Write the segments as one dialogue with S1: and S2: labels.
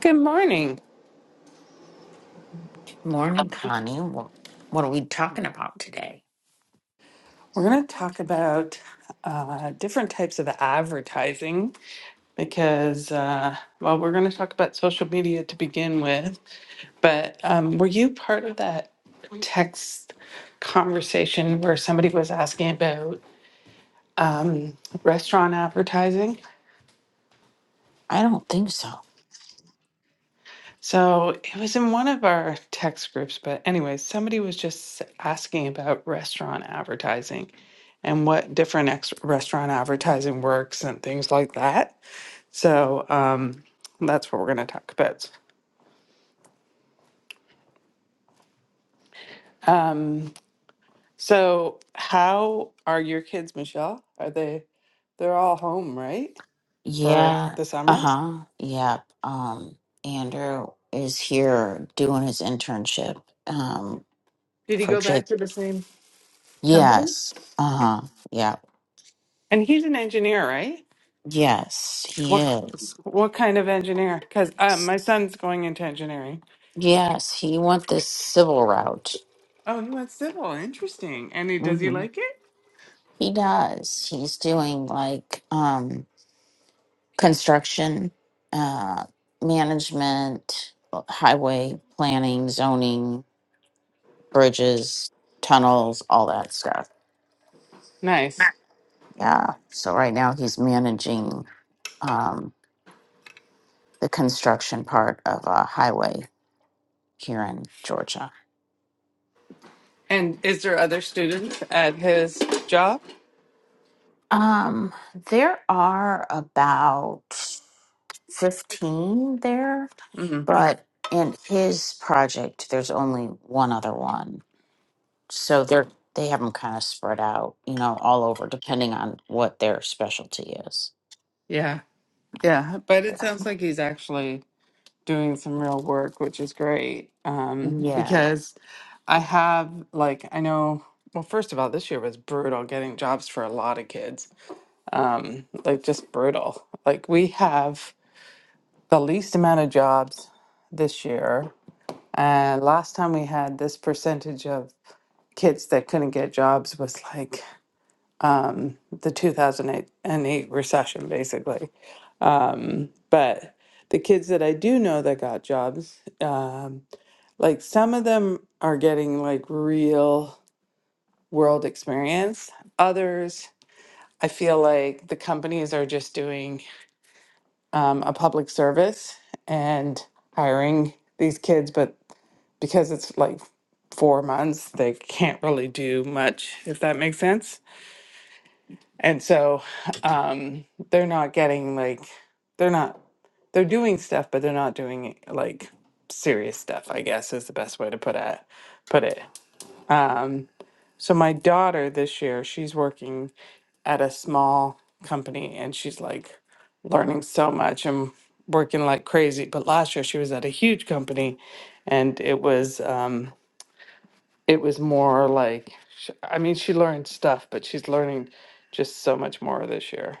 S1: Good morning.
S2: Morning, Connie. What what are we talking about today?
S1: We're going to talk about uh, different types of advertising because, uh, well, we're going to talk about social media to begin with. But um, were you part of that text conversation where somebody was asking about um, restaurant advertising?
S2: I don't think so.
S1: So it was in one of our text groups, but anyway, somebody was just asking about restaurant advertising and what different ex- restaurant advertising works and things like that. So um, that's what we're going to talk about. Um, so how are your kids, Michelle? Are they? They're all home, right, for
S2: Yeah.
S1: the
S2: Uh
S1: summer?
S2: huh. Yep. Um, Andrew is here doing his internship. Um,
S1: Did he
S2: for
S1: go
S2: Jake.
S1: back to the same company?
S2: Yes. Uh huh. Yeah.
S1: And he's an engineer, right?
S2: Yes, he
S1: What?
S2: is.
S1: What kind of engineer? Because um,
S2: S-
S1: my son's going into engineering.
S2: Yes, he went this civil route.
S1: Oh, he went civil. Interesting. And he does he
S2: Mm-hmm.
S1: like it?
S2: He does. He's doing like um. construction, uh, management, highway planning, zoning, bridges, tunnels, all that stuff.
S1: Nice.
S2: Yeah. So right now he's managing um, the construction part of a highway here in Georgia.
S1: And is there other students at his job?
S2: Um, there are about 15 there,
S1: Mm,
S2: but in his project, there's only one other one so they're they have them kind of spread out, you know, all over, depending on what their specialty is.
S1: yeah, yeah. But it sounds like he's actually doing some real work, which is great. Um,
S2: Yeah.
S1: because I have like I know. Well, first of all, this year was brutal getting jobs for a lot of kids. Um, like just brutal. Like we have the least amount of jobs this year And last time we had this percentage of kids that couldn't get jobs was like um, the 2008 and 8 recession, basically. Um, but the kids that I do know that got jobs, um, like some of them are getting like real world experience. Others, I feel like the companies are just doing um, a public service and hiring these kids, but because it's like four months, they can't really do much, if that makes sense. And so um, they're not getting like, they're not, they're doing stuff, but they're not doing like serious stuff, I guess is the best way to put it. Put it. Um, so my daughter this year, she's working at a small company and she's like learning so much and working like crazy. But last year she was at a huge company and it was, um, it was more like sh- i mean she learned stuff but she's learning just so much more this year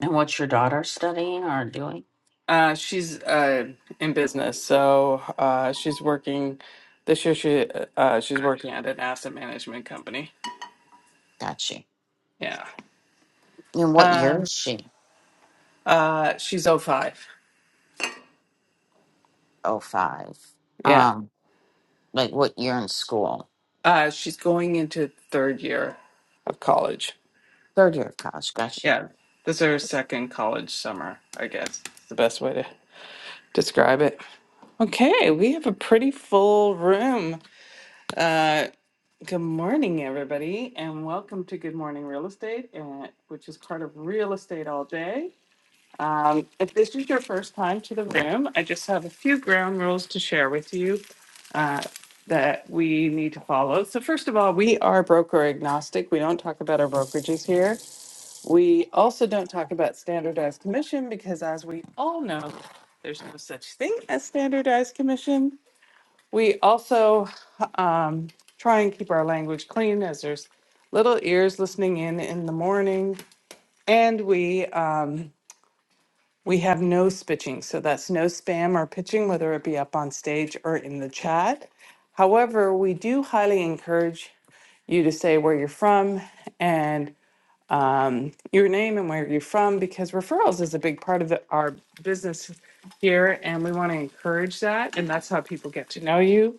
S2: And what's your daughter studying or doing?
S1: uh, she's uh, in business so uh, she's working this year she uh, she's working at an asset management company
S2: Got you.
S1: yeah
S2: And what year
S1: um,
S2: is she?
S1: uh, she's O five.
S2: Oh five.
S1: yeah
S2: Um, like what year in school?
S1: uh, she's going into third year of college
S2: Third year of college. Got you.
S1: yeah this is her second college summer i guess it's the best way to describe it okay we have a pretty full room Uh, Good morning, everybody, and welcome to Good Morning Real Estate, uh, which is part of Real Estate All Day. Um, if this is your first time to the room, I just have a few ground rules to share with you uh, that we need to follow. So, first of all, we are broker agnostic. We don't talk about our brokerages here. We also don't talk about standardized commission because, as we all know, there's no such thing as standardized commission. We also um, try and keep our language clean as there's little ears listening in in the morning. And we um, we have no spitching, so that's no spam or pitching, whether it be up on stage or in the chat. However, we do highly encourage you to say where you're from and um, your name and where you're from because referrals is a big part of the, our business here and we want to encourage that and that's how people get to know you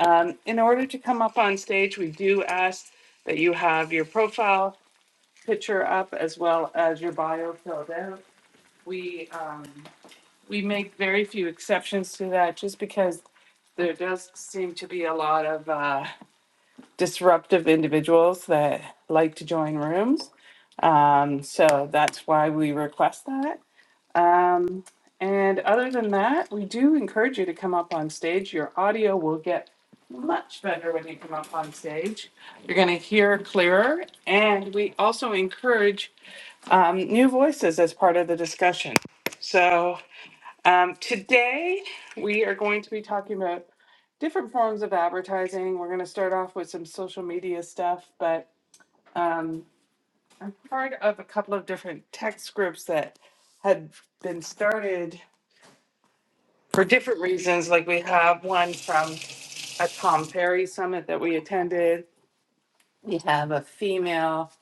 S1: um, in order to come up on stage, we do ask that you have your profile picture up as well as your bio filled out. We, um, we make very few exceptions to that just because there does seem to be a lot of uh, disruptive individuals that like to join rooms. Um, so that's why we request that. Um, and other than that, we do encourage you to come up on stage. Your audio will get much better when you come up on stage. You're going to hear clearer. And we also encourage um, new voices as part of the discussion. So um, today we are going to be talking about different forms of advertising. We're going to start off with some social media stuff, but um, I'm part of a couple of different text groups that had been started for different reasons. Like we have one from a Tom Perry summit that we attended. We have a female.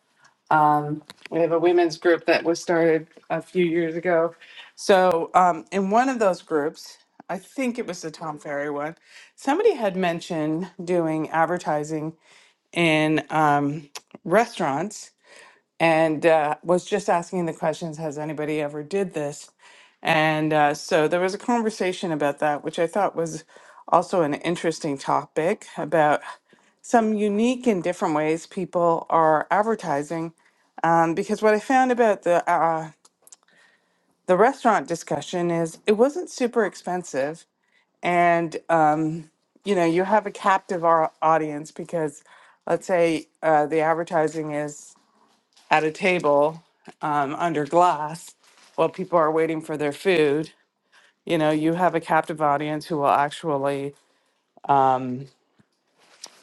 S1: Um, we have a women's group that was started a few years ago. So um, in one of those groups, I think it was the Tom Ferry one. Somebody had mentioned doing advertising in um, restaurants and uh, was just asking the questions has anybody ever did this and uh, so there was a conversation about that which i thought was also an interesting topic about some unique and different ways people are advertising um, because what i found about the uh, the restaurant discussion is it wasn't super expensive and um, you know you have a captive au- audience because let's say uh, the advertising is at a table um, under glass while people are waiting for their food you know you have a captive audience who will actually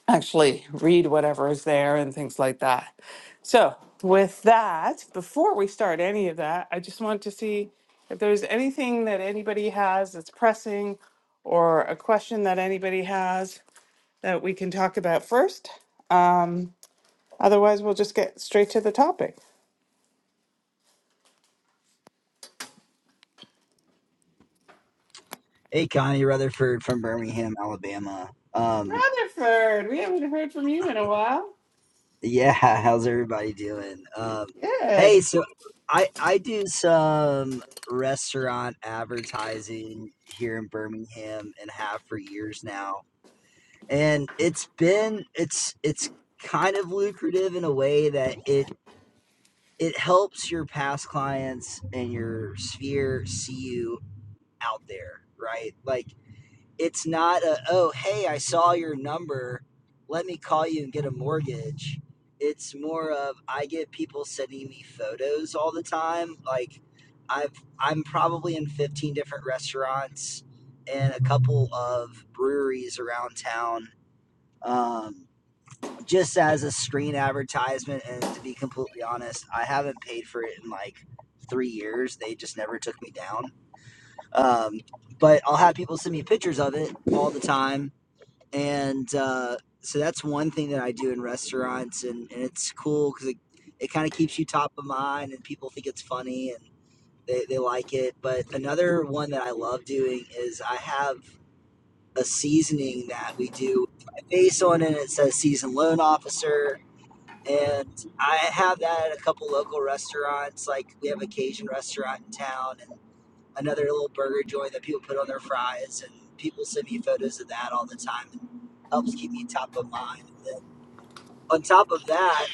S1: actually read whatever is there and things like that so with that before we start any of that i just want to see if there's anything that anybody has that's pressing or a question that anybody has that we can talk about first um, otherwise we'll just get straight to the topic
S3: Hey, Connie Rutherford from Birmingham, Alabama. Um,
S1: rutherford we haven't heard from you in a while
S3: yeah, how's everybody doing? Um,
S1: Good.
S3: hey, so I I do some restaurant advertising here in Birmingham and have for years now, and it's been it's it's kind of lucrative in a way that it it helps your past clients and your sphere see you out there, right? Like It's not a, oh, hey, I saw your number. Let me call you and get a mortgage. It's more of I get people sending me photos all the time. Like I've I'm probably in 15 different restaurants and a couple of breweries around town. Um, just as a screen advertisement and to be completely honest i haven't paid for it in like three years they just never took me down um, but i'll have people send me pictures of it all the time and uh, so that's one thing that I do in restaurants, and, and it's cool because it, it kind of keeps you top of mind, and people think it's funny and they, they like it. But another one that I love doing is I have a seasoning that we do with my face on it. It says seasoned loan officer. And I have that at a couple local restaurants. Like we have a Cajun restaurant in town, and another little burger joint that people put on their fries, and people send me photos of that all the time. It helps keep me top of mind. And then on top of that,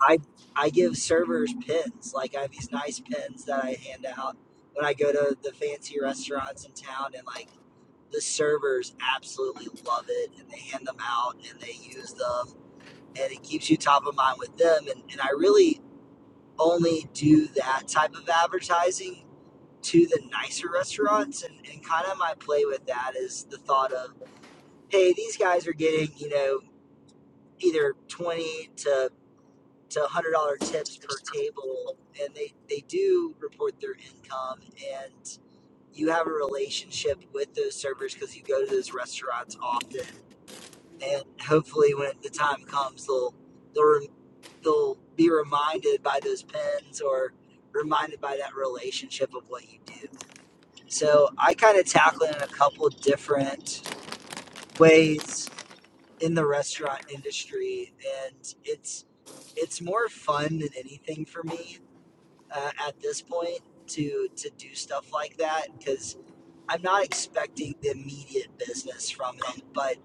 S3: I I give servers pins. Like I have these nice pins that I hand out when I go to the fancy restaurants in town, and like the servers absolutely love it, and they hand them out and they use them, and it keeps you top of mind with them. And and I really only do that type of advertising to the nicer restaurants and, and kind of my play with that is the thought of hey these guys are getting you know either 20 to to 100 dollar tips per table and they they do report their income and you have a relationship with those servers because you go to those restaurants often and hopefully when the time comes they'll they'll, they'll be reminded by those pens or reminded by that relationship of what you do So I kind of tackle it in a couple different ways in the restaurant industry, and it's it's more fun than anything for me uh, at this point to to do stuff like that because I'm not expecting the immediate business from it. But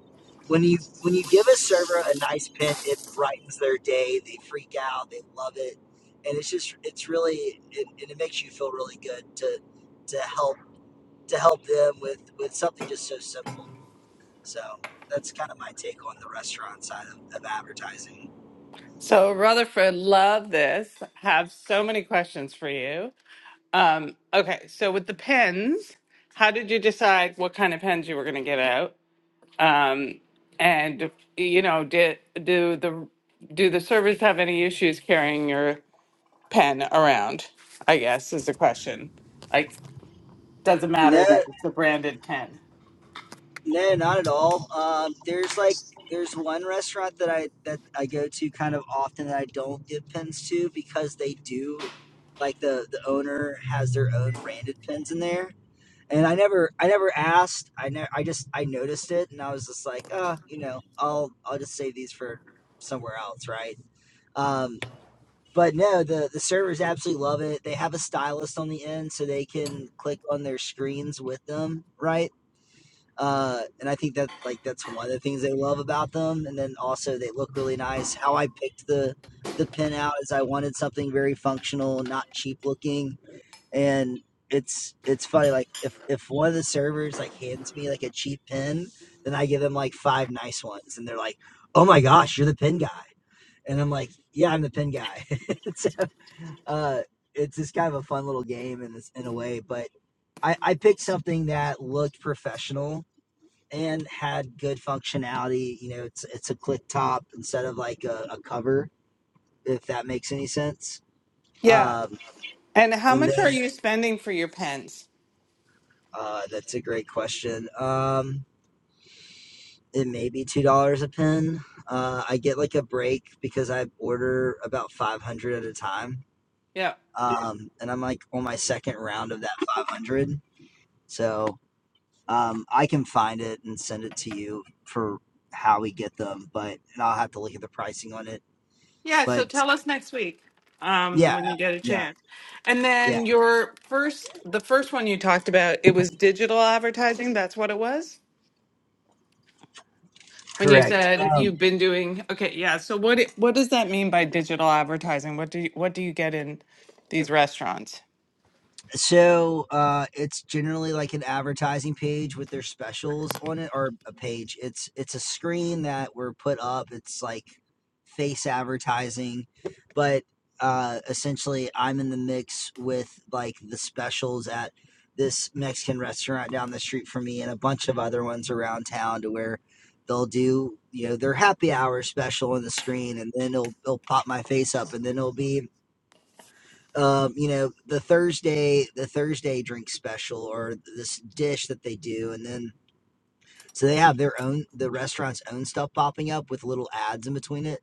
S3: when you when you give a server a nice pin, it brightens their day. They freak out. They love it, and it's just it's really it, and it makes you feel really good to to help to help them with with something just so simple. So that's kind of my take on the restaurant side of, of advertising.
S1: So Rutherford, love this. Have so many questions for you. Um, okay, so with the pens, how did you decide what kind of pens you were going to get out? Um, and you know, did do the do the servers have any issues carrying your pen around? I guess is the question. Like, does it
S3: No,
S1: matter that it's a branded pen?
S3: no, not at all. Um, there's like there's one restaurant that I that I go to kind of often that I don't give pins to because they do like the the owner has their own branded pins in there. And I never, I never asked. I ne- I just, I noticed it, and I was just like, oh, you know, I'll, I'll just save these for somewhere else, right? Um, but no, the the servers absolutely love it. They have a stylist on the end, so they can click on their screens with them, right? Uh, and I think that like that's one of the things they love about them. And then also they look really nice. How I picked the the pin out is I wanted something very functional, not cheap looking. And it's it's funny like if if one of the servers like hands me like a cheap pin, then I give them like five nice ones, and they're like, "Oh my gosh, you're the pin guy." And I'm like, yeah, I'm the pin guy. so uh, it's just kind of a fun little game in this in a way. But I, I picked something that looked professional and had good functionality. You know, it's it's a click top instead of like a, a cover, if that makes any sense.
S1: Yeah.
S3: Um,
S1: And how
S3: and
S1: much are
S3: then
S1: you spending for your pens?
S3: uh, that's a great question. Um, it may be two dollars a pin. Uh, I get like a break because I order about five hundred at a time.
S1: Yeah.
S3: Um, and I'm like on my second round of that 500. So Um, I can find it and send it to you for how we get them, but and I'll have to look at the pricing on it.
S1: Yeah, so
S3: But
S1: tell us next week um
S3: yeah,
S1: when you get a
S3: yeah,
S1: chance. And
S3: yeah,
S1: then your first the first one you talked about, it was digital advertising, that's what it was? When you
S3: correct.
S1: said
S3: Um,
S1: you've been doing Okay, yeah. So what it, what does that mean by digital advertising? What do you what do you get in these restaurants?
S3: So, uh, it's generally like an advertising page with their specials on it, or a page. It's it's a screen that we're put up. It's like face advertising, but uh, essentially, I'm in the mix with like the specials at this Mexican restaurant down the street from me, and a bunch of other ones around town, to where they'll do you know their happy hour special on the screen, and then it'll it'll pop my face up, and then it'll be um, you know, the Thursday the Thursday drink special or this dish that they do, and then so they have their own the restaurant's own stuff popping up with little ads in between it,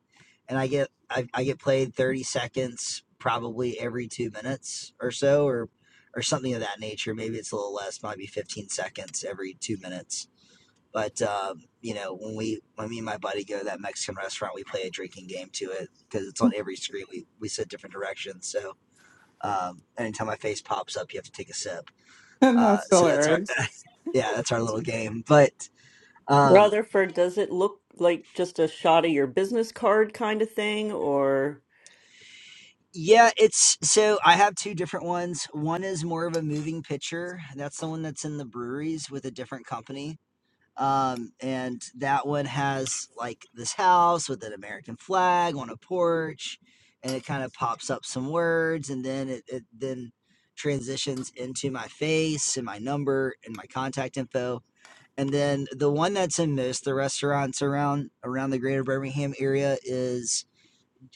S3: and I get I, I get played thirty seconds probably every two minutes or so or or something of that nature. Maybe it's a little less, might be fifteen seconds every two minutes. But um, you know, when we when me and my buddy go to that Mexican restaurant, we play a drinking game to it because it's on every screen. We we sit different directions, so um, anytime my face pops up, you have to take a sip.
S1: And
S3: Uh,
S1: that's
S3: so that's our
S1: hilarious.
S3: yeah, that's our little game. But um,
S4: Rutherford, does it look like just a shot of your business card kind of thing? Or
S3: yeah, it's so I have two different ones. One is more of a moving picture. That's the one that's in the breweries with a different company. Um, and that one has like this house with an American flag on a porch, and it kind of pops up some words, and then it, it then transitions into my face and my number and my contact info And then the one that's in this, the restaurants around around the greater Birmingham area is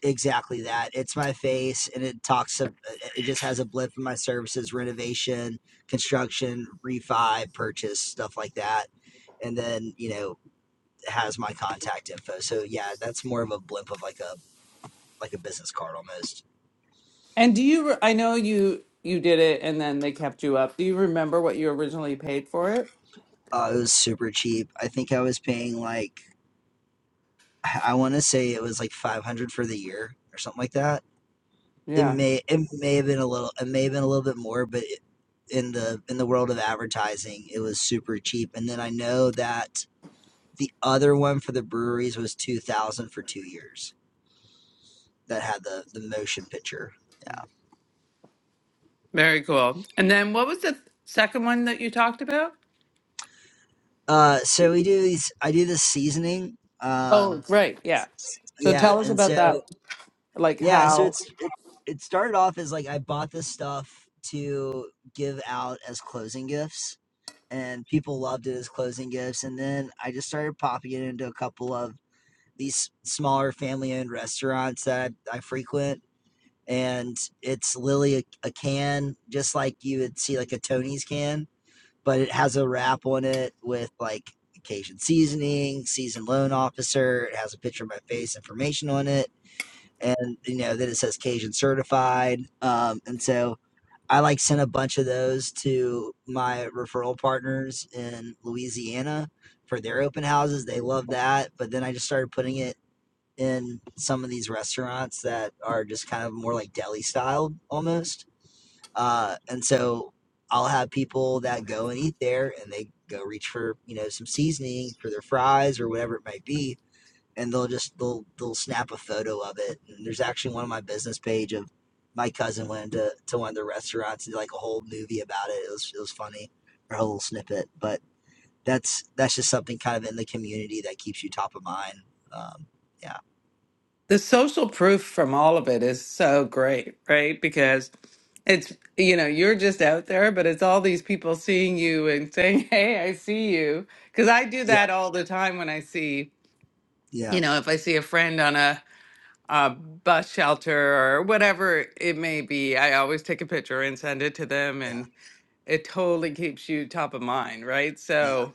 S3: exactly that. It's my face and it talks of it just has a blip in my services, renovation, construction, refi, purchase, stuff like that. And then, you know, has my contact info. So yeah, that's more of a blip of like a like a business card almost.
S1: And do you re- I know you you did it and then they kept you up. Do you remember what you originally paid for it?
S3: Uh, it was super cheap. I think I was paying like I want to say it was like 500 for the year or something like that it
S1: Yeah.
S3: may it may have been a little it may have been a little bit more but it, in the in the world of advertising it was super cheap and then i know that the other one for the breweries was 2000 for two years that had the the motion picture yeah
S1: Very cool. And then what was the second one that you talked about?
S3: uh so we do these i do this seasoning
S1: Oh,
S3: um
S1: right. Yeah. So
S3: yeah
S1: tell us
S3: and
S1: about
S3: so
S1: that. Like
S3: yeah so
S1: how
S3: it's it, it started off as like i bought this stuff to give out as closing gifts and people loved it as closing gifts. And then I just started popping it into a couple of these smaller family owned restaurants that I, I frequent. And it's literally a, a can, just like you would see like a Tony's can, but it has a wrap on it with like Cajun seasoning, seasoned loan officer. It has a picture of my face, information on it. And you know, then it says Cajun certified. Um, and so I like sent a bunch of those to my referral partners in Louisiana for their open houses. They love that. But then I just started putting it in some of these restaurants that are just kind of more like deli style almost. Uh, and so I'll have people that go and eat there and they go reach for, you know, some seasoning for their fries or whatever it might be and they'll just they'll they'll snap a photo of it. And there's actually one on my business page of my cousin went to, to one of the restaurants and did like a whole movie about it. It was it was funny, or a little snippet. But that's that's just something kind of in the community that keeps you top of mind. Um, yeah,
S1: the social proof from all of it is so great, right? Because it's, you know, you're just out there, but it's all these people seeing you and saying, Hey, I see you. Because I do
S3: yeah,
S1: that all the time when I see,
S3: yeah,
S1: you know, if I see a friend on a, a bus shelter or whatever it may be, I always take a picture and send it to them.
S3: yeah,
S1: And it totally keeps you top of mind, right?
S3: yeah.
S1: So,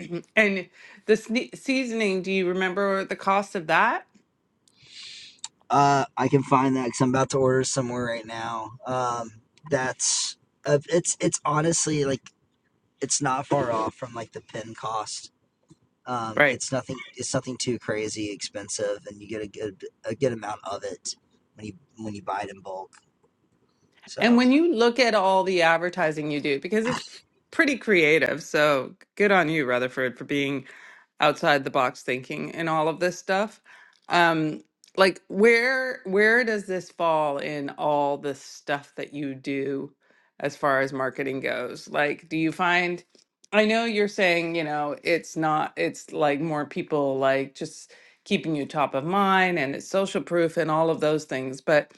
S1: And the sne- seasoning, do you remember the cost of that?
S3: Uh, I can find that because I'm about to order somewhere right now. Um, that's uh, it's it's honestly like it's not far off from like the pin cost Um,
S1: Right.
S3: it's nothing. It's nothing too crazy expensive, and you get a good a good amount of it when you when you buy it in bulk.
S1: And
S3: So
S1: when you look at all the advertising you do, because it's pretty creative, so good on you, Rutherford, for being outside the box thinking and all of this stuff. Um, like where where does this fall in all the stuff that you do as far as marketing goes? Like, do you find I know you're saying, you know, it's not it's like more people like just keeping you top of mind and it's social proof and all of those things, but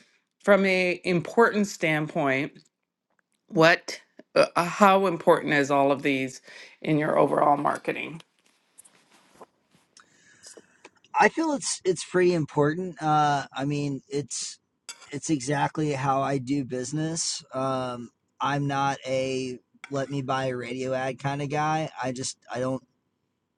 S1: from a importance standpoint, what uh, uh, how important is all of these in your overall marketing?
S3: I feel it's it's pretty important. Uh, I mean, it's it's exactly how I do business. Um, I'm not a let me buy a radio ad kind of guy. I just I don't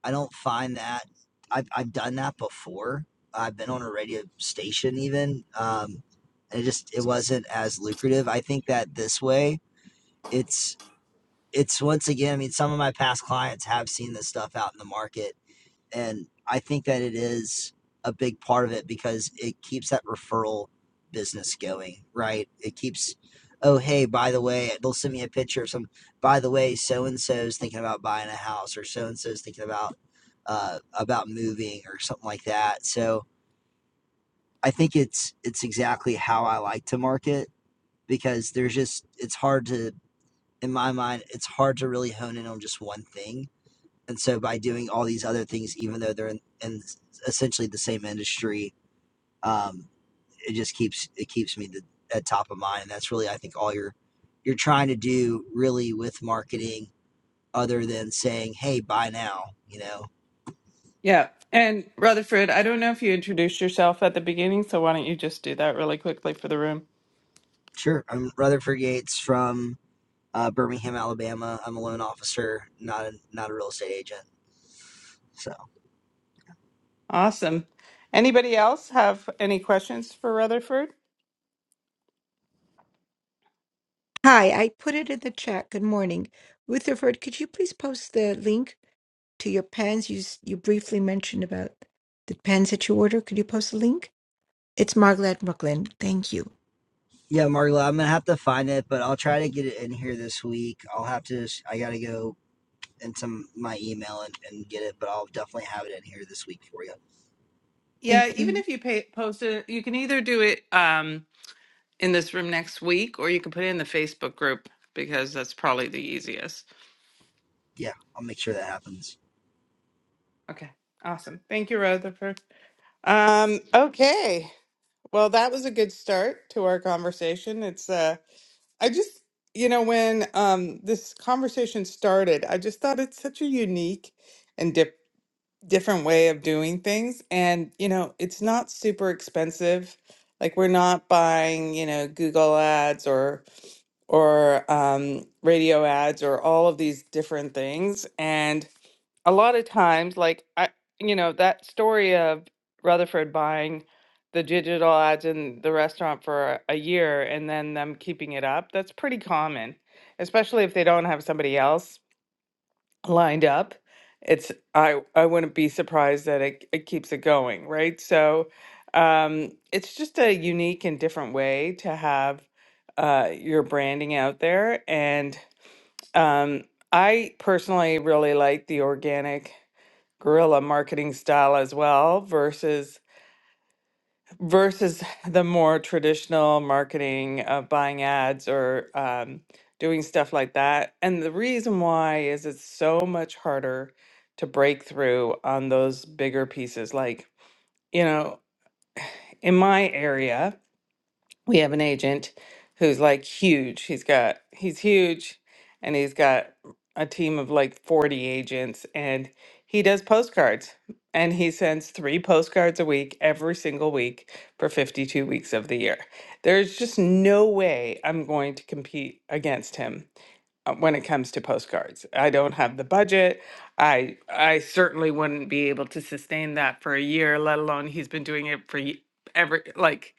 S3: I don't find that I've I've done that before. I've been on a radio station even. Um, and it just it wasn't as lucrative. I think that this way it's it's once again i mean some of my past clients have seen this stuff out in the market and i think that it is a big part of it because it keeps that referral business going right it keeps oh hey by the way they'll send me a picture of some by the way so and so's thinking about buying a house or so and so's thinking about uh, about moving or something like that so i think it's it's exactly how i like to market because there's just it's hard to in my mind, it's hard to really hone in on just one thing. And so by doing all these other things, even though they're in, in essentially the same industry, um, it just keeps it keeps me the, at top of mind. And that's really I think all you're you're trying to do really with marketing, other than saying, "Hey, buy now." You know,
S1: Yeah. And Rutherford, I don't know if you introduced yourself at the beginning, so why don't you just do that really quickly for the room?
S3: sure. I'm Rutherford Yates from uh, Birmingham, Alabama. I'm a loan officer, not a, not a real estate agent. So.
S1: Awesome. Anybody else have any questions for Rutherford?
S5: Hi, I put it in the chat. Good morning. Rutherford, could you please post the link to your pens? You s- you briefly mentioned about the pens that you order. Could you post the link? It's Margaret Brooklyn. Thank you.
S3: Yeah, Marla, I'm gonna have to find it, but I'll try to get it in here this week. I'll have to. s- I gotta go into my email and, and get it, but I'll definitely have it in here this week for you.
S1: Yeah,
S5: Thank
S1: even
S5: you.
S1: if you pay, post it, you can either do it um, in this room next week or you can put it in the Facebook group because that's probably the easiest.
S3: Yeah, I'll make sure that happens.
S1: Okay. Awesome. Thank you, Rutherford. Um, okay. Well, that was a good start to our conversation. It's uh I just, you know, when um, this conversation started, I just thought it's such a unique and dip different way of doing things. And, you know, it's not super expensive. Like we're not buying, you know, Google ads or or um, radio ads or all of these different things. and a lot of times, like I, you know, that story of Rutherford buying the digital ads in the restaurant for a year and then them keeping it up, that's pretty common, especially if they don't have somebody else lined up. It's I I wouldn't be surprised that it, it keeps it going, right? So um, it's just a unique and different way to have uh, your branding out there. And um, I personally really like the organic guerrilla marketing style as well versus versus the more traditional marketing of buying ads or um, doing stuff like that. And the reason why is it's so much harder to break through on those bigger pieces. Like you know, in my area. we have an agent who's like huge. He's got he's huge and he's got a team of like 40 agents and he does postcards and he sends 3 postcards a week every single week for 52 weeks of the year. There's just no way I'm going to compete against him uh, when it comes to postcards. I don't have the budget. I I certainly wouldn't be able to sustain that for a year, let alone he's been doing it for y- ever like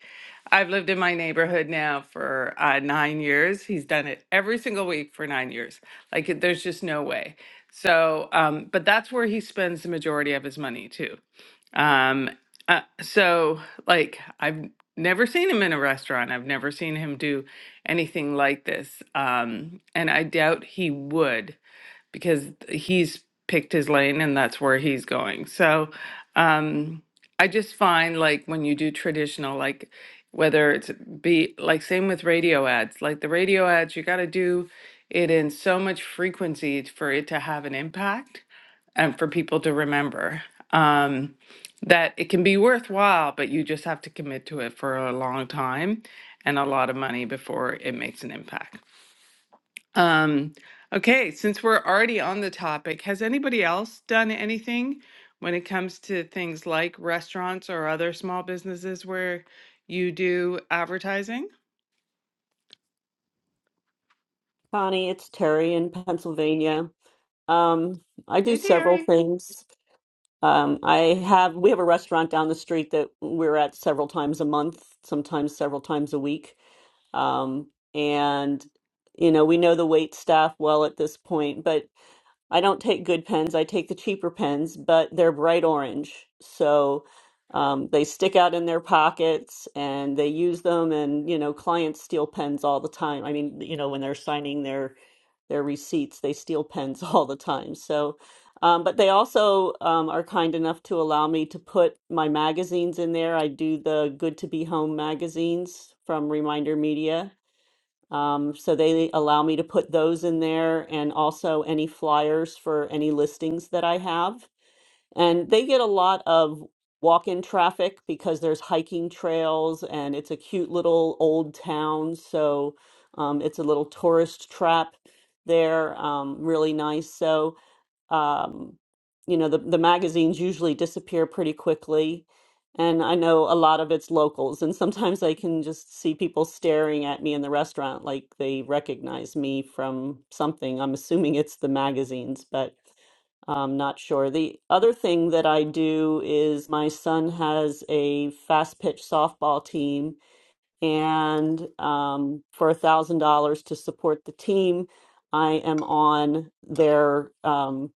S1: I've lived in my neighborhood now for uh, nine years. He's done it every single week for nine years. Like, it- there's just no way. So, um, but that's where he spends the majority of his money too. Um, uh, so, like, I've never seen him in a restaurant. I've never seen him do anything like this. Um, and I doubt he would because he's picked his lane and that's where he's going. So um, I just find like when you do traditional, like whether it's be like same with radio ads, like the radio ads, you got to do it in so much frequency for it to have an impact and for people to remember. Um, that it can be worthwhile, but you just have to commit to it for a long time and a lot of money before it makes an impact. Um, okay, since we're already on the topic, has anybody else done anything when it comes to things like restaurants or other small businesses where you do advertising?
S4: Connie, it's Terry in Pennsylvania. Um, I do
S1: Hey,
S4: several
S1: Terry.
S4: things. Um, I have we have a restaurant down the street that we're at several times a month, sometimes several times a week. Um, and you know, we know the wait staff well at this point, but I don't take good pens. I take the cheaper pens, but they're bright orange. So um, they stick out in their pockets and they use them. And, you know, clients steal pens all the time. I mean, you know, when they're signing their, their receipts, they steal pens all the time. So, um, but they also um, are kind enough to allow me to put my magazines in there. I do the Good to Be Home magazines from Reminder Media um, so they allow me to put those in there and also any flyers for any listings that I have. And they get a lot of walk-in traffic because there's hiking trails and it's a cute little old town. So um, it's a little tourist trap there, um, really nice. So um, you know, the, the magazines usually disappear pretty quickly. And I know a lot of it's locals. And sometimes I can just see people staring at me in the restaurant like they recognize me from something. I'm assuming it's the magazines, but I'm not sure. The other thing that I do is my son has a fast pitch softball team and um, for a thousand dollars to support the team, I am on their um,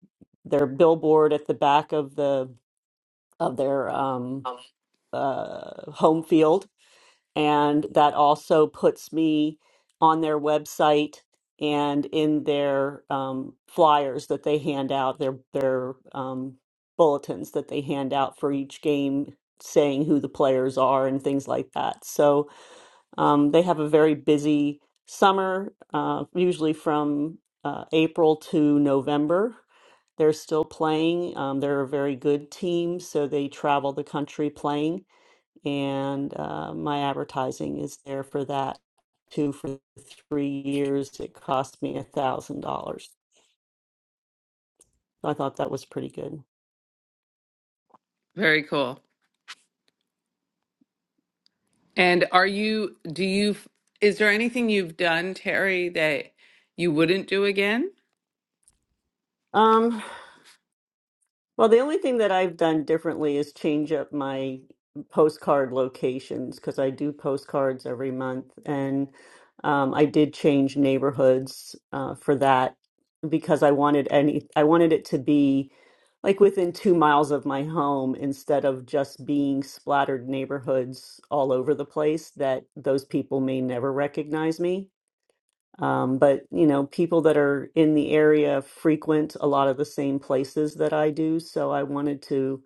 S4: their billboard at the back of the of their um, uh, home field, and that also puts me on their website and in their um, flyers that they hand out their their um, bulletins that they hand out for each game saying who the players are and things like that so um, they have a very busy summer, uh, usually from uh, April to November. They're still playing. Um, they're a very good team, so they travel the country playing. And uh, my advertising is there for that too. For three years, it cost me a thousand dollars. So I thought that was pretty good.
S1: Very cool. And are you, do you, f- is there anything you've done, Terry, that you wouldn't do again?
S4: Um, Well, the only thing that I've done differently is change up my postcard locations because I do postcards every month. And um, I did change neighborhoods uh, for that because I wanted any, I wanted it to be like within two miles of my home instead of just being splattered neighborhoods all over the place that those people may never recognize me. Um, but you know, people that are in the area frequent a lot of the same places that I do, so I wanted to.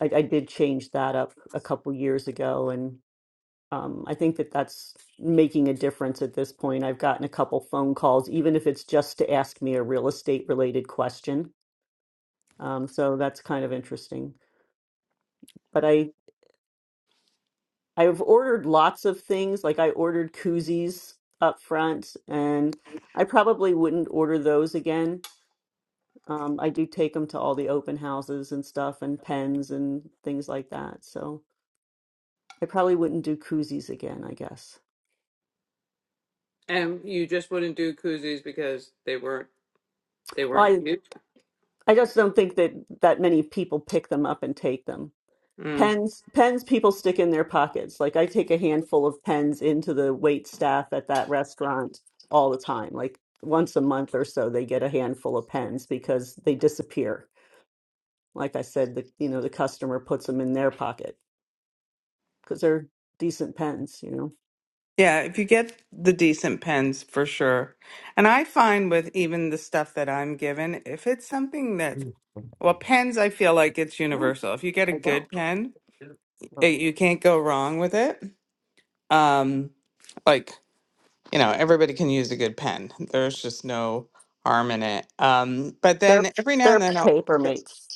S4: I, I did change that up a couple years ago, and um, I think that that's making a difference at this point. I've gotten a couple phone calls, even if it's just to ask me a real estate related question. Um, so that's kind of interesting. But I I've ordered lots of things, like I ordered koozies up front, and I probably wouldn't order those again Um, I do take them to all the open houses and stuff and pens and things like that. So I probably wouldn't do koozies again, I guess.
S1: And you just wouldn't do koozies because they weren't, they
S4: Well,
S1: weren't
S4: I, I just don't think that that many people pick them up and take them.
S1: you?
S4: Pens, pens people stick in their pockets. Like I take a handful of pens into the wait staff at that restaurant all the time. Like once a month or so, they get a handful of pens because they disappear. Like I said, the, you know, the customer puts them in their pocket because they're decent pens, you know.
S1: Yeah, if you get the decent pens for sure. And I find with even the stuff that I'm given, if it's something that, well, pens, I feel like it's universal. If you get a
S4: I don't.
S1: good pen,
S4: know.
S1: it, you can't go wrong with it. Um, like, you know, everybody can use a good pen. There's just no harm in it. Um, but
S4: They're
S1: then every now and
S4: they're
S1: then I'll,
S4: paper mates.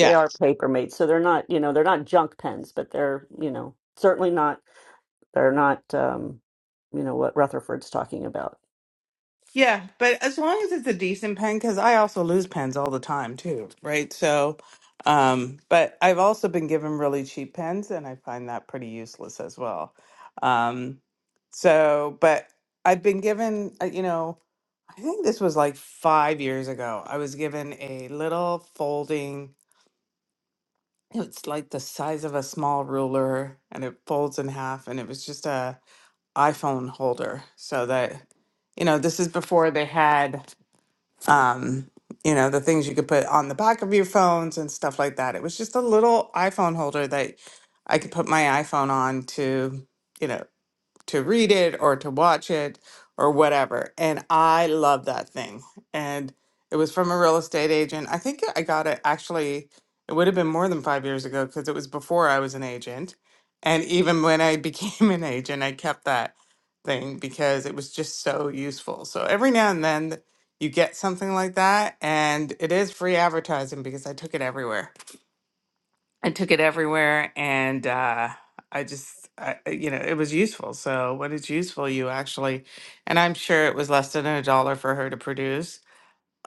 S4: They are paper mates. So they're not, you know, they're not junk pens, but they're, you know, certainly not. They're not, um, you know, what Rutherford's talking about.
S1: Yeah, but as long as it's a decent pen, because I also lose pens all the time too, right? So, um, but I've also been given really cheap pens, and I find that pretty useless as well. Um, so, but I've been given, uh, you know, I think this was like five years ago. I was given a little folding. It's like the size of a small ruler, and it folds in half, and it was just a iPhone holder, so that you know, this is before they had um, you know, the things you could put on the back of your phones and stuff like that. It was just a little iPhone holder that I could put my iPhone on to, you know to read it or to watch it or whatever. And I love that thing. And it was from a real estate agent. I think I got it actually, it would have been more than five years ago because it was before I was an agent. And even when I became an agent, I kept that thing because it was just so useful. So every now and then you get something like that, and it is free advertising because I took it everywhere. I took it everywhere and uh, I just, I, I- you know, it was useful. So when it's useful, you actually, and I'm sure it was less than a dollar for her to produce,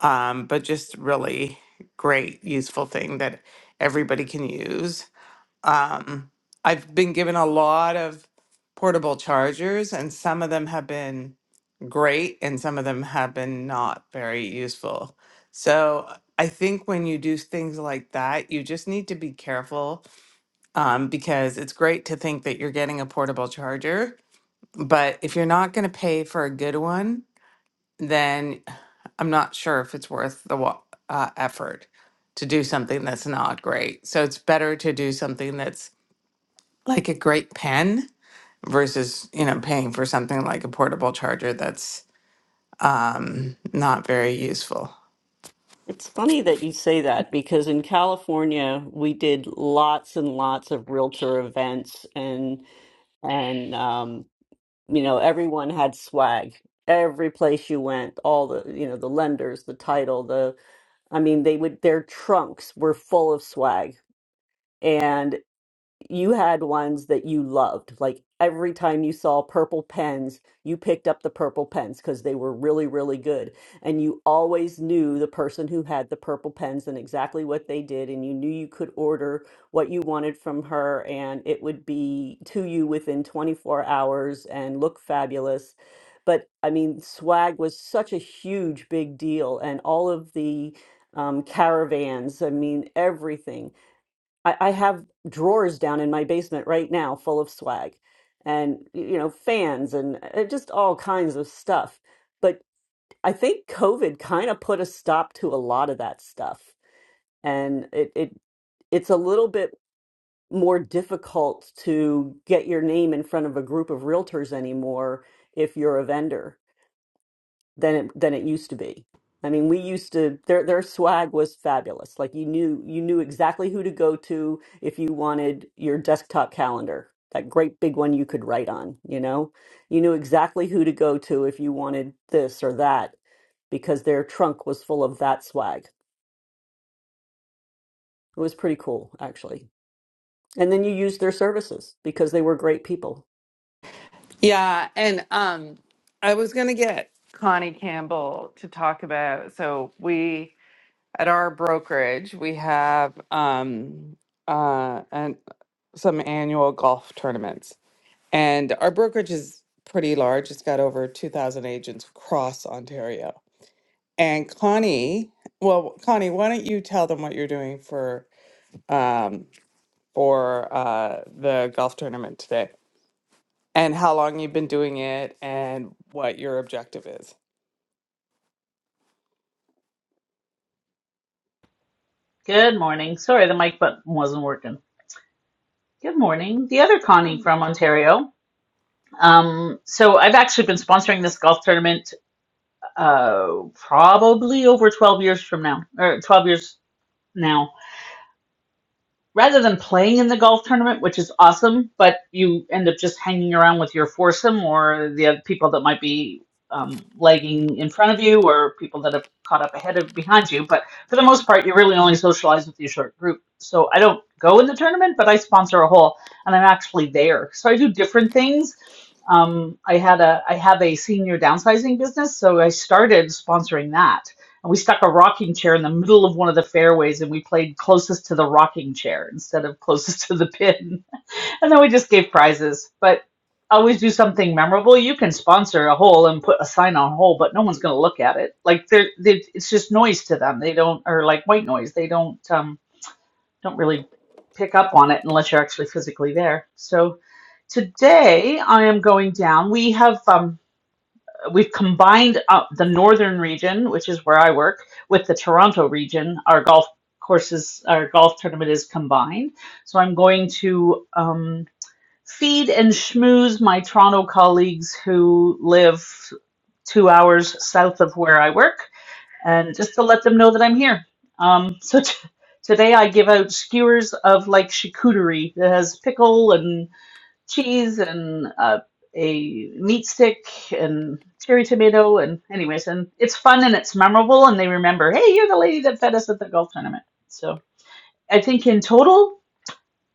S1: um, but just really great, useful thing that everybody can use. Um, I've been given a lot of portable chargers, and some of them have been great, and some of them have been not very useful. So I think when you do things like that, you just need to be careful um, because it's great to think that you're getting a portable charger, but if you're not going to pay for a good one, then I'm not sure if it's worth the wa- uh, effort to do something that's not great. So it's better to do something that's like a great pen versus you know paying for something like a portable charger that's um, not very useful.
S4: It's funny that you say that because in California we did lots and lots of realtor events and and um, you know everyone had swag. Every place you went, all the you know the lenders, the title, the I mean they would their trunks were full of swag you had ones that you loved. Like every time you saw purple pens, you picked up the purple pens because they were really, really good. And you always knew the person who had the purple pens and exactly what they did. And you knew you could order what you wanted from her and it would be to you within 24 hours and look fabulous. But I mean, swag was such a huge, big deal. And all of the um, caravans, I mean, everything. I, I have drawers down in my basement right now full of swag and y- you know fans and uh, just all kinds of stuff but i think covid kind of put a stop to a lot of that stuff and it, it it's a little bit more difficult to get your name in front of a group of realtors anymore if you're a vendor than it than it used to be. I mean, we used to their their swag was fabulous. Like you knew you knew exactly who to go to if you wanted your desktop calendar, that great big one you could write on, you know? You knew exactly who to go to if you wanted this or that because their trunk was full of that swag. It was pretty cool, actually. And then you used their services because they were great people.
S1: Yeah, and um, I was gonna get Connie Campbell to talk about. So we At our brokerage, we have um, uh, an, some annual golf tournaments, and our brokerage is pretty large. It's got over 2,000 agents across Ontario. And Connie, well, Connie, why don't you tell them what you're doing for um, for uh, the golf tournament today, and how long you've been doing it, and what your objective is?
S6: Good morning. Sorry, the mic button wasn't working. Good morning. The other Connie from Ontario. Um, so I've actually been sponsoring this golf tournament uh, probably over 12 years from now, or 12 years now. rather than playing in the golf tournament, which is awesome, but you end up just hanging around with your foursome or the other people that might be um, lagging in front of you or people that have caught up ahead of behind you. But for the most part, you really only socialize with your short group. So I don't go in the tournament, but I sponsor a hole and I'm actually there. So I do different things. Um, I had a I have a senior downsizing business, so I started sponsoring that and we stuck a rocking chair in the middle of one of the fairways and we played closest to the rocking chair instead of closest to the pin. And then we just gave prizes. But always do something memorable. You can sponsor a hole and put a sign on hole, but no one's going to look at it. Like they're, they it's just noise to them. They don't or like white noise. They don't um don't really pick up on it unless you're actually physically there. So today I am going down. We have um we've combined up the northern region, which is where I work, with the Toronto region. Our golf courses, our golf tournament is combined. So I'm going to um, feed and schmooze my Toronto colleagues who live two hours south of where I work, and just to let them know that I'm here. Um, so t- today I give out skewers of like charcuterie that has pickle and cheese and uh, a meat stick and cherry tomato and anyways and it's fun and it's memorable and they remember hey you're the lady that fed us at the golf tournament so i think in total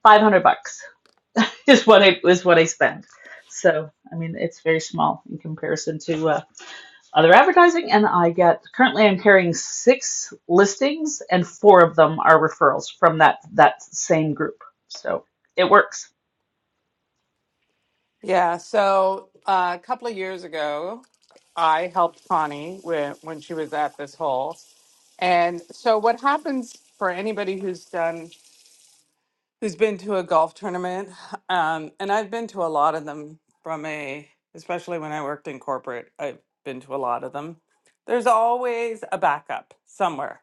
S6: 500 bucks is what i is what i spent so i mean it's very small in comparison to uh, other advertising and i get currently i'm carrying six listings and four of them are referrals from that that same group so it works
S1: Yeah, so uh, a couple of years ago, I helped Connie when, when she was at this hole. And so what happens for anybody who's done who's been to a golf tournament, um, and I've been to a lot of them from a especially when I worked in corporate, I've been to a lot of them. There's always a backup somewhere.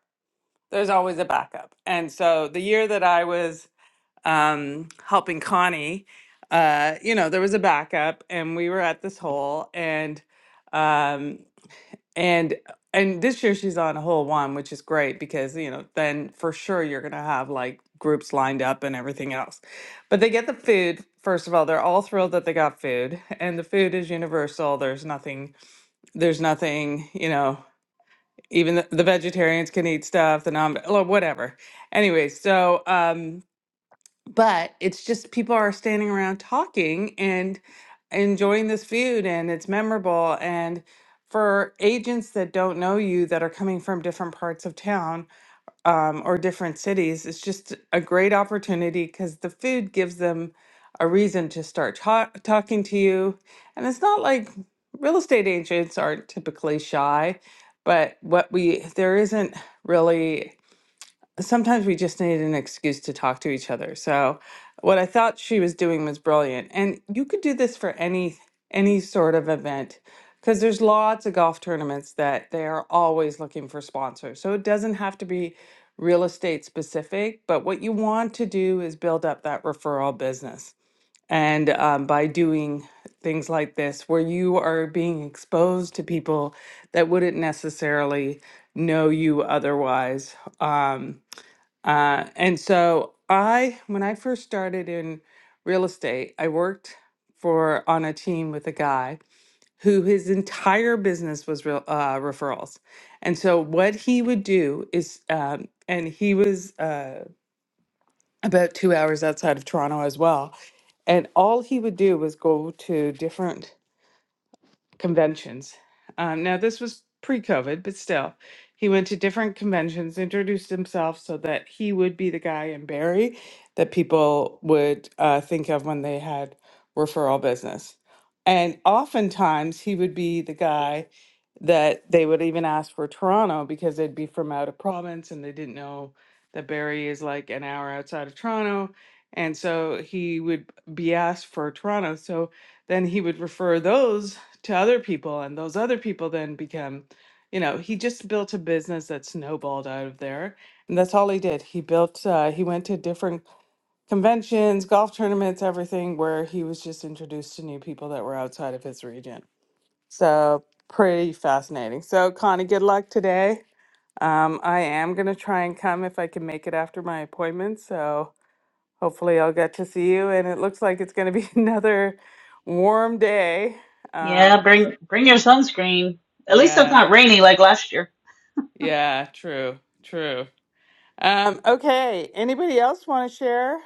S1: There's always a backup. And so the year that I was um, helping Connie, uh, you know, there was a backup, and we were at this hole, and um, and and this year she's on hole one, which is great because you know then for sure you're gonna have like groups lined up and everything else. But they get the food first of all. They're all thrilled that they got food, and the food is universal. There's nothing. There's nothing. You know, even the, the vegetarians can eat stuff. The non or whatever. Anyway, so. Um, but it's just people are standing around talking and enjoying this food and it's memorable and for agents that don't know you that are coming from different parts of town um, or different cities it's just a great opportunity because the food gives them a reason to start ta- talking to you and it's not like real estate agents aren't typically shy but what we there isn't really sometimes we just needed an excuse to talk to each other. So what I thought she was doing was brilliant. And you could do this for any any sort of event because there's lots of golf tournaments that they are always looking for sponsors. So it doesn't have to be real estate specific, but what you want to do is build up that referral business. And um, by doing things like this, where you are being exposed to people that wouldn't necessarily know you otherwise, um, uh, and so I, when I first started in real estate, I worked for on a team with a guy who his entire business was real, uh, referrals. And so what he would do is, um, and he was uh, about two hours outside of Toronto as well. And all he would do was go to different conventions. Um, now, this was pre COVID, but still, he went to different conventions, introduced himself so that he would be the guy in Barry that people would uh, think of when they had referral business. And oftentimes, he would be the guy that they would even ask for Toronto because they'd be from out of province and they didn't know that Barry is like an hour outside of Toronto. And so he would be asked for Toronto. So then he would refer those to other people and those other people then become you know he just built a business that snowballed out of there and that's all he did he built uh, he went to different conventions golf tournaments everything where he was just introduced to new people that were outside of his region so pretty fascinating so connie good luck today um, i am going to try and come if i can make it after my appointment so hopefully i'll get to see you and it looks like it's going to be another warm day uh,
S6: Yeah, bring bring your sunscreen. At least it's
S1: Yes,
S6: not rainy like last year.
S1: Yeah, true, true. Um, okay, anybody else want to share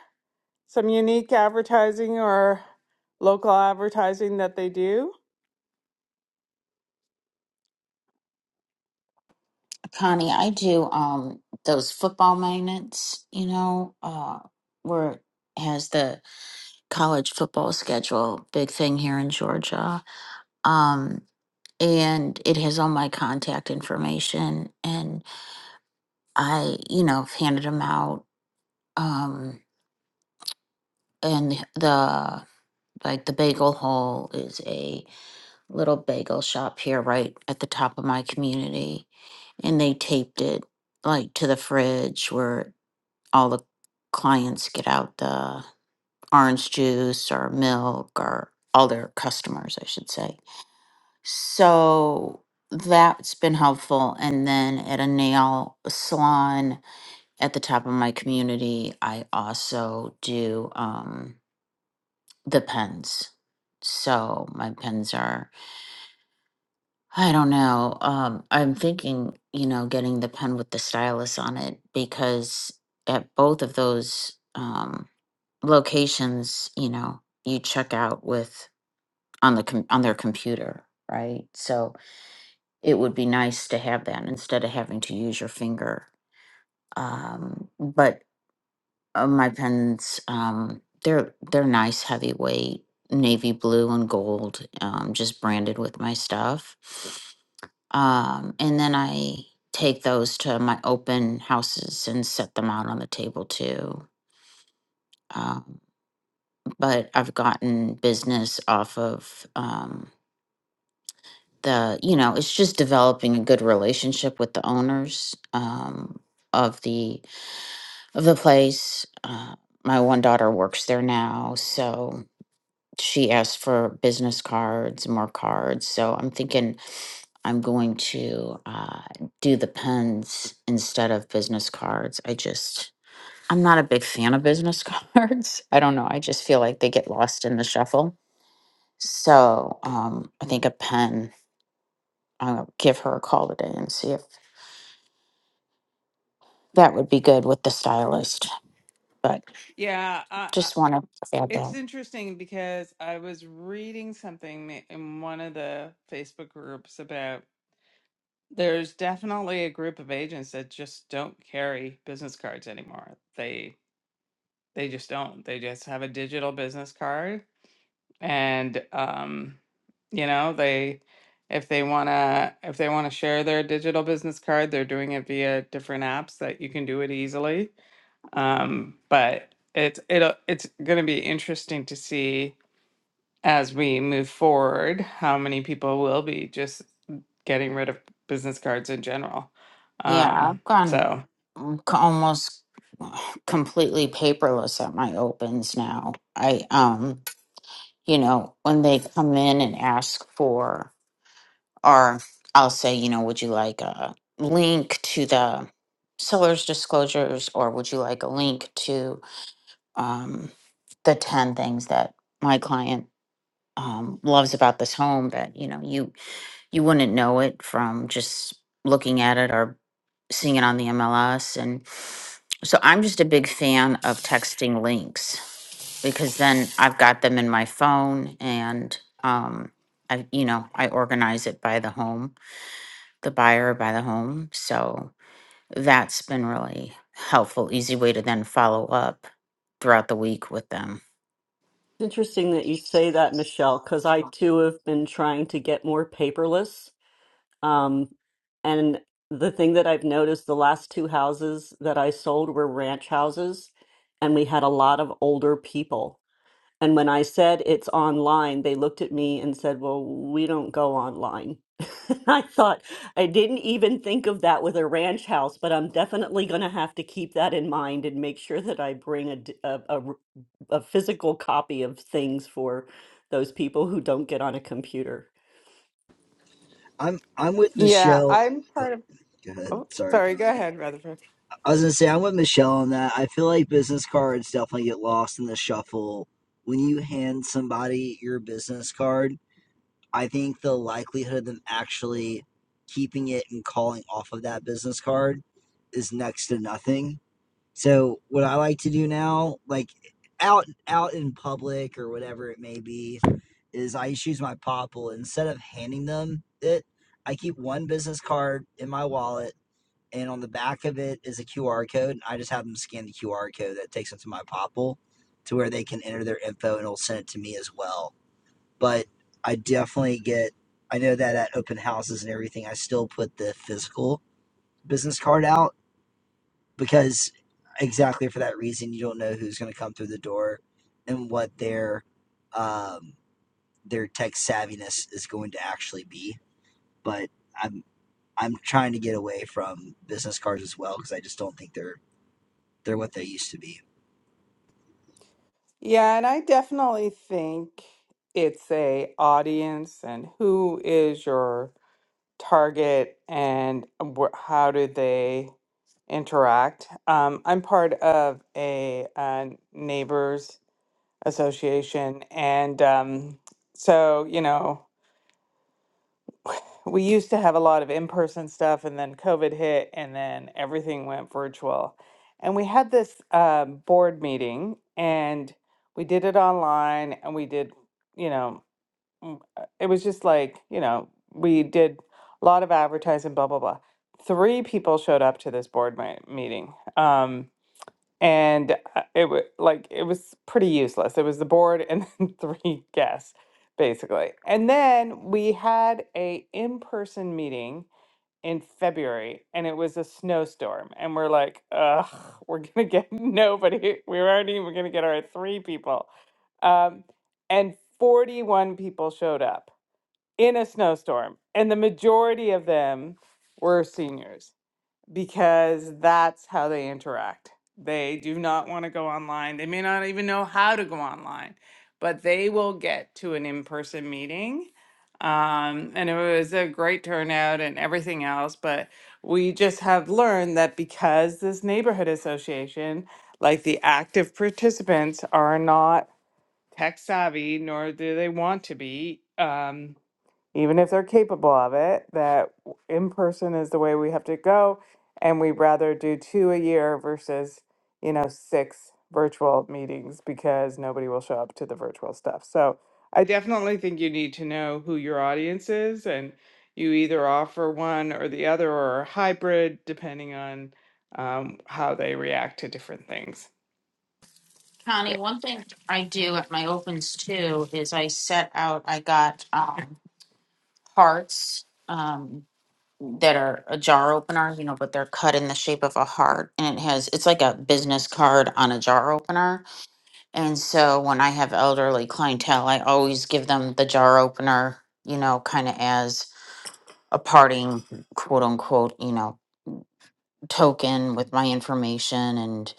S1: some unique advertising or local advertising that they do?
S2: Connie, I do um those football magnets, you know, uh where it has the college football schedule, big thing here in Georgia. Um and it has all my contact information and i you know handed them out um and the like the bagel hole is a little bagel shop here right at the top of my community and they taped it like to the fridge where all the clients get out the orange juice or milk or all their customers i should say So that's been helpful. And then at a nail salon at the top of my community, I also do um, the pens. So my pens are, I don't know. Um, I'm thinking, you know, getting the pen with the stylus on it because at both of those um, locations, you know, you check out with on the com- on their computer, right? So it would be nice to have that instead of having to use your finger. Um, but uh, my pens, um, they're they're nice, heavyweight, navy blue and gold, um, just branded with my stuff. Um, and then I take those to my open houses and set them out on the table too. Um, but I've gotten business off of. Um, the you know it's just developing a good relationship with the owners um, of the of the place uh, my one daughter works there now so she asked for business cards more cards so i'm thinking i'm going to uh, do the pens instead of business cards i just i'm not a big fan of business cards i don't know i just feel like they get lost in the shuffle so um, i think a pen I'll give her a call today and see if That would be good with the stylist, but
S1: Yeah, I, I,
S2: just want to add
S1: it's
S2: that.
S1: interesting because I was reading something ma- in one of the Facebook groups about there's definitely a group of agents that just don't carry business cards anymore. They they just don't. They just have a digital business card and um, you know they if they want to if they want to share their digital business card they're doing it via different apps that you can do it easily um, but it's it'll it's going to be interesting to see as we move forward how many people will be just getting rid of business cards in general
S2: Yeah,
S1: um,
S2: I've gone
S1: so
S2: um, c- almost completely paperless at my opens now. I um, you know, when they come in and ask for or I'll say, you know, would you like a link to the seller's disclosures or would you like a link to um the 10 things that my client um, loves about this home that you know you you wouldn't know it from just looking at it or seeing it on the MLS. And so I'm just a big fan of texting links because then I've got them in my phone and um, I you know I organize it by the home, the buyer by the home. So that's been really helpful, easy way to then follow up throughout the week with them.
S4: It's interesting that you say that, Michelle, because I too have been trying to get more paperless Um, and the thing that I've noticed, the last two houses that I sold were ranch houses, and we had a lot of older people. And when I said it's online, they looked at me and said, Well, we don't go online. I thought, I didn't even think of that with a ranch house, but I'm definitely going to have to keep that in mind and make sure that I bring a, d- a, a r- a physical copy of things for those people who don't get on a computer.
S3: I'm I'm with
S1: Yeah,
S3: Michelle.
S1: I'm
S3: oh,
S1: part of.
S3: Go ahead.
S1: Oh,
S3: Sorry,
S1: sorry. Go
S3: Connie.
S1: ahead, Rutherford.
S3: I was gonna say I'm with Michelle on that. I feel like business cards definitely get lost in the shuffle when you hand somebody your business card I think the likelihood of them actually keeping it and calling off of that business card is next to nothing. So what I like to do now, like out out in public or whatever it may be, is I just use my popple instead of handing them it. I keep one business card in my wallet, and on the back of it is a QR code. And I just have them scan the QR code that takes them to my popple, to where they can enter their info and it'll send it to me as well but I definitely get I know that at open houses and everything I still put the physical business card out because exactly for that reason you don't know who's going to come through the door and what their um their tech savviness is going to actually be but I'm I'm trying to get away from business cards as well because I just don't think they're they're what they used to be.
S1: Yeah, and I definitely think it's a audience and who is your target and wh- how do they interact. Um, I'm part of a, uh neighbors association, and um, so you know we used to have a lot of in-person stuff and then covid hit and then everything went virtual and we had this um, board meeting and we did it online and we did you know mm, uh, it was just like you know we did a lot of advertising blah blah blah three people showed up to this board mi- meeting Um, and uh, it was like it was pretty useless. It was the board and then three guests, basically. And then we had a in-person meeting in February, and it was a snowstorm, and we're like, ugh, we're gonna get nobody. We were already we're gonna get our three people, um, and forty-one people showed up in a snowstorm, and the majority of them were seniors because that's how they interact. They do not want to go online. They may not even know how to go online, but they will get to an in person meeting. Um, and it was a great turnout and everything else. But we just have learned that because this neighborhood association, like the active participants, are not tech savvy, nor do they want to be. Um, even if they're capable of it, that in person is the way we have to go. And we'd rather do two a year versus, you know, six virtual meetings because nobody will show up to the virtual stuff. So I definitely think you need to know who your audience is and you either offer one or the other or a hybrid depending on um, how they react to different things.
S2: Connie,
S1: Okay.
S2: one thing I do at my opens too is I set out, I got um, hearts um, that are a jar opener, you know, but they're cut in the shape of a heart. And it has, it's like a business card on a jar opener. And so when I have elderly clientele, I always give them the jar opener, you know, kind of as a parting quote unquote, you know, token with my information and,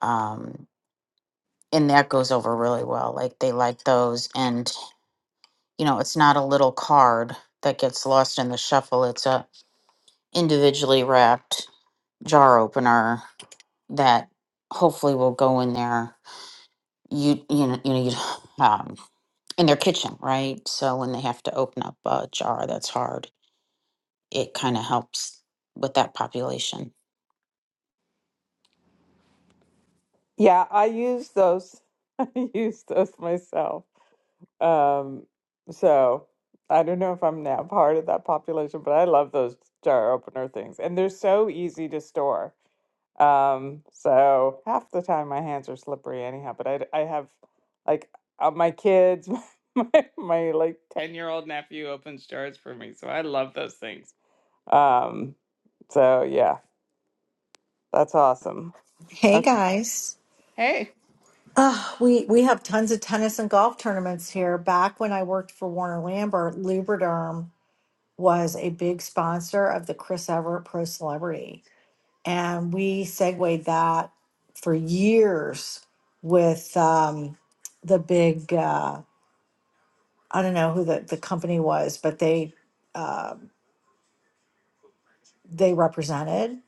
S2: um, and that goes over really well. Like they like those. And you know, it's not a little card that gets lost in the shuffle. It's a individually wrapped jar opener that hopefully will go in there. You you know you need um, in their kitchen, right? So when they have to open up a jar that's hard, it kind of helps with that population.
S1: Yeah, I use those. I use those myself. Um, so I don't know if I'm now part of that population, but I love those jar opener things, and they're so easy to store. Um, so half the time my hands are slippery anyhow, but I, d- I have like uh, my kids, my, my like 10 year old nephew opens jars for me, so I love those things. Um, so yeah, that's awesome.
S7: Hey
S1: Okay.
S7: guys.
S1: Hey.
S7: Uh, we we have tons of tennis and golf tournaments here. Back when I worked for Warner Lambert, Lubriderm was a big sponsor of the Chris Everett Pro Celebrity, and we segued that for years with um, the big. Uh, I don't know who the, the company was, but they uh, they represented.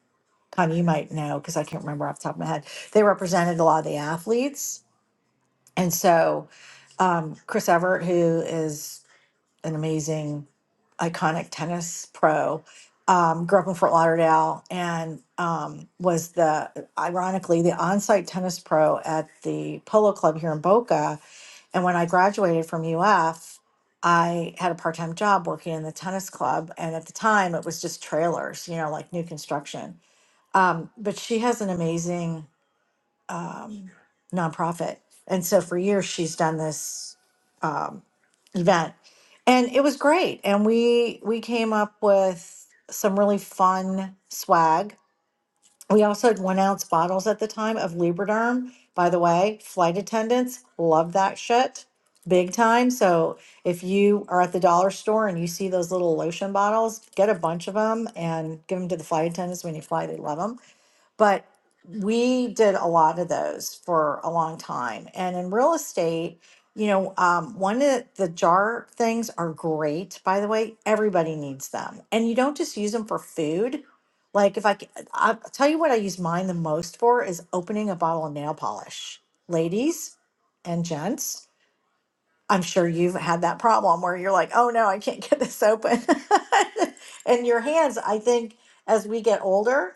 S7: Connie, you might know because I can't remember off the top of my head. They represented a lot of the athletes And so, um, Chris Everett, who is an amazing, iconic tennis pro, um, grew up in Fort Lauderdale and um, was the, ironically, the on site tennis pro at the Polo Club here in Boca. And when I graduated from UF, I had a part time job working in the tennis club. And at the time, it was just trailers, you know, like new construction. Um, but she has an amazing um, nonprofit. And so for years, she's done this um, event, and it was great. And we we came up with some really fun swag. We also had one ounce bottles at the time of Lubriderm. By the way, flight attendants love that shit big time. So if you are at the dollar store and you see those little lotion bottles, get a bunch of them and give them to the flight attendants when you fly. They love them but we did a lot of those for a long time. And in real estate, you know, um, one of the jar things are great, by the way. Everybody needs them. And you don't just use them for food. Like if I, c- I'll tell you what I use mine the most for is opening a bottle of nail polish. Ladies and gents, I'm sure you've had that problem where you're like, oh no, I can't get this open. and your hands, I think, as we get older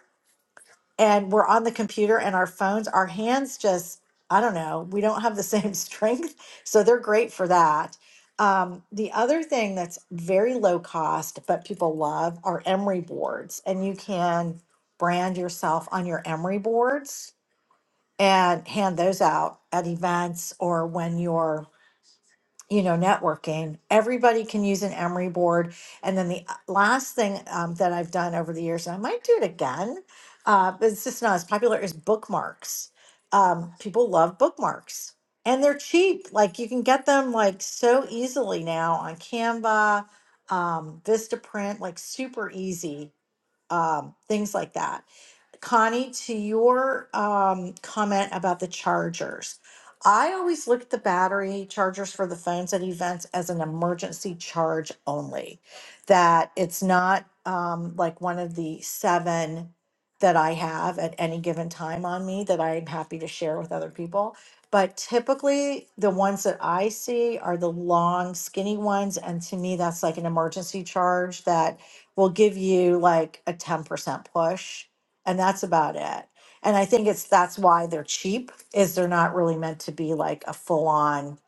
S7: and we're on the computer and our phones, our hands just, I don't know, we don't have the same strength. So they're great for that. Um, the other thing that's very low cost, but people love are emery boards. And you can brand yourself on your emery boards and hand those out at events or when you're you know, networking. Everybody can use an Emery board. And then the uh, last thing um, that I've done over the years, and I might do it again, uh, but it's just not as popular, is bookmarks. Um, people love bookmarks and they're cheap. Like you can get them like so easily now on Canva, um, Vistaprint, like super easy um, things like that Connie, to your um, comment about the chargers, I always look at the battery chargers for the phones at events as an emergency charge only, that it's not um, like one of the seven that I have at any given time on me that I'm happy to share with other people. But typically, the ones that I see are the long, skinny ones. And to me, that's like an emergency charge that will give you like a 10% push and that's about it. And I think it's that's why they're cheap is they're not really meant to be like a full on,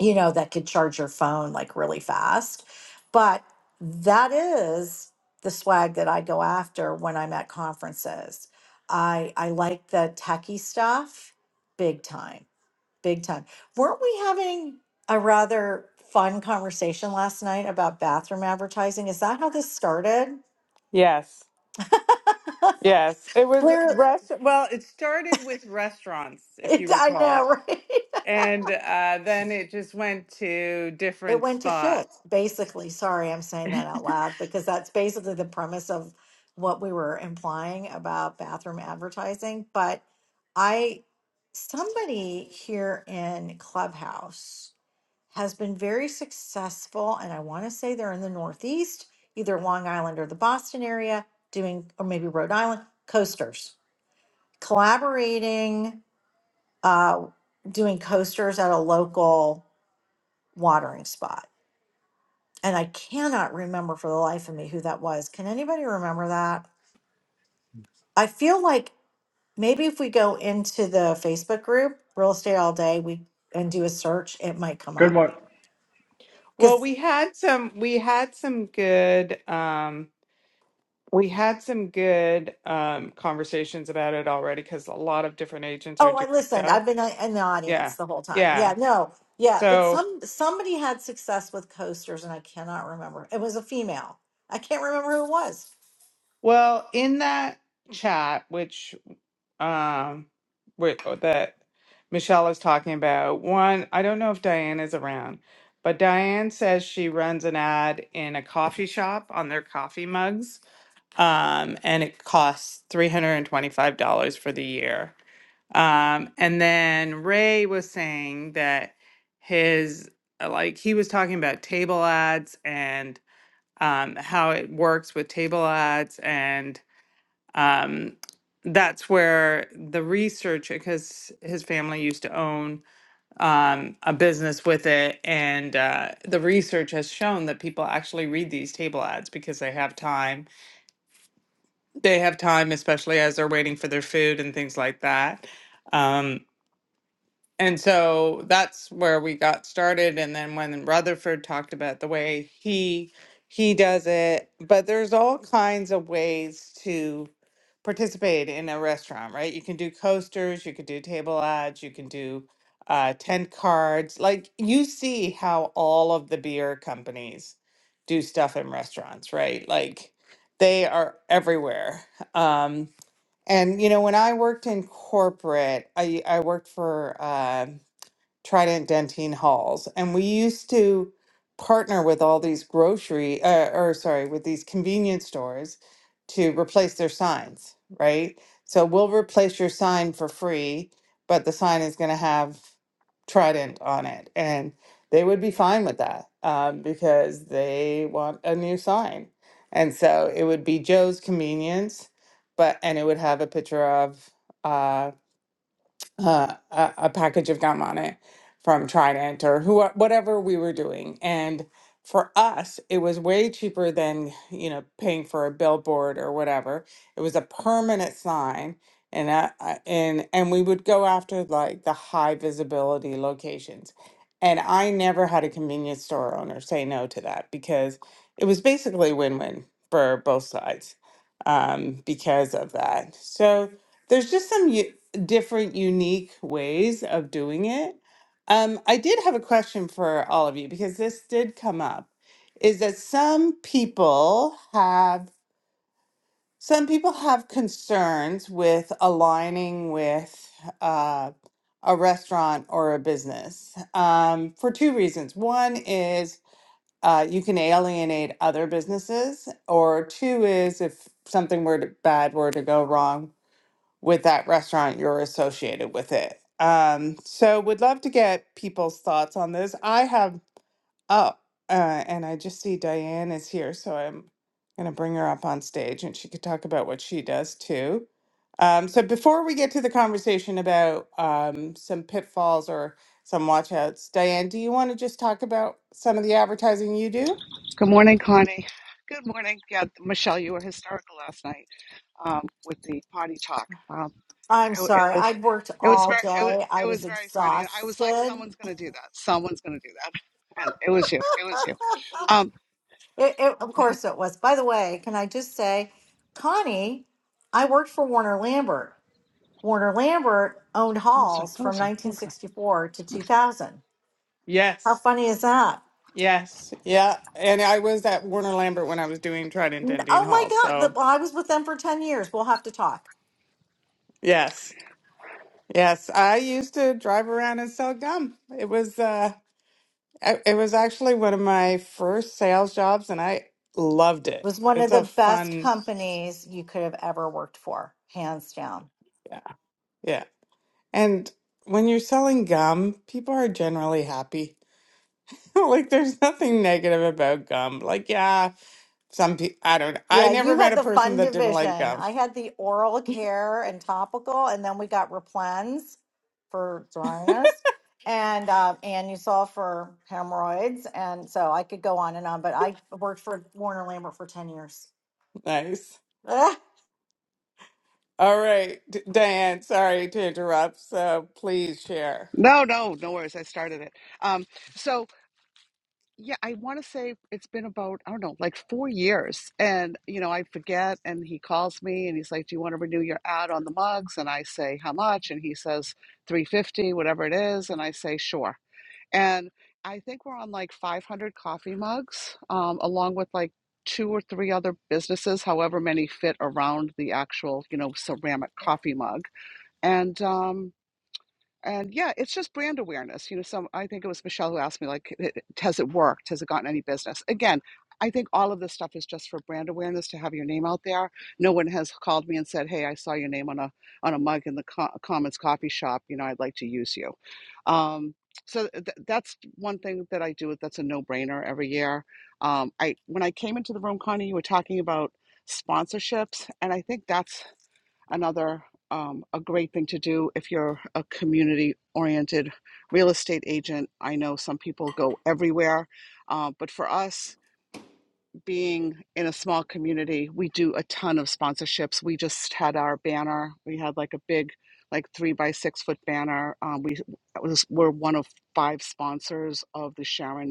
S7: you know, that could charge your phone like really fast. But that is the swag that I go after when I'm at conferences. I I like the techie stuff big time. Big time. Weren't we having a rather fun conversation last night about bathroom advertising? Is that how this started?
S1: Yes. Yes, it was
S7: Clear,
S1: rest. Well, it started with restaurants, if you
S7: I
S1: recall,
S7: know, right?
S1: and uh, then it just went to
S7: It
S1: different
S7: went to shit,
S1: spots.
S7: basically. Sorry, I'm saying that out loud because that's basically the premise of what we were implying about bathroom advertising. But I, somebody here in Clubhouse has been very successful, and I want to say they're in the Northeast, either Long Island or the Boston area, doing, or maybe Rhode Island, coasters, collaborating, uh, doing coasters at a local watering spot and I cannot remember for the life of me who that was. Can anybody remember that? I feel like maybe if we go into the Facebook group, Real Estate All Day, we and do a search, it might come
S8: good
S7: up.
S8: morning.
S1: Well,
S7: Because
S1: we had some, we had some good, um, we had some good um, conversations about it already because a lot of different agents are
S7: oh,
S1: doing
S7: I listened.
S1: stuff.
S7: I've been uh, in the
S1: Yeah,
S7: audience the whole time. Yeah,
S1: yeah.
S7: no, yeah, but
S1: So
S7: some somebody had success with coasters, and I cannot remember. It was a female. I can't remember who it was.
S1: Well, in that chat, which um with that Michelle is talking about, one, I don't know if Diane is around, but Diane says she runs an ad in a coffee shop on their coffee mugs. Um, and it costs $325 for the year. Um, and then Ray was saying that his, uh, like, he was talking about table ads and um, how it works with table ads. And um, that's where the research because his family used to own um, a business with it and uh, the research has shown that people actually read these table ads because they have time they have time especially as they're waiting for their food and things like that Um, and so that's where we got started. And then when Rutherford talked about the way he he does it, but there's all kinds of ways to participate in a restaurant, right? You can do coasters, you can do table ads, you can do uh, tent cards. Like you see how all of the beer companies do stuff in restaurants, right? Like they are everywhere. Um, and you know, when I worked in corporate, I I worked for. uh, Trident Dentine Halls. And we used to partner with all these grocery, uh, or sorry, with these convenience stores to replace their signs, right? So we'll replace your sign for free, but the sign is going to have Trident on it. And they would be fine with that um, because they want a new sign. And so it would be Joe's Convenience, but, and it would have a picture of, uh uh, a, a package of gum on it from Trident or who whatever we were doing. And for us, it was way cheaper than you know paying for a billboard or whatever. It was a permanent sign, and I, I- and and we would go after like the high visibility locations. And I never had a convenience store owner say no to that because it was basically win-win for both sides um, because of that. So there's just some. u- different unique ways of doing it. Um, I did have a question for all of you because this did come up is that some people have some people have concerns with aligning with uh, a restaurant or a business um, for two reasons. One is uh, you can alienate other businesses, or two is if something were to, bad were to go wrong with that restaurant you're associated with it um so would love to get people's thoughts on this i have up uh, and i just see diane is here so i'm going to bring her up on stage and she could talk about what she does too um, so before we get to the conversation about um, some pitfalls or some watchouts diane do you want to just talk about some of the advertising you do
S9: Good morning, Connie. Good morning. Yeah, Michelle, you were hysterical last night um, with the potty talk. Um,
S7: I'm
S9: it, it
S7: sorry.
S9: was,
S7: I'd worked
S9: it was
S7: all
S9: very, it was,
S7: day. I
S9: it
S7: was
S9: was very funny, and I was like,
S7: exhausted.
S9: someone's going to do that. Someone's going to do that, and it was you. It was you. Um,
S7: It, it, of course it was. By the way, can I just say, Connie, I worked for Warner Lambert. Warner Lambert owned
S9: come this way.
S7: Halls
S9: Come
S7: from
S9: this way. Come this way.
S7: 1964 to
S9: come this
S7: 2000. How
S1: yes
S7: funny is that?
S1: yes yeah and i was at warner lambert when i was doing trident
S7: N-
S1: and dean
S7: Oh my
S1: hall
S7: God. The,
S1: so
S7: well, I was with them for 10 years. We'll have to talk.
S1: yes Yes, I used to drive around and sell gum. It was uh I- it was actually one of my first sales jobs and I loved it.
S7: was one
S1: It's
S7: of
S1: a
S7: the best
S1: fun,
S7: companies you could have ever worked for, hands down.
S1: yeah. Yeah. And when you're selling gum, people are generally happy. Like there's nothing negative about gum. Like yeah, some people. I don't I
S7: Yeah,
S1: never
S7: you had
S1: met a
S7: the
S1: person
S7: fun
S1: that didn't like
S7: division.
S1: gum.
S7: I had the oral care and topical, and then we got Replens for dryness, and uh, Anusol for hemorrhoids. And so I could go on and on, but I worked for Warner Lambert for 10 years,
S1: Nice.
S7: Ugh,
S1: All right, D- Diane, sorry to interrupt. So please share.
S9: way. No, no, no worries. I started it. Um, so Yeah, I want to say it's been about, I don't know, like four years. And, you know, I forget. And he calls me and he's like, Do you want to renew your ad on the mugs? And I say, How much? And he says, 350, whatever it is. And I say, Sure. And I think we're on like 500 coffee mugs, um, along with like two or three other businesses, however many fit around the actual, you know, ceramic coffee mug. And, um, and yeah it's just brand awareness you know some i think it was michelle who asked me like "It- has it worked has it gotten any business again i think all of this stuff is just for brand awareness to have your name out there no one has called me and said hey i saw your name on a on a mug in the co- commons coffee shop you know i'd like to use you um, so th- that's one thing that i do that's a no-brainer every year um, i when i came into the room connie you were talking about sponsorships and i think that's another um, a great thing to do if you're a community oriented real estate agent i know some people go everywhere uh, but for us being in a small community we do a ton of sponsorships we just had our banner we had like a big like three by six foot banner um, we that was, we're one of five sponsors of the sharon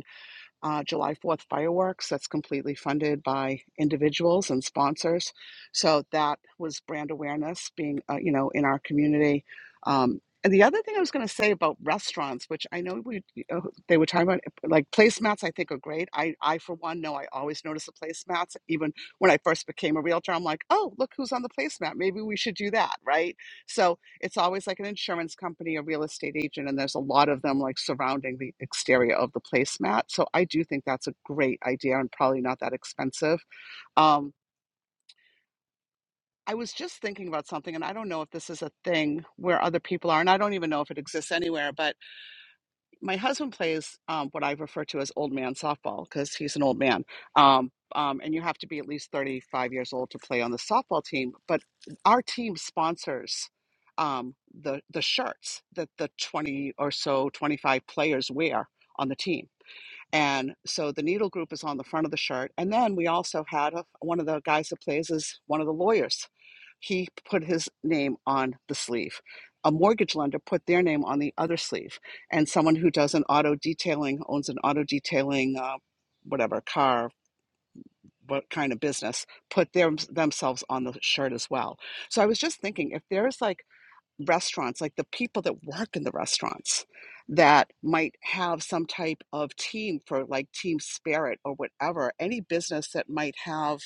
S9: uh, July 4th fireworks that's completely funded by individuals and sponsors. So that was brand awareness being, uh, you know, in our community. Um, and the other thing I was going to say about restaurants, which I know we uh, they were talking about, like placemats, I think are great. I, I for one, know I always notice the placemats. Even when I first became a realtor, I'm like, oh, look who's on the placemat. Maybe we should do that, right? So it's always like an insurance company, a real estate agent, and there's a lot of them like surrounding the exterior of the placemat. So I do think that's a great idea and probably not that expensive. Um, I was just thinking about something, and I don't know if this is a thing where other people are, and I don't even know if it exists anywhere, but my husband plays um, what I refer to as old man softball because he's an old man. Um, um, and you have to be at least 35 years old to play on the softball team. But our team sponsors um, the, the shirts that the 20 or so, 25 players wear on the team. And so the needle group is on the front of the shirt. And then we also had a, one of the guys that plays is one of the lawyers he put his name on the sleeve. A mortgage lender put their name on the other sleeve, and someone who does an auto detailing owns an auto detailing, uh, whatever car, what kind of business, put their themselves on the shirt as well. So I was just thinking, if there's like restaurants, like the people that work in the restaurants that might have some type of team for like team spirit or whatever, any business that might have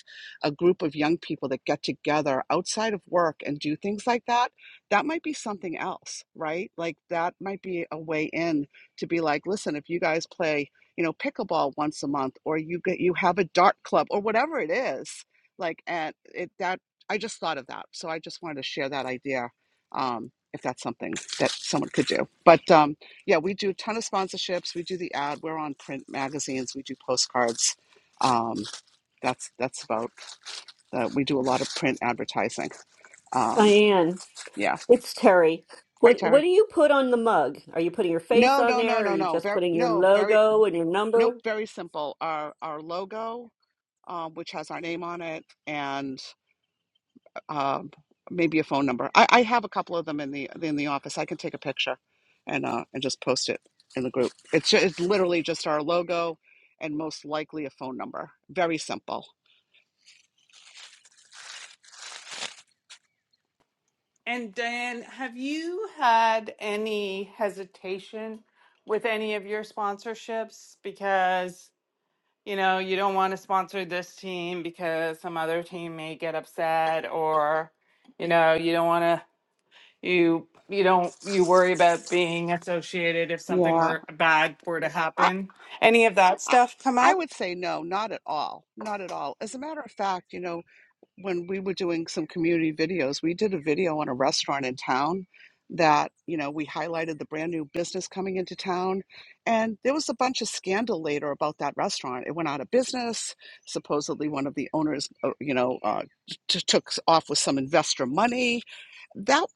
S9: a group of young people that get together outside of work and do things like that, that might be something else, right? Like that might be a way in to be like, listen, if you guys play, you know, pickleball once a month or you get you have a dart club or whatever it is, like and it that I just thought of that. So I just wanted to share that idea um, if that's something that someone could do. But um, yeah, we do a ton of sponsorships. We do the ad. We're on print magazines. We do postcards. Um, that's that's about. Uh, we do a lot of print advertising. Um,
S4: Diane,
S9: yeah.
S4: it's Terry.
S9: Hi,
S4: What what
S9: Terry.
S4: do you put on the mug? Are you putting your face
S9: No,
S4: on
S9: no, no,
S4: there? Or are
S9: no,
S4: you
S9: no.
S4: just
S9: Very,
S4: putting your
S9: no, very,
S4: logo and your
S9: nope.
S4: number?
S9: Very simple. Our our logo, um, which has our name on it, and. um, maybe a phone number. I, I have a couple of them in the in the office. I can take a picture and uh, and just post it in the group. It's ju- it's literally just our logo and most likely a phone number. Very simple.
S1: And Diane, have you had any hesitation with any of your sponsorships because, you know, you don't want to sponsor this team because some other team may get upset or, you know, you don't want to you you don't you worry about being associated if something
S9: Yeah,
S1: were bad were to
S9: I,
S1: happen. Any of that
S9: I
S1: stuff come
S9: I
S1: up?
S9: would say no, not at all, not at all. As a matter of fact, you know. when we were doing some community videos, we did a video on a restaurant in town that, you know, we highlighted the brand new business coming into town. And there was a bunch of scandal later about that restaurant. It went out of business. Supposedly, one of the owners, uh, you know, uh, t- took off with some investor money that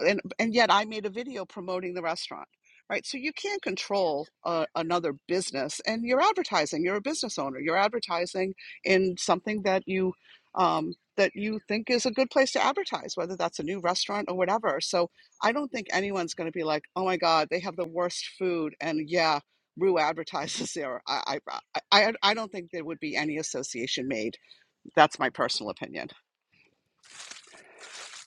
S9: and and yet I made a video promoting the restaurant, right? So you can't control uh, another business, and you're advertising. You're a business owner. You're advertising in something that you um, that you think is a good place to advertise, whether that's a new restaurant or whatever. So I don't think anyone's going to be like, oh my God, they have the worst food, and yeah. Rue advertises there. I, I, I, I I don't think there would be any association made. That's my personal opinion.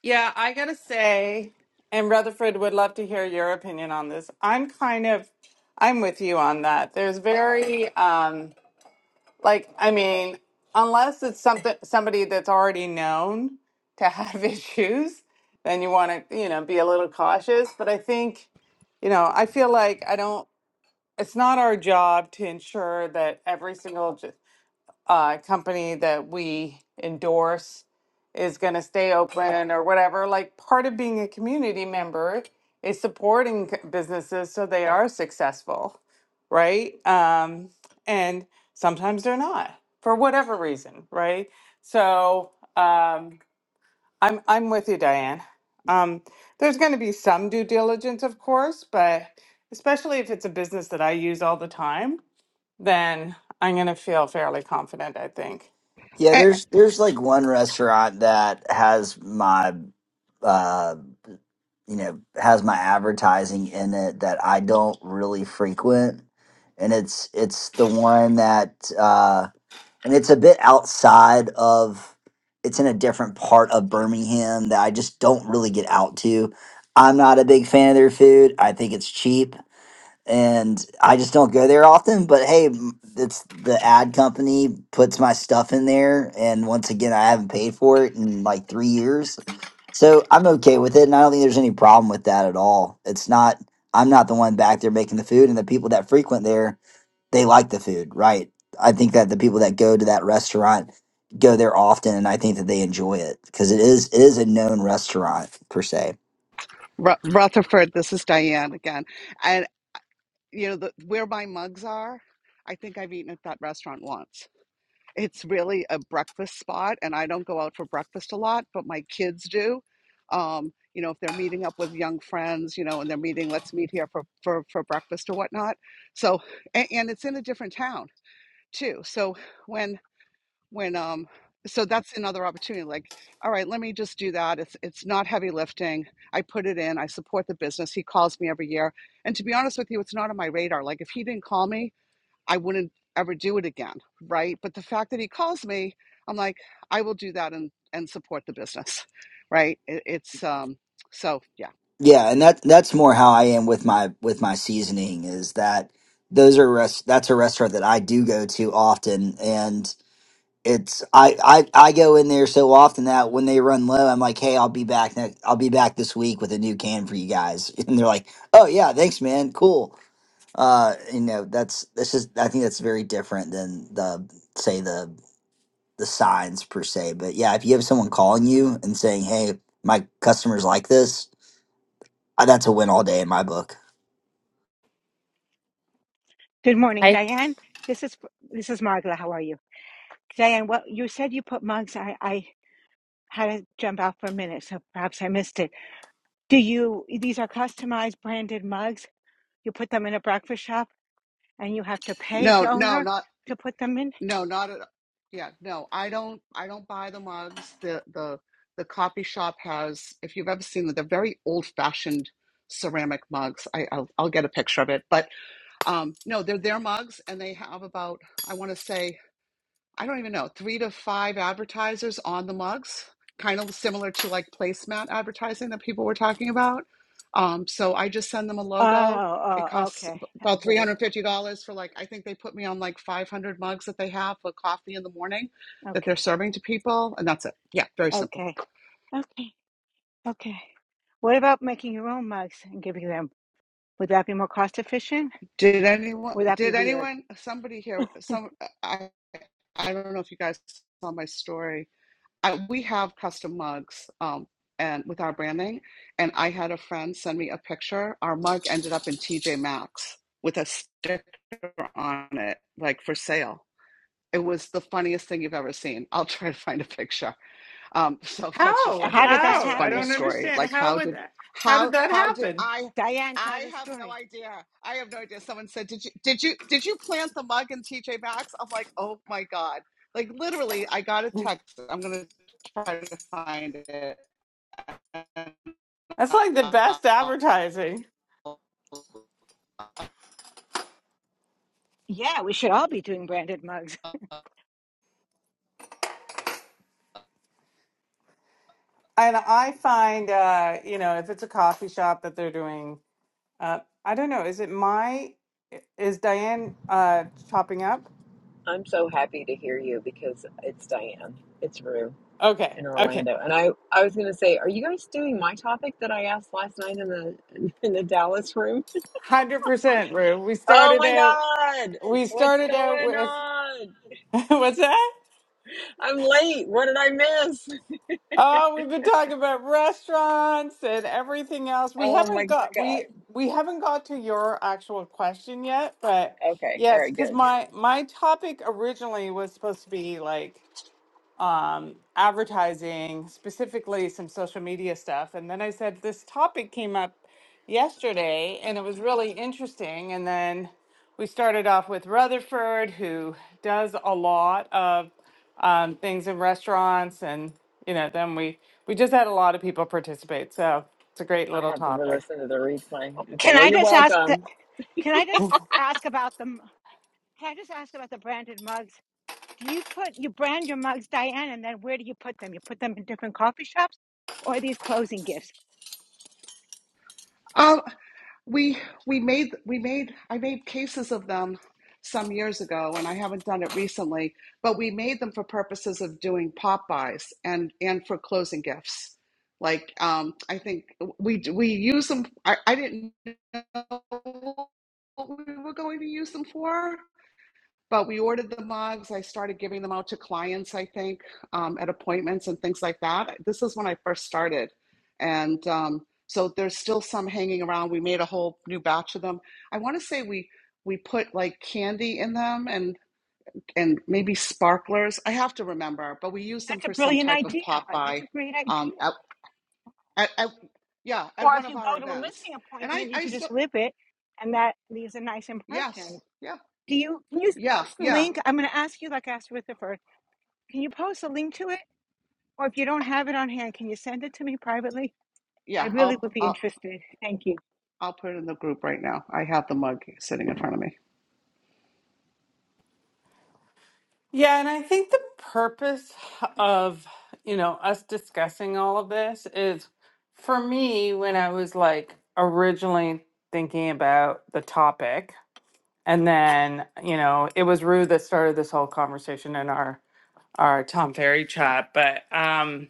S1: Yeah, I gotta say, and Rutherford would love to hear your opinion on this. I'm kind of, I'm with you on that. There's very, um, like, I mean, unless it's something somebody that's already known to have issues, then you want to, you know, be a little cautious. But I think, you know, I feel like I don't. It's not our job to ensure that every single j- uh, company that we endorse is going to stay open or whatever. Like part of being a community member is supporting c- businesses so they are successful, right? Um, and sometimes they're not for whatever reason, right? So um, I'm I'm with you, Diane. Um, there's going to be some due diligence, of course, but especially if it's a business that I use all the time, then I'm going to feel fairly confident, I think.
S3: Yeah,
S9: Eh,
S3: there's there's like one restaurant that has my uh you know, has my advertising in it that I don't really frequent. And it's it's the one that uh and it's a bit outside of it's in a different part of Birmingham that I just don't really get out to. I'm not a big fan of their food. I think it's cheap and I just don't go there often. But hey, m- it's the ad company puts my stuff in there, and once again, I haven't paid for it in like three years, so I'm okay with it, and I don't think there's any problem with that at all. It's not I'm not the one back there making the food, and the people that frequent there they like the food, right? I think that the people that go to that restaurant go there often, and I think that they enjoy it because it is it is a known restaurant per se.
S9: Ru- Rutherford, this is Diane again. And you know the, where my mugs are, I think I've eaten at that restaurant once. it's really a breakfast spot and i don't go out for breakfast a lot but my kids do um, you know if they're meeting up with young friends you know and they're meeting let's meet here for for, for breakfast or whatnot so and, and it's in a different town too so when when um so that's another opportunity like all right let me just do that it's it's not heavy lifting i put it in i support the business he calls me every year and to be honest with you it's not on my radar like if he didn't call me I wouldn't ever do it again, right? But the fact that he calls me, I'm like, I will do that and and support the business, right? It, it's um so yeah.
S3: Yeah, and that that's more how I am with my with my seasoning is that those are rest that's a restaurant that I do go to often and it's I, I I go in there so often that when they run low I'm like, "Hey, I'll be back next I'll be back this week with a new can for you guys." And they're like, "Oh yeah, thanks man. Cool." Uh, you know, that's this is I think that's very different than the say the the signs per se. But yeah, if you have someone calling you and saying, "Hey, my customers like this," uh, that's a win all day in my book.
S5: Good morning,
S10: I
S5: Diane. This is this is Margla. How are you, Diane? Well, you said you put mugs. I I had to jump out for a minute, so perhaps I missed it. Do you? These are customized branded mugs. You put them in a breakfast shop and you
S9: No, no,
S5: order
S9: not
S5: to put them in.
S9: no, not at yeah, no. I don't I don't buy the mugs. The the the coffee shop has if you've ever seen them, they're very old-fashioned ceramic mugs. I I'll, I'll get a picture of it, but um no, they're their mugs and they have about I want to say I don't even know, three to five advertisers on the mugs, kind of similar to like placemat advertising that people were talking about. Um, so I just send them a logo. It
S5: Oh, oh,
S9: costs
S5: okay. I
S9: about
S5: get it.
S9: $350 for like, I think they put me on like 500 mugs that they have for coffee in the morning that they're
S5: Okay.
S9: serving to people. And that's it. Yeah, very simple.
S5: Okay. Okay. Okay. What about making your own mugs and giving them? Would that be more cost efficient?
S9: Did anyone,
S5: Would that be
S9: did
S5: weird?
S9: anyone, somebody here, some, I, I don't know if you guys saw my story I, we have custom mugs um, and with our branding. And I had a friend send me a picture. Our mug ended up in TJ Maxx with a sticker on it, like for sale. It was the funniest thing you've ever seen. I'll try to find a picture. Um, so that's just a
S1: How?
S5: How did
S9: really
S5: that
S9: just
S1: How? I
S9: funny
S5: happen?
S1: don't
S9: story.
S1: understand.
S9: Like
S1: How
S9: how
S1: would
S9: did
S1: that, how
S9: how
S1: did that
S9: how did
S1: happen?
S9: I
S5: Diane, tell
S9: I
S5: the
S9: have no
S5: story.
S9: idea. I have no idea. Someone said, "Did you did you did you plant the mug in TJ Maxx?" I'm like, "Oh my god." Like literally, I got a text. I'm going to try to find it.
S1: That's like the best advertising.
S5: Yeah, we should all be doing branded mugs.
S1: And I find, uh, you know, if it's a coffee shop that they're doing, uh, I don't know, is it my, is Diane uh, chopping up?
S11: I'm so happy to hear you because it's Diane. It's Rue
S1: Okay,
S11: in
S1: okay.
S11: Orlando. And I, I was gonna say, are you guys doing my topic that I asked last night in the in the Dallas room?
S1: 100% Rue. We
S11: Oh
S1: started
S11: my
S1: out,
S11: God.
S1: we
S11: What's
S1: started out
S11: going
S1: with,
S11: on?
S1: what's that?
S11: I'm late. What did I miss?
S1: Oh, we've been talking about restaurants and everything else. We
S11: Oh my
S1: haven't got
S11: God.
S1: we we haven't got to your actual question yet, but
S11: Okay. All
S1: yes,
S11: right,
S1: because
S11: good.
S1: my my topic originally was supposed to be like um, advertising, specifically some social media stuff. And then I said, this topic came up yesterday and it was really interesting. And then we started off with Rutherford, who does a lot of um, things in restaurants. And, you know, then we, we just had a lot of people participate. So it's a great
S11: I
S1: little
S11: have to
S1: topic.
S11: re-listen to the replay.
S5: Oh,
S11: Okay,
S5: Can
S11: well
S5: I
S11: you're
S5: just ask? The,
S11: welcome.
S5: can I just ask about the? Can I just ask about the branded mugs? Do you put you brand your mugs, Diane, and then where do you put them? You put them in different coffee shops or are these closing gifts?
S9: Um, we we made we made I made cases of them some years ago and I haven't done it recently, but we made them for purposes of doing pop buys and and for closing gifts. Like um I think we we use them I, I didn't know what we were going to use them for but we ordered the mugs. I started giving them out to clients, I think, um, at appointments and things like that. This is when I first started. And um, so there's still some hanging around. We made a whole new batch of them. I want to say we we put like candy in them and and maybe sparklers. I have to remember, but we used them
S5: That's a
S9: for some
S5: brilliant
S9: type of
S5: idea.
S9: pop
S5: That's
S9: by
S5: a great
S9: um,
S5: idea.
S9: at, at, at yeah,
S5: Or
S9: at one
S5: if you
S9: of our
S5: go to a
S9: events.
S5: listing
S9: And I
S5: appointment, you
S9: I
S5: could just
S9: still
S5: live it and that leaves a nice
S9: yes,
S5: impression.
S9: yeah.
S5: Do you can you
S9: Yeah,
S5: post the
S9: yeah,
S5: link? I'm gonna ask you like I asked with the first. Can you post a link to it? Or if you don't have it on hand, can you send it to me privately? I
S9: yeah.
S5: really
S9: I'll,
S5: would be
S9: I'll,
S5: interested. Thank you.
S9: I'll put it in the group right now. I have the mug sitting in front of me.
S1: Yeah, and I think the purpose of, you know, us discussing all of this is for me when I was like originally thinking about the topic and then, you know, it was Rue that started this whole conversation in our our Tom Ferry chat, but um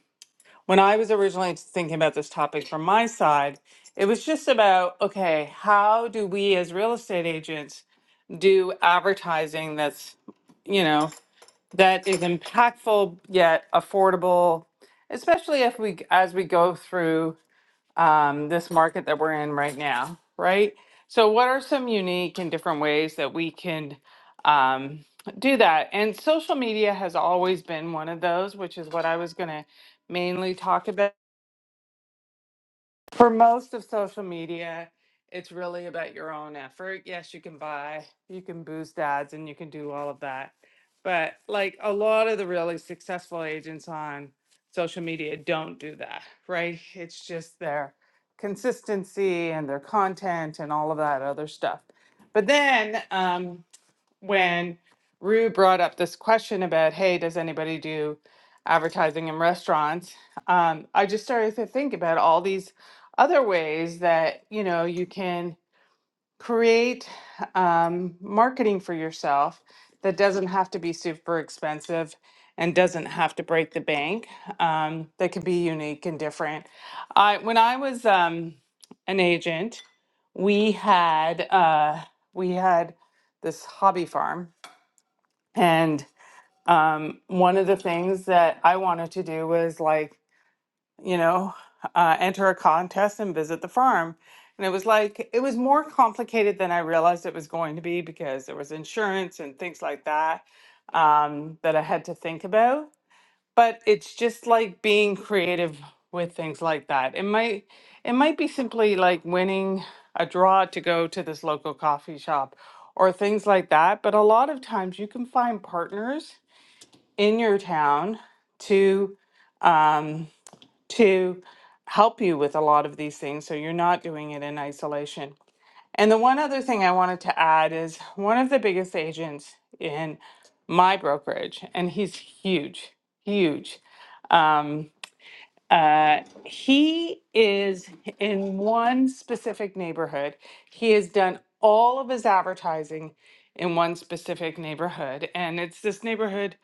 S1: when I was originally thinking about this topic from my side, it was just about okay, how do we as real estate agents do advertising that's, you know, that is impactful yet affordable, especially if we as we go through um, this market that we're in right now, right? So, what are some unique and different ways that we can um, do that? And social media has always been one of those, which is what I was going to mainly talk about. For most of social media, it's really about your own effort. Yes, you can buy, you can boost ads, and you can do all of that. But like a lot of the really successful agents on social media don't do that, right? It's just their consistency and their content and all of that other stuff. But then, um, when Rue brought up this question about, hey, does anybody do advertising in restaurants? Um, I just started to think about all these other ways that you know you can create um, marketing for yourself that doesn't have to be super expensive and doesn't have to break the bank. Um, that can be unique and different. I when I was um, an agent, we had uh, we had this hobby farm and um, one of the things that I wanted to do was like, you know, uh, enter a contest and visit the farm. And it was like, it was more complicated than I realized it was going to be because there was insurance and things like that um, that I had to think about. But it's just like being creative with things like that. It might, it might be simply like winning a draw to go to this local coffee shop or things like that. But a lot of times you can find partners in your town to um, to help you with a lot of these things so you're not doing it in isolation and the one other thing i wanted to add is one of the biggest agents in my brokerage and he's huge huge um, uh, he is in one specific neighborhood he has done all of his advertising in one specific neighborhood and it's this neighborhood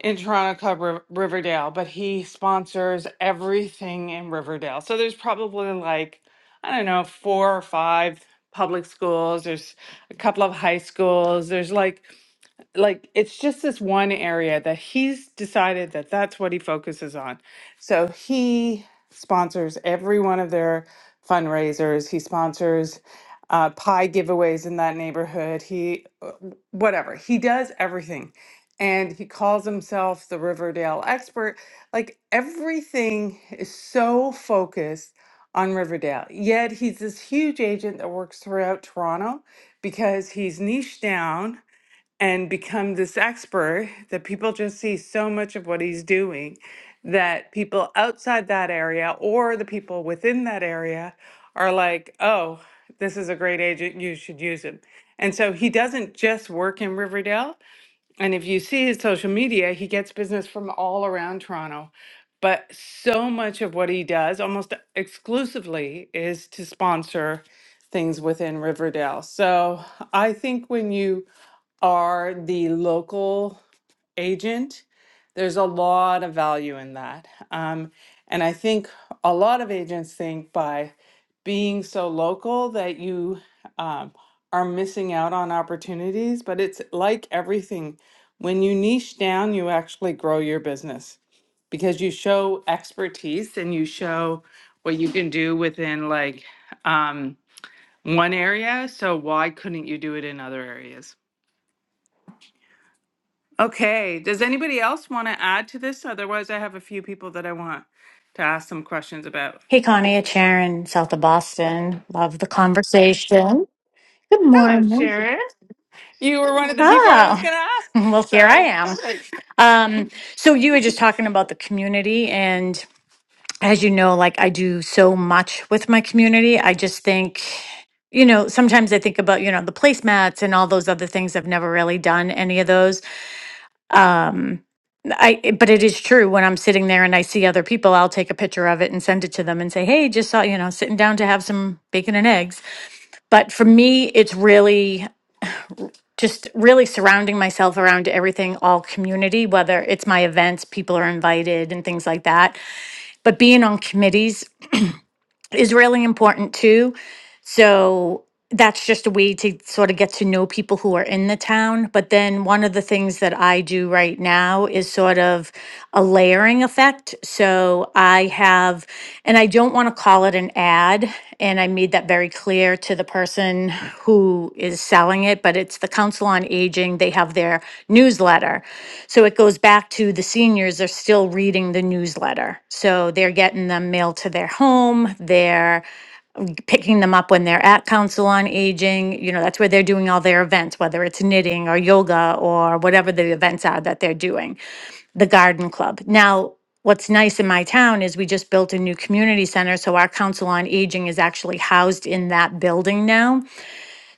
S1: in Toronto Club Riv- Riverdale, but he sponsors everything in Riverdale. So there's probably like, I don't know, four or five public schools. There's a couple of high schools. There's like like it's just this one area that he's decided that that's what he focuses on. So he sponsors every one of their fundraisers. He sponsors uh, pie giveaways in that neighborhood. He uh, whatever he does everything, and he calls himself the Riverdale expert. Like everything is so focused on Riverdale. Yet he's this huge agent that works throughout Toronto because he's niched down and become this expert that people just see so much of what he's doing that people outside that area or the people within that area are like, oh, this is a great agent, you should use him. And so he doesn't just work in Riverdale. And if you see his social media, he gets business from all around Toronto. But so much of what he does, almost exclusively, is to sponsor things within Riverdale. So I think when you are the local agent, there's a lot of value in that. Um, and I think a lot of agents think by being so local that you um, are missing out on opportunities, but it's like everything. When you niche down, you actually grow your business because you show expertise and you show what you can do within like um, one area. So, why couldn't you do it in other areas? Okay, does anybody else want to add to this? Otherwise, I have a few people that I want to ask some questions about.
S12: Hey, Connie, it's Sharon, south of Boston. Love the conversation. Good
S1: Hello,
S12: morning.
S1: Sharon. You were one of the people I was
S12: Ah,
S1: going to ask,
S12: well, here I
S1: so
S12: am.
S1: perfect.
S12: Um, so you were just talking about the community, and as you know, like I do so much with my community. I just think, you know, sometimes I think about, you know, the placemats and all those other things. I've never really done any of those. Um, I, but it is true when I'm sitting there and I see other people, I'll take a picture of it and send it to them and say, Hey, just saw, you know, sitting down to have some bacon and eggs but for me it's really just really surrounding myself around everything all community whether it's my events people are invited and things like that but being on committees is really important too so that's just a way to sort of get to know people who are in the town. But then one of the things that I do right now is sort of a layering effect. So I have, and I don't want to call it an ad. And I made that very clear to the person who is selling it, but it's the Council on Aging. They have their newsletter. So it goes back to the seniors are still reading the newsletter. So they're getting them mailed to their home. They're picking them up when they're at Council on Aging. You know, that's where they're doing all their events, whether it's knitting or yoga or whatever the events are that they're doing, the garden club. Now, what's nice in my town is we just built a new community center. So our Council on Aging is actually housed in that building now.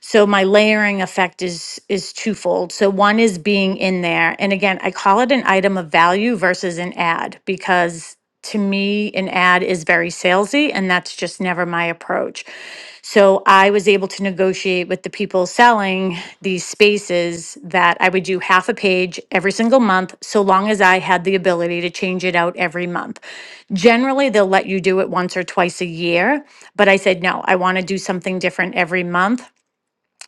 S12: So my layering effect is is twofold. So one is being in there, and again, I call it an item of value versus an ad because to me, an ad is very salesy, and that's just never my approach. So I was able to negotiate with the people selling these spaces that I would do half a page every single month, so long as I had the ability to change it out every month. Generally, they'll let you do it once or twice a year, but I said, no, I want to do something different every month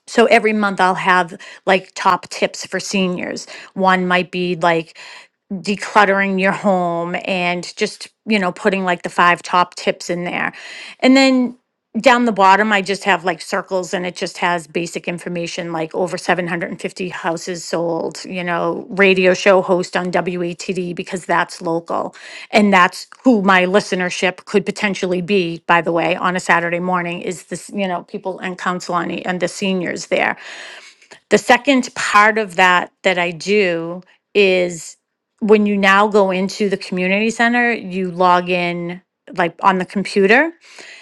S12: so every month I'll have like top tips for seniors. One might be like decluttering your home and just, you know, putting like the five top tips in there. And then down the bottom, I just have like circles and it just has basic information like over 750 houses sold, you know, radio show host on WATD because that's local. And that's who my listenership could potentially be, by the way, on a Saturday morning is this, you know, people and council on, e, and the seniors there the second part of that that I do is when you now go into the community center, you log in like on the computer.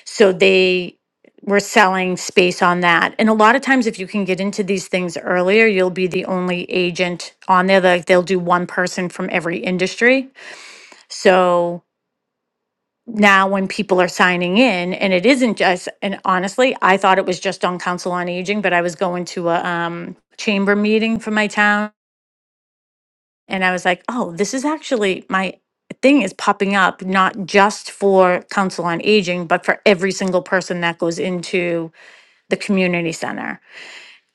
S12: So they were selling space on that. And a lot of times, if you can get into these things earlier, you'll be the only agent on there. Like they'll do one person from every industry. So now when people are signing in and it isn't just and honestly i thought it was just on council on aging but i was going to a um, chamber meeting for my town and i was like oh this is actually my thing is popping up not just for council on aging but for every single person that goes into the community center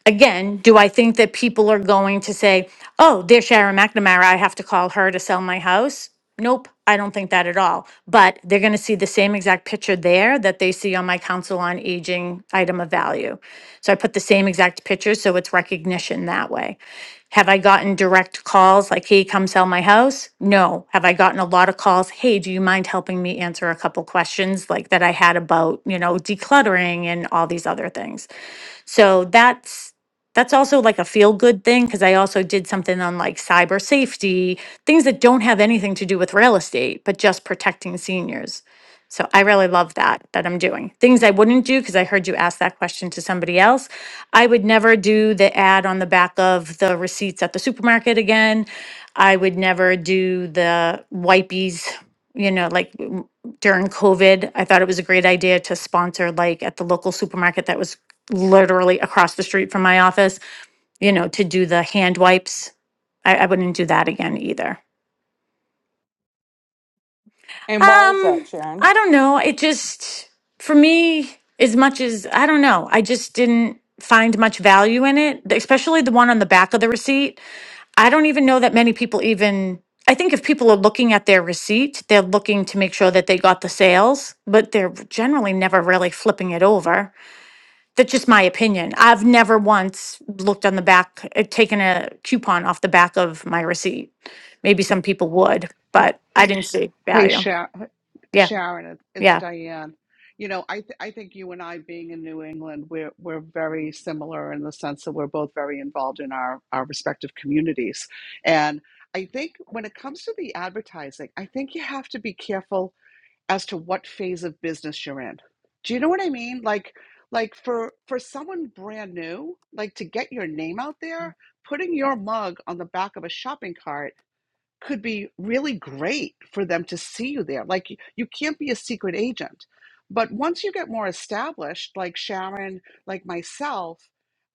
S12: Again, do I think that people are going to say, oh, there's Sharon McNamara, I have to call her to sell my house? Nope, I don't think that at all. But they're going to see the same exact picture there that they see on my Council on Aging item of value. So I put the same exact picture, so it's recognition that way. Have I gotten direct calls like, hey, come sell my house? No. Have I gotten a lot of calls, hey, do you mind helping me answer a couple questions like that I had about, you know, decluttering and all these other things? So that's that's also like a feel good thing because I also did something on like cyber safety, things that don't have anything to do with real estate, but just protecting seniors. So I really love that that I'm doing. Things I wouldn't do because I heard you ask that question to somebody else. I would never do the ad on the back of the receipts at the supermarket again. I would never do the wipies, you know, like during COVID, I thought it was a great idea to sponsor, like at the local supermarket that was literally across the street from my office, you know, to do the hand wipes. I, I wouldn't do that again either.
S1: And why is that,
S12: Um,
S1: Sharon?
S12: I don't know. It just, for me, as much as, I don't know, I just didn't find much value in it, especially the one on the back of the receipt. I don't even know that many people even. I think if people are looking at their receipt, they're looking to make sure that they got the sales, but they're generally never really flipping it over. That's just my opinion. I've never once looked on the back, uh, taken a coupon off the back of my receipt. Maybe some people would, but I didn't see
S9: Hey,
S12: value.
S9: Sha-
S12: Yeah,
S9: Sharon, it- it's
S12: yeah,
S9: Diane. You know, I th- I think you and I, being in New England, we're we're very similar in the sense that we're both very involved in our our respective communities. And I think when it comes to the advertising, I think you have to be careful as to what phase of business you're in. Do you know what I mean? Like like for for someone brand new, like to get your name out there, putting your mug on the back of a shopping cart could be really great for them to see you there. Like you, you can't be a secret agent. But once you get more established, like Sharon, like myself,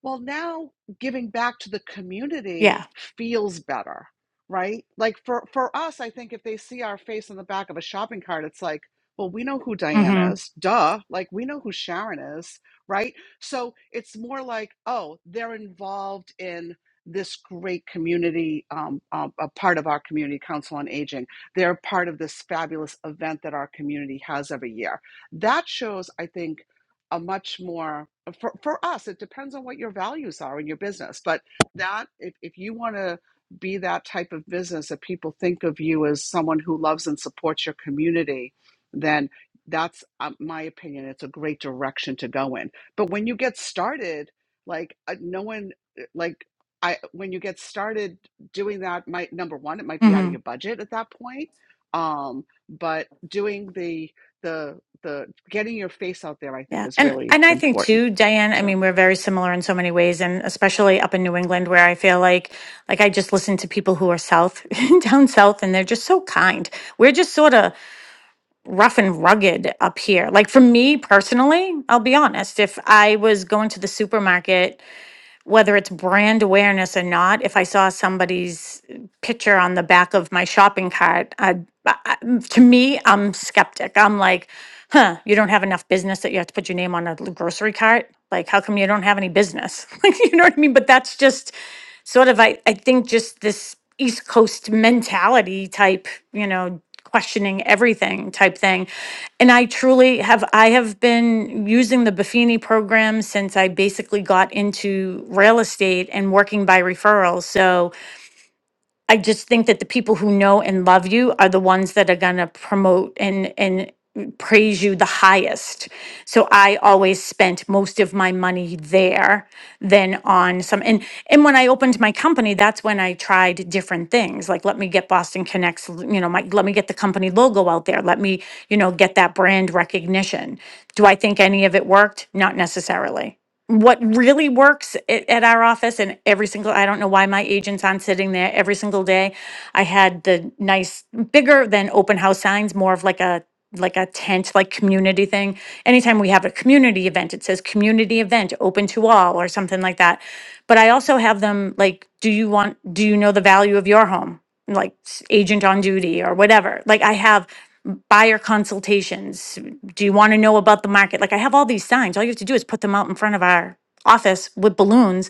S9: well, now giving back to the community
S12: yeah.
S9: feels better, right? Like for, for us, I think if they see our face on the back of a shopping cart, it's like, well, we know who Diane
S12: Mm-hmm.
S9: is, duh. Like we know who Sharon is, right? So it's more like, oh, they're involved in this great community, um, um, a part of our community, Council on Aging. They're part of this fabulous event that our community has every year. That shows, I think, a much more for, for us. It depends on what your values are in your business, but that if, if you want to be that type of business that people think of you as someone who loves and supports your community, then that's um, my opinion. It's a great direction to go in. But when you get started, like uh, no one like I when you get started doing that might number one, it might be out
S12: mm-hmm.
S9: of your budget at that point. Um, but doing the the the getting your face out there, I think,
S12: Yeah.
S9: is
S12: And
S9: really
S12: and I think
S9: important.
S12: too, Diane, I
S9: So
S12: mean, we're very similar in so many ways and especially up in New England where I feel like like I just listen to people who are south down south and they're just so kind. We're just sort of rough and rugged up here. Like for me personally, I'll be honest, if I was going to the supermarket whether it's brand awareness or not, if I saw somebody's picture on the back of my shopping cart, I'd, I, I- to me, I'm skeptic. I'm like, huh, you don't have enough business that you have to put your name on a l- grocery cart? Like, how come you don't have any business? Like, you know what I mean? But that's just sort of I, I think just this East Coast mentality type, you know, questioning everything type thing. And I truly have I have been using the Buffini program since I basically got into real estate and working by referral. So I just think that the people who know and love you are the ones that are going to promote and and praise you the highest. So I always spent most of my money there than on some and and when I opened my company that's when I tried different things like let me get Boston Connects you know my let me get the company logo out there let me you know get that brand recognition. Do I think any of it worked? Not necessarily what really works at, at our office and every single i don't know why my agent's on sitting there every single day i had the nice bigger than open house signs more of like a like a tent like community thing anytime we have a community event it says community event open to all or something like that but i also have them like do you want do you know the value of your home like s- agent on duty or whatever like i have buyer consultations. Do you want to know about the market? Like I have all these signs. All you have to do is put them out in front of our office with balloons.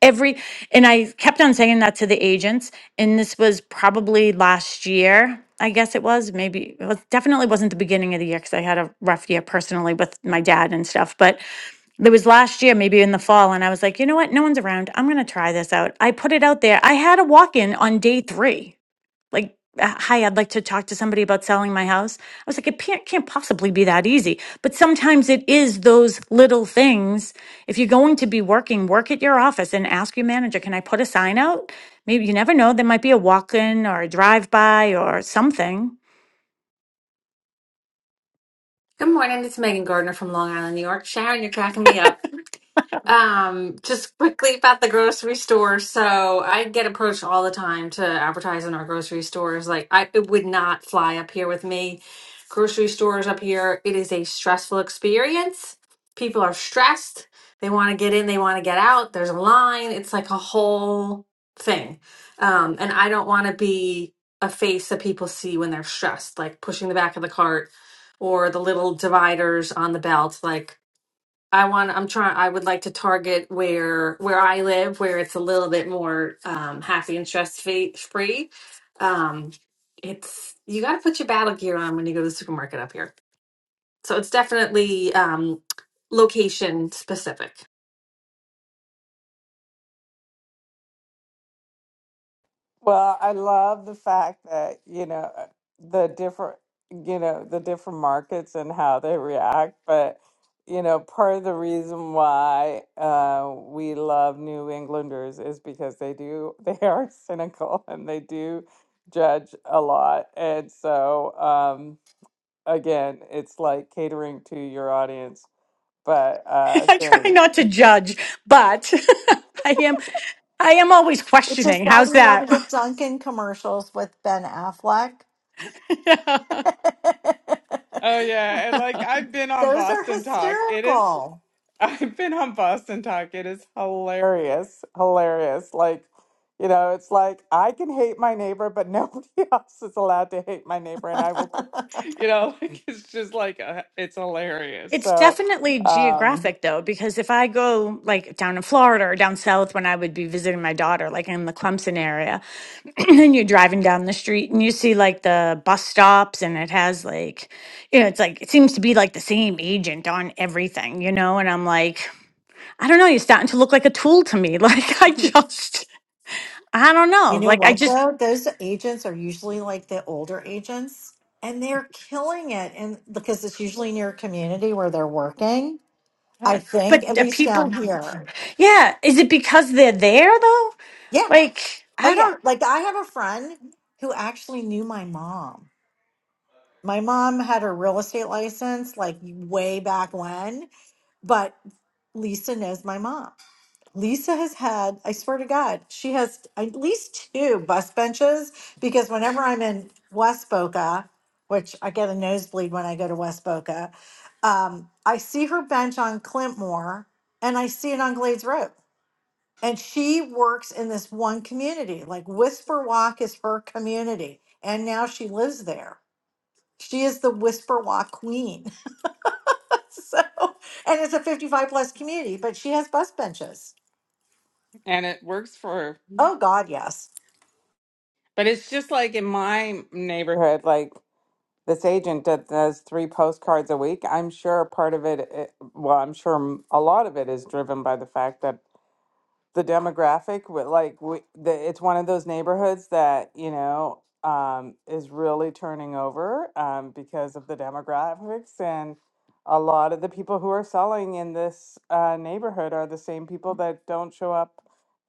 S12: Every and I kept on saying that to the agents, and this was probably last year. I guess it was maybe it was definitely wasn't the beginning of the year because I had a rough year personally with my dad and stuff. But it was last year, maybe in the fall, and I was like, you know what? No one's around. I'm gonna try this out. I put it out there. I had a walk in on day three like uh, hi i'd like to talk to somebody about selling my house i was like it can't, can't possibly be that easy but sometimes it is those little things if you're going to be working work at your office and ask your manager can i put a sign out maybe you never know there might be a walk-in or a drive-by or something
S13: Good morning, it's Megan Gardner from Long Island, New York. Sharon, you're cracking me up. Um, just quickly about the grocery store. So I get approached all the time to advertise in our grocery stores. Like I it would not fly up here with me. Grocery stores up here, it is a stressful experience. People are stressed. They want to get in, they want to get out. There's a line. It's like a whole thing. Um, and I don't want to be a face that people see when they're stressed, like pushing the back of the cart or the little dividers on the belt. Like I want I'm trying I would like to target where where I live where it's a little bit more um happy and stress fe- free. Um it's you got to put your battle gear on when you go to the supermarket up here. So it's definitely um location specific.
S1: Well, I love the fact that, you know, uh, the different, you know, the different markets and how they react. But, you know, part of the reason why uh, we love New Englanders is because they do, they are cynical and they do judge a lot. And so, um, again, it's like catering to your audience. But uh,
S12: i try
S1: during,
S12: not to judge but i am i am always
S7: which is
S12: questioning
S7: why
S12: how's
S7: we love
S12: that
S7: the Duncan commercials with Ben Affleck.
S1: oh yeah, and like I've been on
S7: Those are
S1: Boston Talk. It is.
S7: hysterical.
S1: I've been on Boston Talk. It is hilarious. Hilarious. Like, you know, it's like I can hate my neighbor, but nobody else is allowed to hate my neighbor. And I will, pr- you know, like it's just like, uh it's hilarious.
S12: It's
S1: So,
S12: definitely
S1: um,
S12: geographic though, because if I go like down in Florida or down south when I would be visiting my daughter, like in the Clemson area, and you're driving down the street and you see like the bus stops and it has like, you know, it's like, it seems to be like the same agent on everything, you know? And I'm like, I don't know, you're starting to look like a tool to me. Like, I just, I don't
S7: You
S12: know.
S7: know
S12: Like, I
S7: what
S12: just,
S7: though? Those agents are usually like the older agents and they're killing it and because it's usually near your community where they're working, I
S12: but
S7: think, at
S12: the
S7: least
S12: people,
S7: down here.
S12: yeah, is it because they're there though?
S7: Yeah.
S12: Like,
S7: Oh
S12: I
S7: yeah.
S12: don't,
S7: Like I have a friend who actually knew my mom. My mom had her real estate license like way back when, but Lisa knows my mom. Lisa has had, I swear to God, she has at least two bus benches because whenever I'm in West Boca, which I get a nosebleed when I go to West Boca, um, I see her bench on Clintmore and I see it on Glades Road. And she works in this one community. Like Whisper Walk is her community. And now she lives there. She is the Whisper Walk queen. so, and it's a 55 plus community, but she has bus benches.
S1: and it works for,
S7: Oh, God, yes.
S1: but it's just like in my neighborhood, like this agent that does three postcards a week, I'm sure part of it, it- well, I'm sure m- a lot of it is driven by the fact that the demographic but like we, the, it's one of those neighborhoods that you know um, is really turning over um, because of the demographics and a lot of the people who are selling in this uh, neighborhood are the same people that don't show up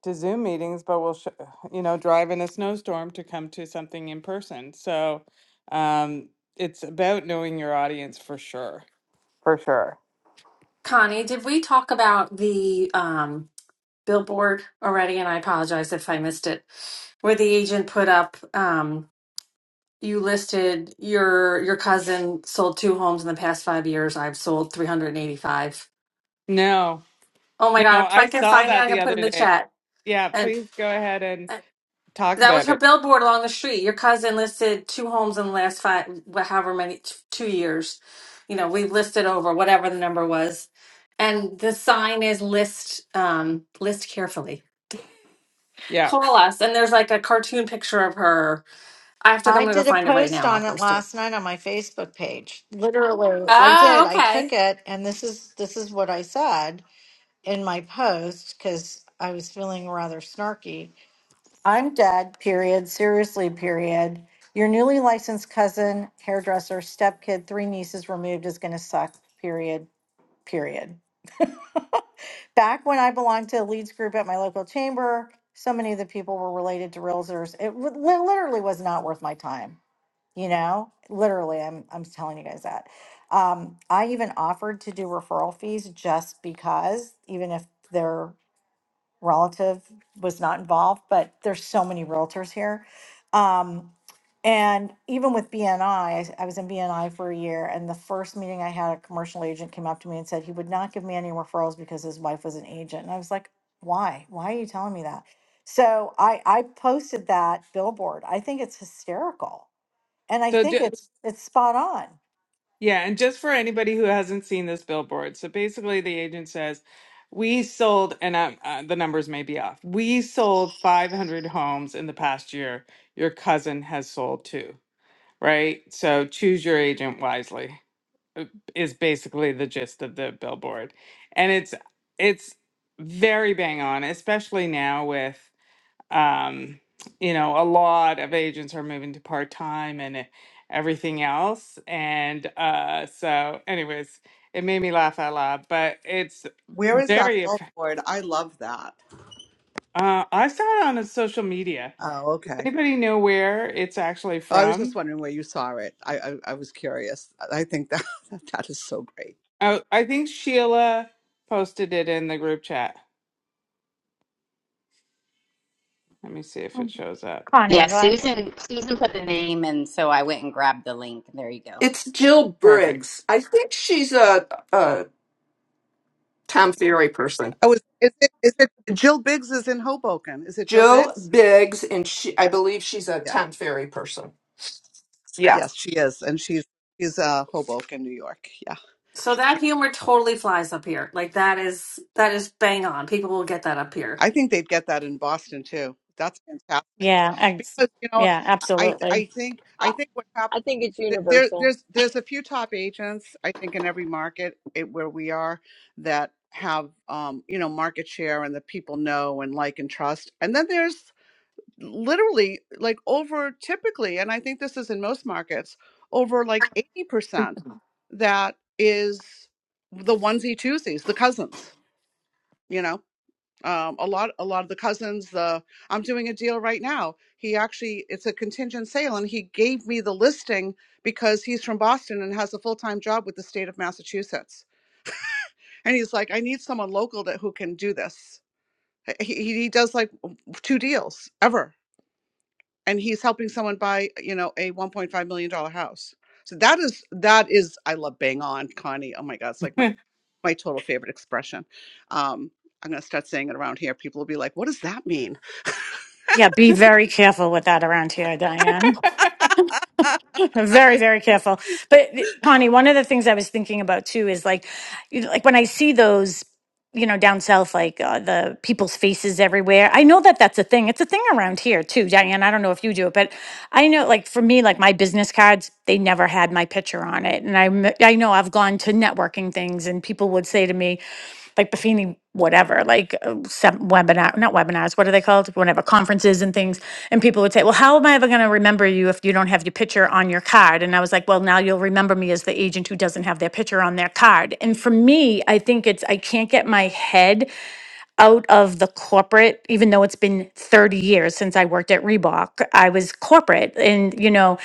S1: to zoom meetings but will sh- you know drive in a snowstorm to come to something in person so um, it's about knowing your audience for sure for sure
S13: Connie, did we talk about the um billboard already and I apologize if I missed it where the agent put up um you listed your your cousin sold two homes in the past 5 years. I've sold 385
S1: no
S13: Oh my
S1: no
S13: god! If I
S1: i
S13: can
S1: saw
S13: find it,
S1: that
S13: I can
S1: the
S13: put
S1: other
S13: it in the
S1: day
S13: chat.
S1: yeah
S13: And
S1: please go ahead
S13: uh,
S1: Talk
S13: that was
S1: about
S13: her
S1: it.
S13: billboard along the street. Your cousin listed two homes in the last five, wha- however many, t- two years. You know, we've listed over whatever the number was, and the sign is list um, list carefully.
S1: Yeah.
S13: Call us, and there's like a cartoon picture of her. I have to. I'm
S7: I
S13: gonna go
S7: did a
S13: find it right now,
S7: post
S13: and I'll
S7: on it
S13: post it.
S7: last night on my Facebook page. Literally, I did.
S13: Oh,
S7: I
S13: okay.
S7: took it and this is this is what I said in my post cuz I was feeling rather snarky. I'm dead, period. Seriously, period. Your newly licensed cousin, hairdresser, stepkid, three nieces removed is going to suck. Period. Period. Back when I belonged to a leads group at my local chamber, so many of the people were related to realtors. It w- li- literally was not worth my time you know literally i'm i'm telling you guys that um i even offered to do referral fees just because even if their relative was not involved but there's so many realtors here um and even with BNI, I s- I was in BNI for a year, and the first meeting I had, a commercial agent came up to me and said he would not give me any referrals because his wife was an agent. And I was like, why? Why are you telling me that? So I, I posted that billboard. I think it's hysterical and I
S1: So,
S7: think
S1: ju-
S7: it's, it's spot on.
S1: yeah. And just for anybody who hasn't seen this billboard, so basically the agent says, We sold, and i uh, the numbers may be off, we sold 500 homes in the past year. Your cousin has sold two, right? So choose your agent wisely, uh, is basically the gist of the billboard. And it's, it's, very bang on, especially now with. um, you know, a lot of agents are moving to part time and e- everything else. And uh, so, anyways, it made me laugh out loud, but it's
S9: Where is that
S1: very. eff-
S9: billboard? I love that.
S1: Uh, I saw it on a social media.
S9: Oh, okay.
S1: Anybody know where it's actually
S9: Oh, I was just
S1: from?
S9: wondering where you saw it. I I, I was curious. I think that that is so great.
S1: Oh, I think Sheila posted it in the group chat. Let me see if it shows up.
S14: Yeah,
S12: Connie, why?
S14: Susan Susan put the name and so I went and grabbed the link. There you go.
S15: It's Jill
S1: Perfect.
S15: Briggs. I think she's a, a Tom Ferry person.
S9: Oh, is, is it is it Jill Biggs is in Hoboken? Is it Jill
S15: Jill
S9: Biggs?
S15: Biggs, and she, I believe she's a
S9: Yeah.
S15: Tom Ferry person. Yeah.
S9: Yes, she is, and she's she's uh Hoboken, New York. Yeah.
S13: So that humor totally flies up here. Like that is that is bang on. People will get that up here.
S9: I think they'd get that in Boston too. That's fantastic
S12: Yeah, ex-
S9: because you know
S12: yeah,
S9: I
S12: absolutely.
S9: I think I
S11: I,
S9: think what
S11: I
S9: happens
S11: think it's
S9: there
S11: universal.
S9: there's there's a few top agents I think in every market it, where we are that have um you know market share and that people know and like and trust and then there's literally like over typically and I think this is in most markets over like 80% that is the onesie twosies the cousins you know um, a lot a lot of the cousins the i'm doing a deal right now he actually it's a contingent sale and he gave me the listing because he's from boston and has a full-time job with the state of massachusetts and he's like i need someone local that who can do this he, he does like two deals ever and he's helping someone buy you know a 1.5 million dollar house so that is that is i love bang on connie oh my god it's like my my total favorite expression um i'm going to start saying it around here people will be like what does that mean
S12: Yeah, be very careful with that around here, Diane. very, very careful. But eh, Connie, one of the things I was thinking about too is like, you know, like when I see those, you know, down south, like uh, the people's faces everywhere. I know that that's a thing. It's a thing around here too, Diane. I don't know if you do it, but I know, like for me, like my business cards, they never had my picture on it, and I, I know I've gone to networking things, and people would say to me, like Buffini, whatever, like uh, sem- webinar, not webinars, what are they called? Whatever, conferences and things. And people would say, well, how am I ever going to remember you if you don't have your picture on your card? And I was like, well, now you'll remember me as the agent who doesn't have their picture on their card. And for me, I think it's, I can't get my head out of the corporate, even though it's been 30 years since I worked at Reebok. I was corporate and, you know,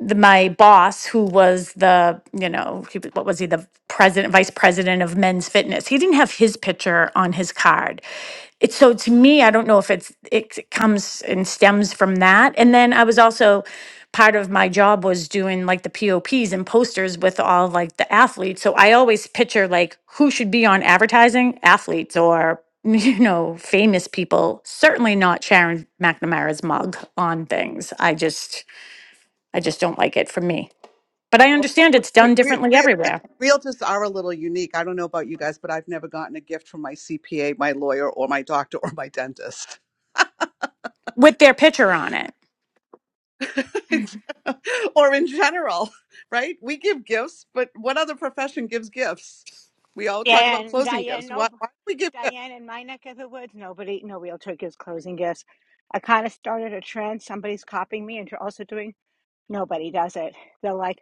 S12: the, my boss, who was the, you know, he, what was he, the president, vice president of men's fitness, he didn't have his picture on his card. It's so to me, I don't know if it's, it, it comes and stems from that. And then I was also, part of my job was doing like the POPs and posters with all like the athletes. So I always picture like who should be on advertising, athletes or, you know, famous people, certainly not Sharon McNamara's mug on things. I just, I just don't like it from me. But I
S9: Well,
S12: understand
S9: we,
S12: it's
S9: we,
S12: done
S9: we,
S12: differently
S9: we-
S12: everywhere
S9: realtors are a little unique. I don't know about you guys, but I've never gotten a gift from my CPA, my lawyer, or my doctor, or my dentist,
S12: with their picture on it.
S9: or in general, right? We give gifts, but what other profession gives gifts? We all talk
S5: Yeah,
S9: about
S5: and
S9: closing
S5: Diane,
S9: gifts. Why,
S5: no,
S9: why do we give gifts?
S5: Diane, in my neck of the woods, nobody, no realtor gives closing gifts. I kind of started a trend. Somebody's copying me, and you're also doing. Nobody does it. They're like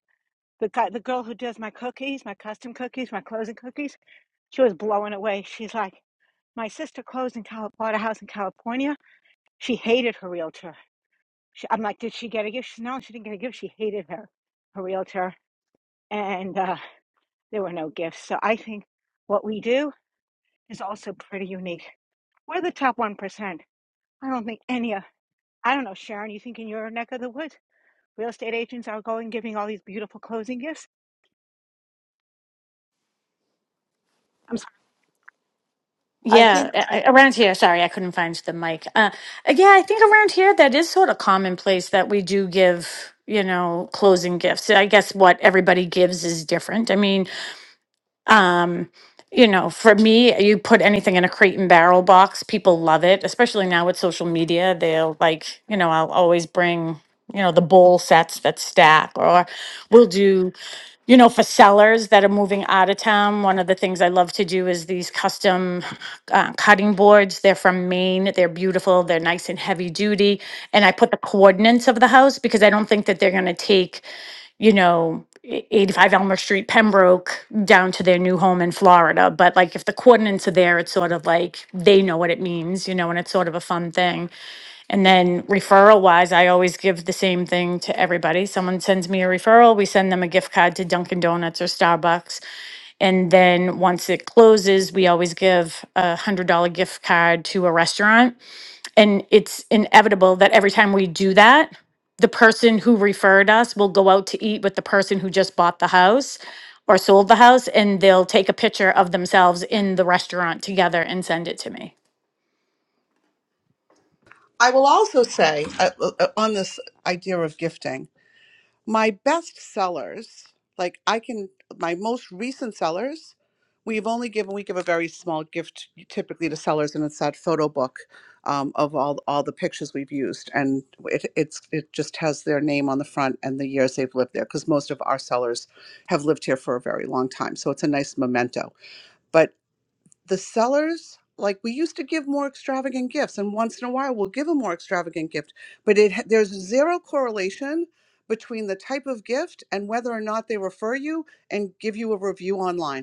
S5: the guy, the girl who does my cookies, my custom cookies, my closing cookies. She was blowing away. She's like, my sister closed in Cal- bought a house in California. She hated her realtor. She, I'm like, did she get a gift? She, no, she didn't get a gift. She hated her her realtor, and uh, there were no gifts. So I think what we do is also pretty unique. We're the top 1%. I don't think any of, I don't know, Sharon, you think in your neck of the woods, real estate agents are going giving all these beautiful closing gifts? I'm sorry.
S12: Yeah, a- a- around here. Sorry, I couldn't find the mic. Uh, uh, yeah, I think around here that is sort of commonplace that we do give, you know, closing gifts. I guess what everybody gives is different. I mean, Um, you know, for me, you put anything in a crate and barrel box, people love it, especially now with social media. They'll like, you know, I'll always bring, you know, the bowl sets that stack, or we'll do, you know, for sellers that are moving out of town. One of the things I love to do is these custom uh, cutting boards. They're from Maine, they're beautiful, they're nice and heavy duty. And I put the coordinates of the house because I don't think that they're going to take you know, e- 85 Elmer Street, Pembroke, down to their new home in Florida. But like if the coordinates are there, it's sort of like they know what it means, you know, and it's sort of a fun thing. And then referral wise, I always give the same thing to everybody. Someone sends me a referral, we send them a gift card to Dunkin' Donuts or Starbucks. And then once it closes, we always give a $100 gift card to a restaurant and it's inevitable that every time we do that, the person who referred us will go out to eat with the person who just bought the house or sold the house, and they'll take a picture of themselves in the restaurant together and send it to me.
S9: I will also say uh, uh, on this idea of gifting. my best sellers like i can my most recent sellers we've only given we give a very small gift typically to sellers and it's that photo book um, of all all the pictures we've used and it it's it just has their name on the front and the years they've lived there because most of our sellers have lived here for a very long time so it's a nice memento but the sellers like we used to give more extravagant gifts and once in a while we'll give a more extravagant gift but it ha- there's zero correlation between the type of gift and whether or not they refer you and give you a review online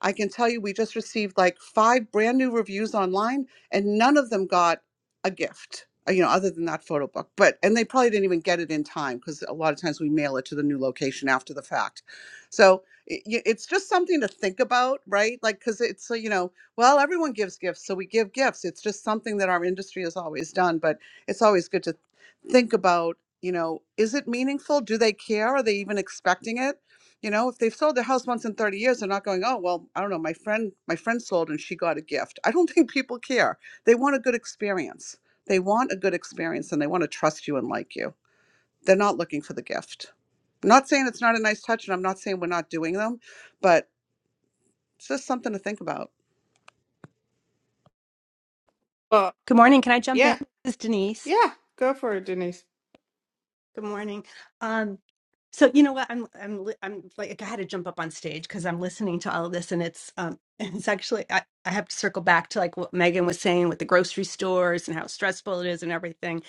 S9: I can tell you we just received like five brand new reviews online and none of them got a gift, uh, you know, other than that photo book. But and they probably didn't even get it in time because a lot of times we mail it to the new location after the fact. So it, it's just something to think about, right? Like cuz it's uh, you know, well, everyone gives gifts, so we give gifts. It's just something that our industry has always done, but it's always good to think about you know, is it meaningful? Do they care? Are they even expecting it? You know, if they've sold their house once in 30 years, they're not going, "Oh, well, I don't know, my friend my friend sold and she got a gift." I don't think people care. They want a good experience. They want a good experience and they want to trust you and like you. They're not looking for the gift. I'm not saying it's not a nice touch and I'm not saying we're not doing them, but it's just something to think about.
S1: well,
S16: Good morning. Can I jump in?
S1: yeah,
S16: This is Denise.
S1: yeah. Go for it, Denise.
S16: Good morning. Um, so you know what? I'm I'm li- I'm like I had to jump up on stage because I'm listening to all of this, and it's um it's actually I, I have to circle back to like what Megan was saying with the grocery stores and how stressful it is and everything.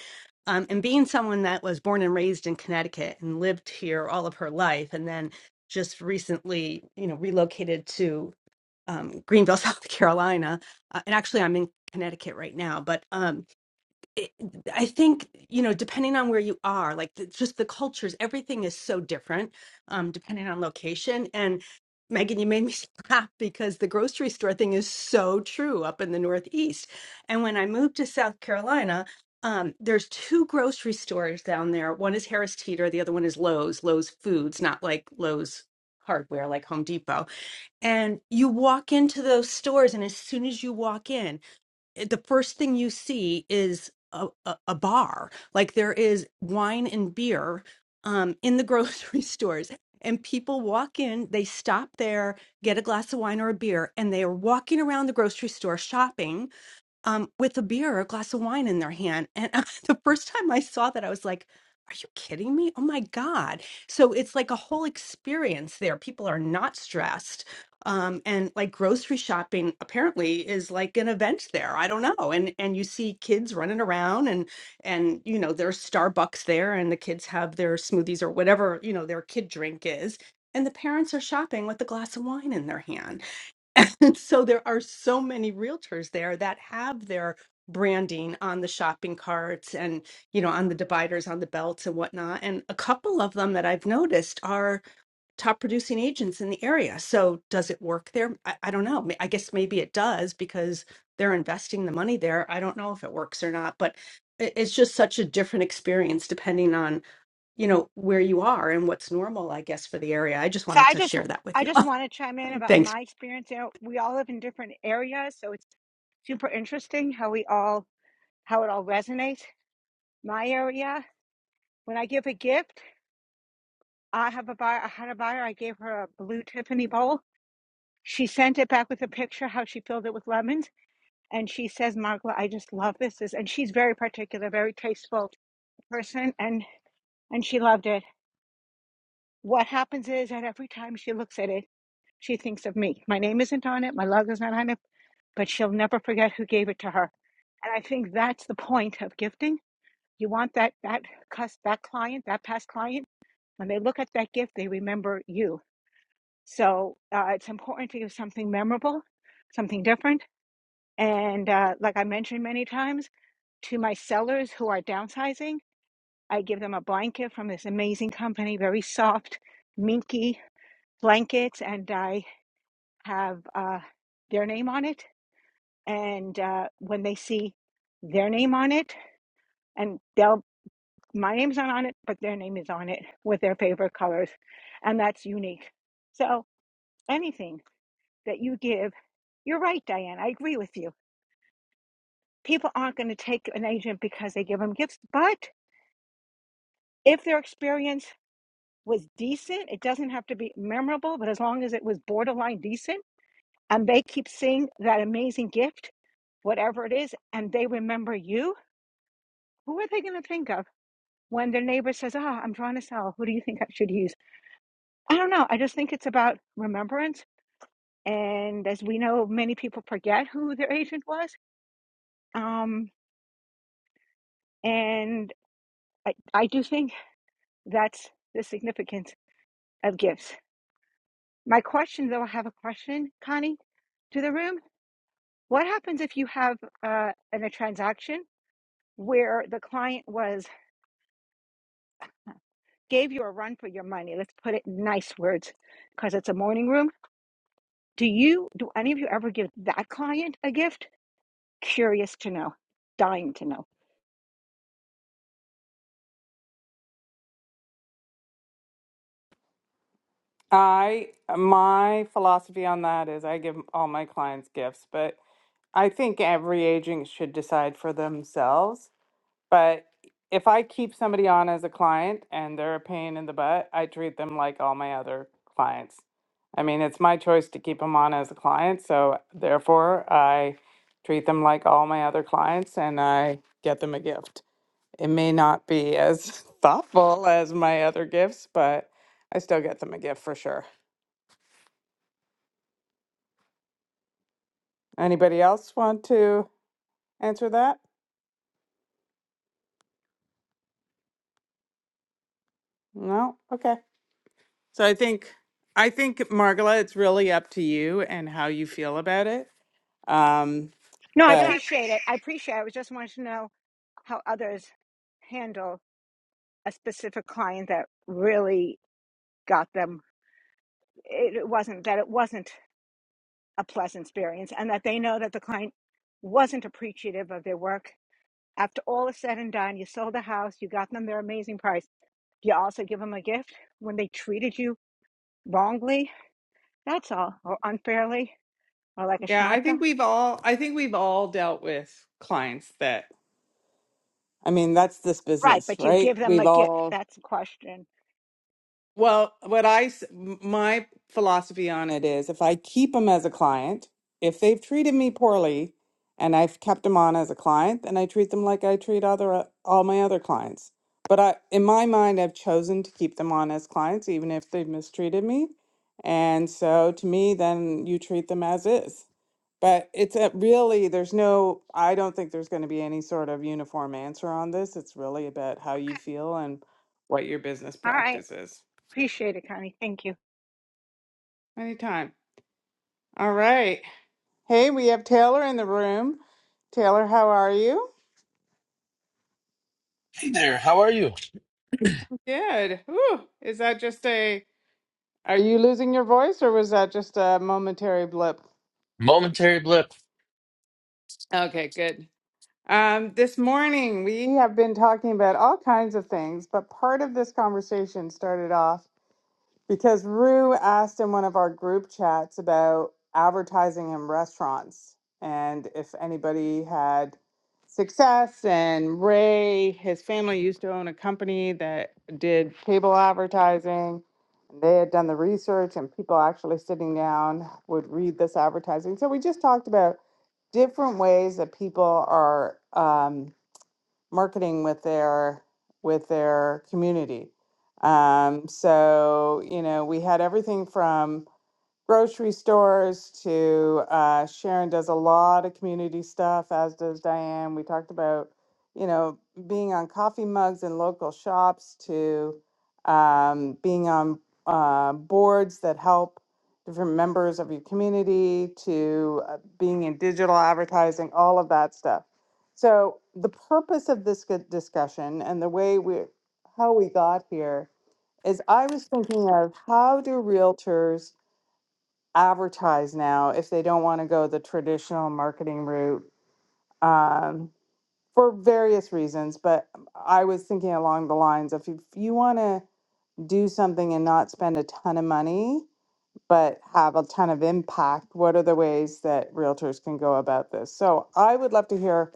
S16: Um, and being someone that was born and raised in Connecticut and lived here all of her life, and then just recently, you know, relocated to um, Greenville, South Carolina. Uh, and actually, I'm in Connecticut right now, but um, it, I think, you know, depending on where you are, like the, just the cultures, everything is so different um, depending on location. And Megan, you made me laugh because the grocery store thing is so true up in the Northeast. And when I moved to South Carolina, um, there's two grocery stores down there. One is Harris Teeter, the other one is Lowe's, Lowe's Foods, not like Lowe's hardware like Home Depot. And you walk into those stores, and as soon as you walk in, it- the first thing you see is a, a, a bar. Like there is wine and beer um, in the grocery stores. And people walk in, they stop there, get a glass of wine or a beer, and they are walking around the grocery store shopping um, with a beer or a glass of wine in their hand. And the first time I saw that, I was like, are you kidding me? Oh my God. So it's like a whole experience there. People are not stressed. Um, and like grocery shopping apparently is like an event there. I don't know. And and you see kids running around and and you know there's Starbucks there and the kids have their smoothies or whatever, you know, their kid drink is. And the parents are shopping with a glass of wine in their hand and so there are so many realtors there that have their branding on the shopping carts and, you know, on the dividers, on the belts and whatnot. And a couple of them that I've noticed are top producing agents in the area. So does it work there? I, I don't know. I guess maybe it does because they're investing the money there. I don't know if it works or not, but it- it's just such a different experience depending on, you know, where you are and what's normal, I guess, for the area. I just
S5: So
S16: wanted
S5: I
S16: to
S5: just,
S16: share that with
S5: I
S16: you.
S5: just want to chime in about
S16: Thanks.
S5: my experience there. We all live in different areas, so it's super interesting how we all, how it all resonates. My area, when I give a gift, I have a buyer, I had a buyer, I gave her a blue Tiffany bowl. She sent it back with a picture how she filled it with lemons. And she says, Margla, I just love this. This- And she's very particular, very tasteful person and and she loved it what happens is that every time she looks at it she thinks of me my name isn't on it my logo's not on it but she'll never forget who gave it to her and i think that's the point of gifting you want that that cus that client that past client when they look at that gift they remember you so uh, it's important to give something memorable something different and uh, like i mentioned many times to my sellers who are downsizing I give them a blanket from this amazing company, very soft, minky blankets, and I have uh, their name on it. And uh, when they see their name on it, and they'll my name's not on it, but their name is on it with their favorite colors, and that's unique. So anything that you give, you're right, Diane. I agree with you. People aren't going to take an agent because they give them gifts, but if they're experienced was decent. It doesn't have to be memorable, but as long as it was borderline decent and they keep seeing that amazing gift, whatever it is, and they remember you, who are they going to think of when their neighbor says, Ah, I'm trying to sell. Who do you think I should use? I don't know. I just think it's about remembrance. And as we know, many people forget who their agent was. Um, and I, I do think that's the significance of gifts. My question, though, I have a question, Connie, to the room What happens if you have uh, in a transaction where the client was gave you a run for your money? Let's put it in nice words, because it's a morning room. Do you do any of you ever give that client a gift? Curious to know, dying to know.
S1: I my philosophy on that is I give all my clients gifts, but I think every agent should decide for themselves. But if I keep somebody on as a client and they're a pain in the butt, I treat them like all my other clients. I mean, it's my choice to keep them on as a client, so therefore I treat them like all my other clients and I get them a gift. It may not be as thoughtful as my other gifts, but I still get them a gift for sure. Anybody else want to answer that? No? Okay. So I think I think Margala, it's really up to you and how you feel about it. Um
S5: No, I
S1: but yeah, I appreciate-
S5: appreciate it. I appreciate. It. I was just wanting to know how others handle a specific client that really got them. It it wasn't that it wasn't a pleasant experience, and that they know that the client wasn't appreciative of their work After all is said and done, you sold the house, you got them their amazing price. You also give them a gift when they treated you wrongly. That's all, or unfairly, or like a
S1: yeah, I think
S5: schmata.
S1: we've all I think we've all dealt with clients that I mean, that's this
S5: Right,
S1: business,
S5: but you
S1: right?
S5: give them
S1: We've
S5: a gift.
S1: all
S5: That's the question.
S1: Well, what I s- m- my philosophy on it is if I keep them as a client, if they've treated me poorly and I've kept them on as a client, then I treat them like I treat other uh, all my other clients. But I in my mind I've chosen to keep them on as clients even if they've mistreated me. And so to me then you treat them as is. But it's a, really, there's no, I don't think there's going to be any sort of uniform answer on this. It's really about how you feel and what your business
S5: All right.
S1: practice is.
S5: Appreciate it, Connie. Thank you.
S1: Anytime. All right. Hey, we have Taylor in the room. Taylor, how are you?
S17: Hey there, how are you?
S1: Good. Ooh, is that just a, are you losing your voice or was that just a momentary blip?
S17: Momentary blip.
S1: Okay, good. Um, this morning we have been talking about all kinds of things, but part of this conversation started off Because Rue asked in one of our group chats about advertising in restaurants and if anybody had success. And Ray, his family used to own a company that did cable advertising. They had done the research, and people actually sitting down would read this advertising. So we just talked about different ways that people are um, marketing with their with their community. Um, so you know, we had everything from grocery stores to uh, Sharon does a lot of community stuff, as does Diane. We talked about, you know, being on coffee mugs in local shops to um, being on uh, boards that help different members of your community to uh, being in digital advertising, all of that stuff. So the purpose of this good discussion and the way we how we got here is I was thinking of how do realtors advertise now if they don't want to go the traditional marketing route um, for various reasons. But I was thinking along the lines of if you want to do something and not spend a ton of money, but have a ton of impact. What are the ways that realtors can go about this? So I would love to hear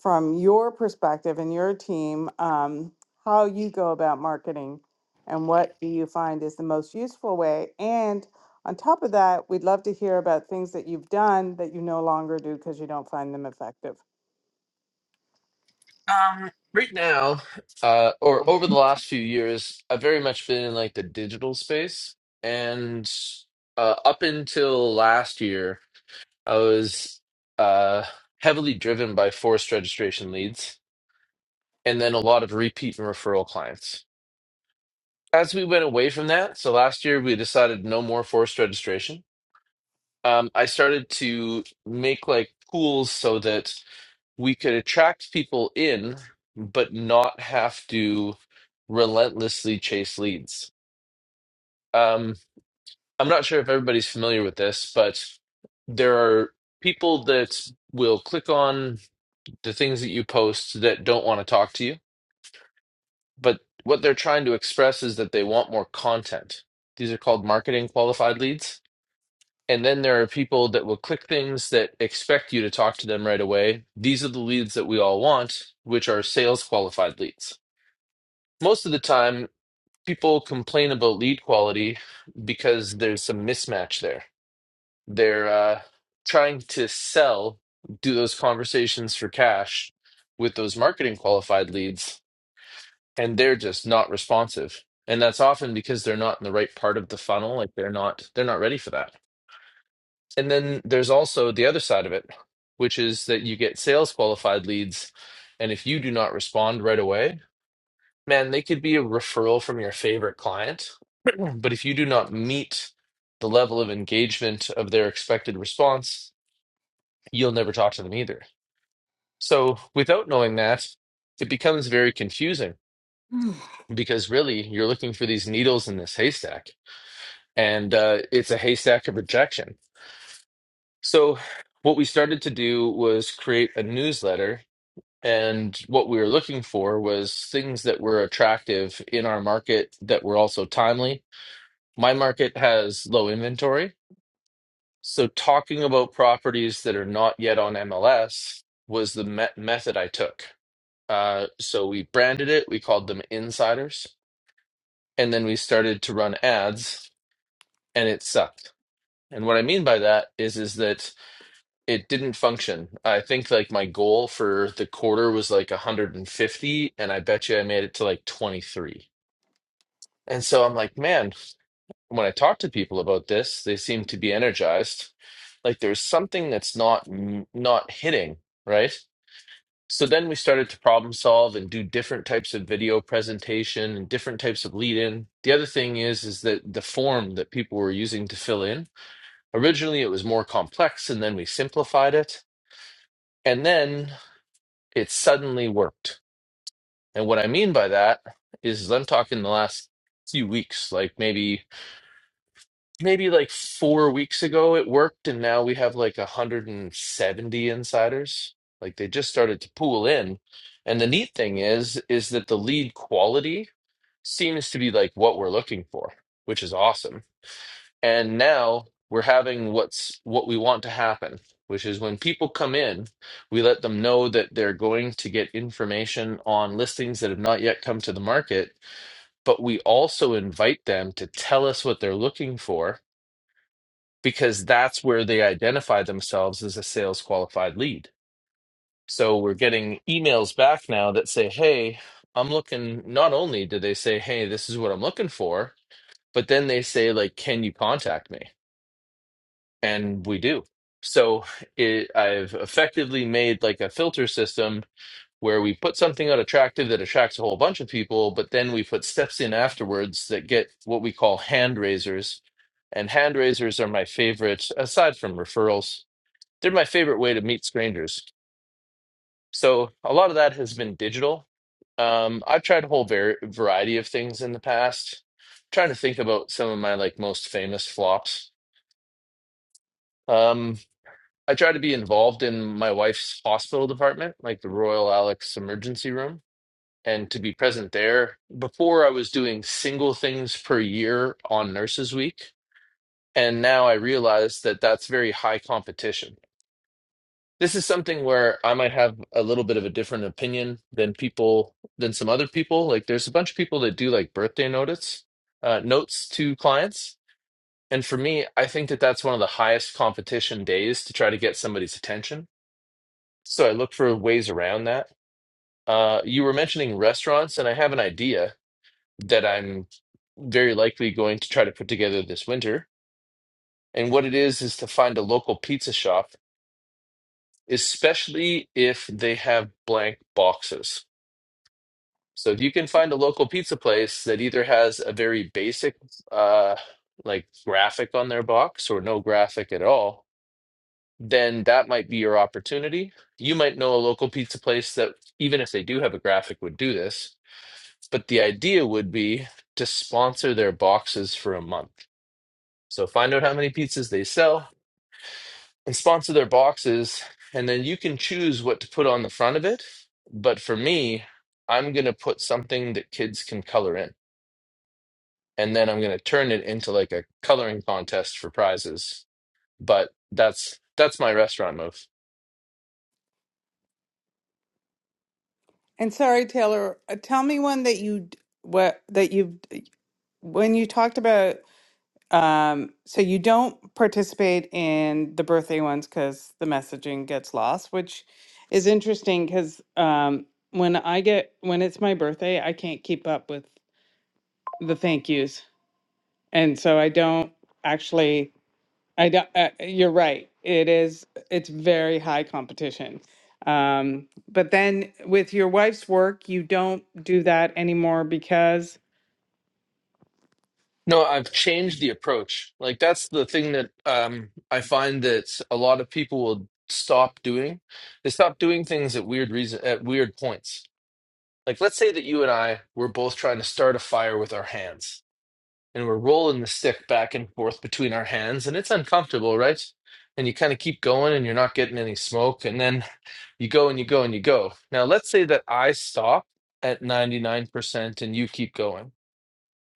S1: from your perspective and your team um, how you go about marketing and what do you find is the most useful way. And on top of that, we'd love to hear about things that you've done that you no longer do because you don't find them effective.
S17: Um, right now, uh, or over the last few years, I've very much been in like the digital space, and uh, up until last year, I was uh, heavily driven by forced registration leads, and then a lot of repeat and referral clients. As we went away from that, so last year we decided no more forced registration. Um, I started to make like pools so that we could attract people in, but not have to relentlessly chase leads. Um, I'm not sure if everybody's familiar with this, but there are people that will click on the things that you post that don't want to talk to you, but what they're trying to express is that they want more content. These are called marketing qualified leads. And then there are people that will click things that expect you to talk to them right away. These are the leads that we all want, which are sales qualified leads most of the time people complain about lead quality because there's some mismatch there they're uh, trying to sell do those conversations for cash with those marketing qualified leads and they're just not responsive and that's often because they're not in the right part of the funnel like they're not they're not ready for that and then there's also the other side of it which is that you get sales qualified leads and if you do not respond right away man, they could be a referral from your favorite client, but if you do not meet the level of engagement of their expected response, you'll never talk to them either. So, without knowing that, it becomes very confusing because really you're looking for these needles in this haystack, and uh, it's a haystack of rejection. So, what we started to do was create a newsletter. And what we were looking for was things that were attractive in our market that were also timely My market has low inventory. So talking about properties that are not yet on MLS was the me method I took. Uh, so we branded it, we called them insiders, and then we started to run ads, and it sucked. And what I mean by that is is that it didn't function. I think like my goal for the quarter was like 150, and I bet you I made it to like 23. And so I'm like, man, when I talk to people about this, they seem to be energized. Like there's something that's not not hitting, right? So then we started to problem solve and do different types of video presentation and different types of lead in. The other thing is is that the form that people were using to fill in, originally it was more complex and then we simplified it and then it suddenly worked. And what I mean by that is I'm talking the last few weeks, like maybe maybe like four weeks ago it worked, and now we have like 170 insiders. Like they just started to pool in. And the neat thing is, is that the lead quality seems to be like what we're looking for, which is awesome. And now we're having what's what we want to happen, which is when people come in, we let them know that they're going to get information on listings that have not yet come to the market, but we also invite them to tell us what they're looking for because that's where they identify themselves as a sales qualified lead. So we're getting emails back now that say, hey, I'm looking, not only do they say, hey, this is what I'm looking for, but then they say, like, can you contact me? And we do. So it, I've effectively made like a filter system where we put something out attractive that attracts a whole bunch of people, but then we put steps in afterwards that get what we call hand raisers. And hand raisers are my favorite, aside from referrals they're my favorite way to meet strangers. So a lot of that has been digital. Um, I've tried a whole var- variety of things in the past. trying to think about some of my like most famous flops. Um, I try to be involved in my wife's hospital department, like the Royal Alex Emergency Room, and to be present there. Before I was doing single things per year on Nurses Week, and now I realize that that's very high competition this is something where I might have a little bit of a different opinion than people than some other people. Like there's a bunch of people that do like birthday notice uh, notes to clients, and for me, I think that that's one of the highest competition days to try to get somebody's attention. So I look for ways around that. Uh, you were mentioning restaurants, and I have an idea that I'm very likely going to try to put together this winter. And what it is is to find a local pizza shop, especially if they have blank boxes So if you can find a local pizza place that either has a very basic uh like graphic on their box or no graphic at all, then that might be your opportunity. You might know a local pizza place that even if they do have a graphic would do this, but the idea would be to sponsor their boxes for a month. So find out how many pizzas they sell and sponsor their boxes and then you can choose what to put on the front of it. But for me, I'm going to put something that kids can color in. and then I'm gonna turn it into like a coloring contest for prizes. But that's that's my restaurant move.
S1: And sorry, Taylor, uh, tell me one that you d- what that you've when you talked about Um, so you don't participate in the birthday ones because the messaging gets lost, which is interesting because um, when I get when it's my birthday, I can't keep up with the thank yous, and so I don't actually. I don't. Uh, you're right. It is. It's very high competition. Um, but then with your wife's work, you don't do that anymore because
S17: No, I've changed the approach. Like that's the thing that um, I find that a lot of people will stop doing. They stop doing things at weird reason at weird points. Like let's say that you and I were both trying to start a fire with our hands, and we're rolling the stick back and forth between our hands, and it's uncomfortable, right? And you kind of keep going, and you're not getting any smoke, and then You go and you go and you go. Now, let's say that I stop at 99% and you keep going.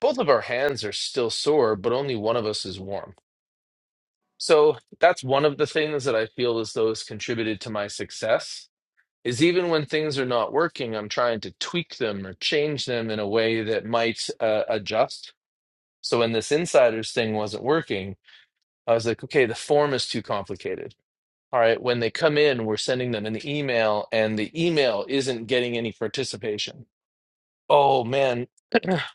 S17: Both of our hands are still sore, but only one of us is warm. So that's one of the things that I feel as though has contributed to my success is even when things are not working, I'm trying to tweak them or change them in a way that might uh, adjust. So when this insiders thing wasn't working, I was like, okay, the form is too complicated All right, when they come in, we're sending them an email, and the email isn't getting any participation. Oh man,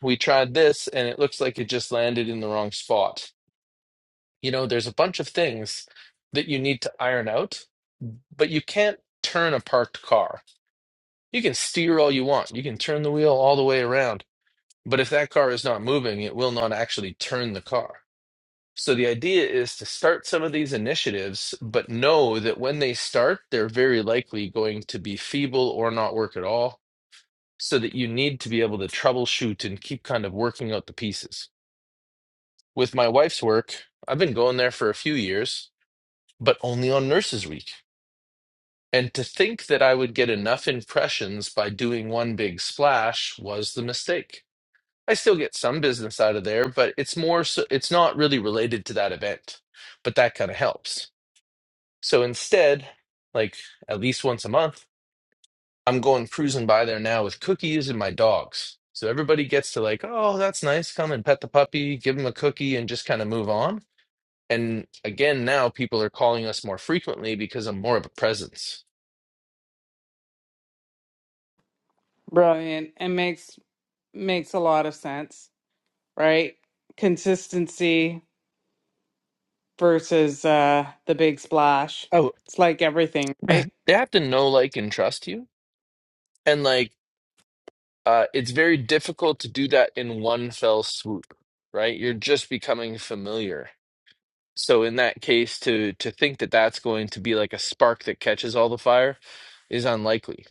S17: we tried this, and it looks like it just landed in the wrong spot. You know, there's a bunch of things that you need to iron out, but you can't turn a parked car. You can steer all you want, you can turn the wheel all the way around, but if that car is not moving, it will not actually turn the car. So the idea is to start some of these initiatives, but know that when they start, they're very likely going to be feeble or not work at all, so that you need to be able to troubleshoot and keep kind of working out the pieces. With my wife's work, I've been going there for a few years, but only on Nurses Week. And to think that I would get enough impressions by doing one big splash was the mistake. I still get some business out of there, but it's more so, it's not really related to that event, but that kind of helps. So instead, like at least once a month, I'm going cruising by there now with cookies and my dogs. So everybody gets to like, oh, that's nice. Come and pet the puppy, give him a cookie, and just kind of move on. And again, now people are calling us more frequently because I'm more of a presence.
S1: brilliant and makes makes a lot of sense right? Consistency versus uh, the big splash.
S17: Oh,
S1: It's like everything,
S17: they
S1: right?
S17: have to know, like, and trust you. And like, uh, it's very difficult to do that in one fell swoop, right? You're just becoming familiar So in that case, to to think that that's going to be like a spark that catches all the fire is unlikely.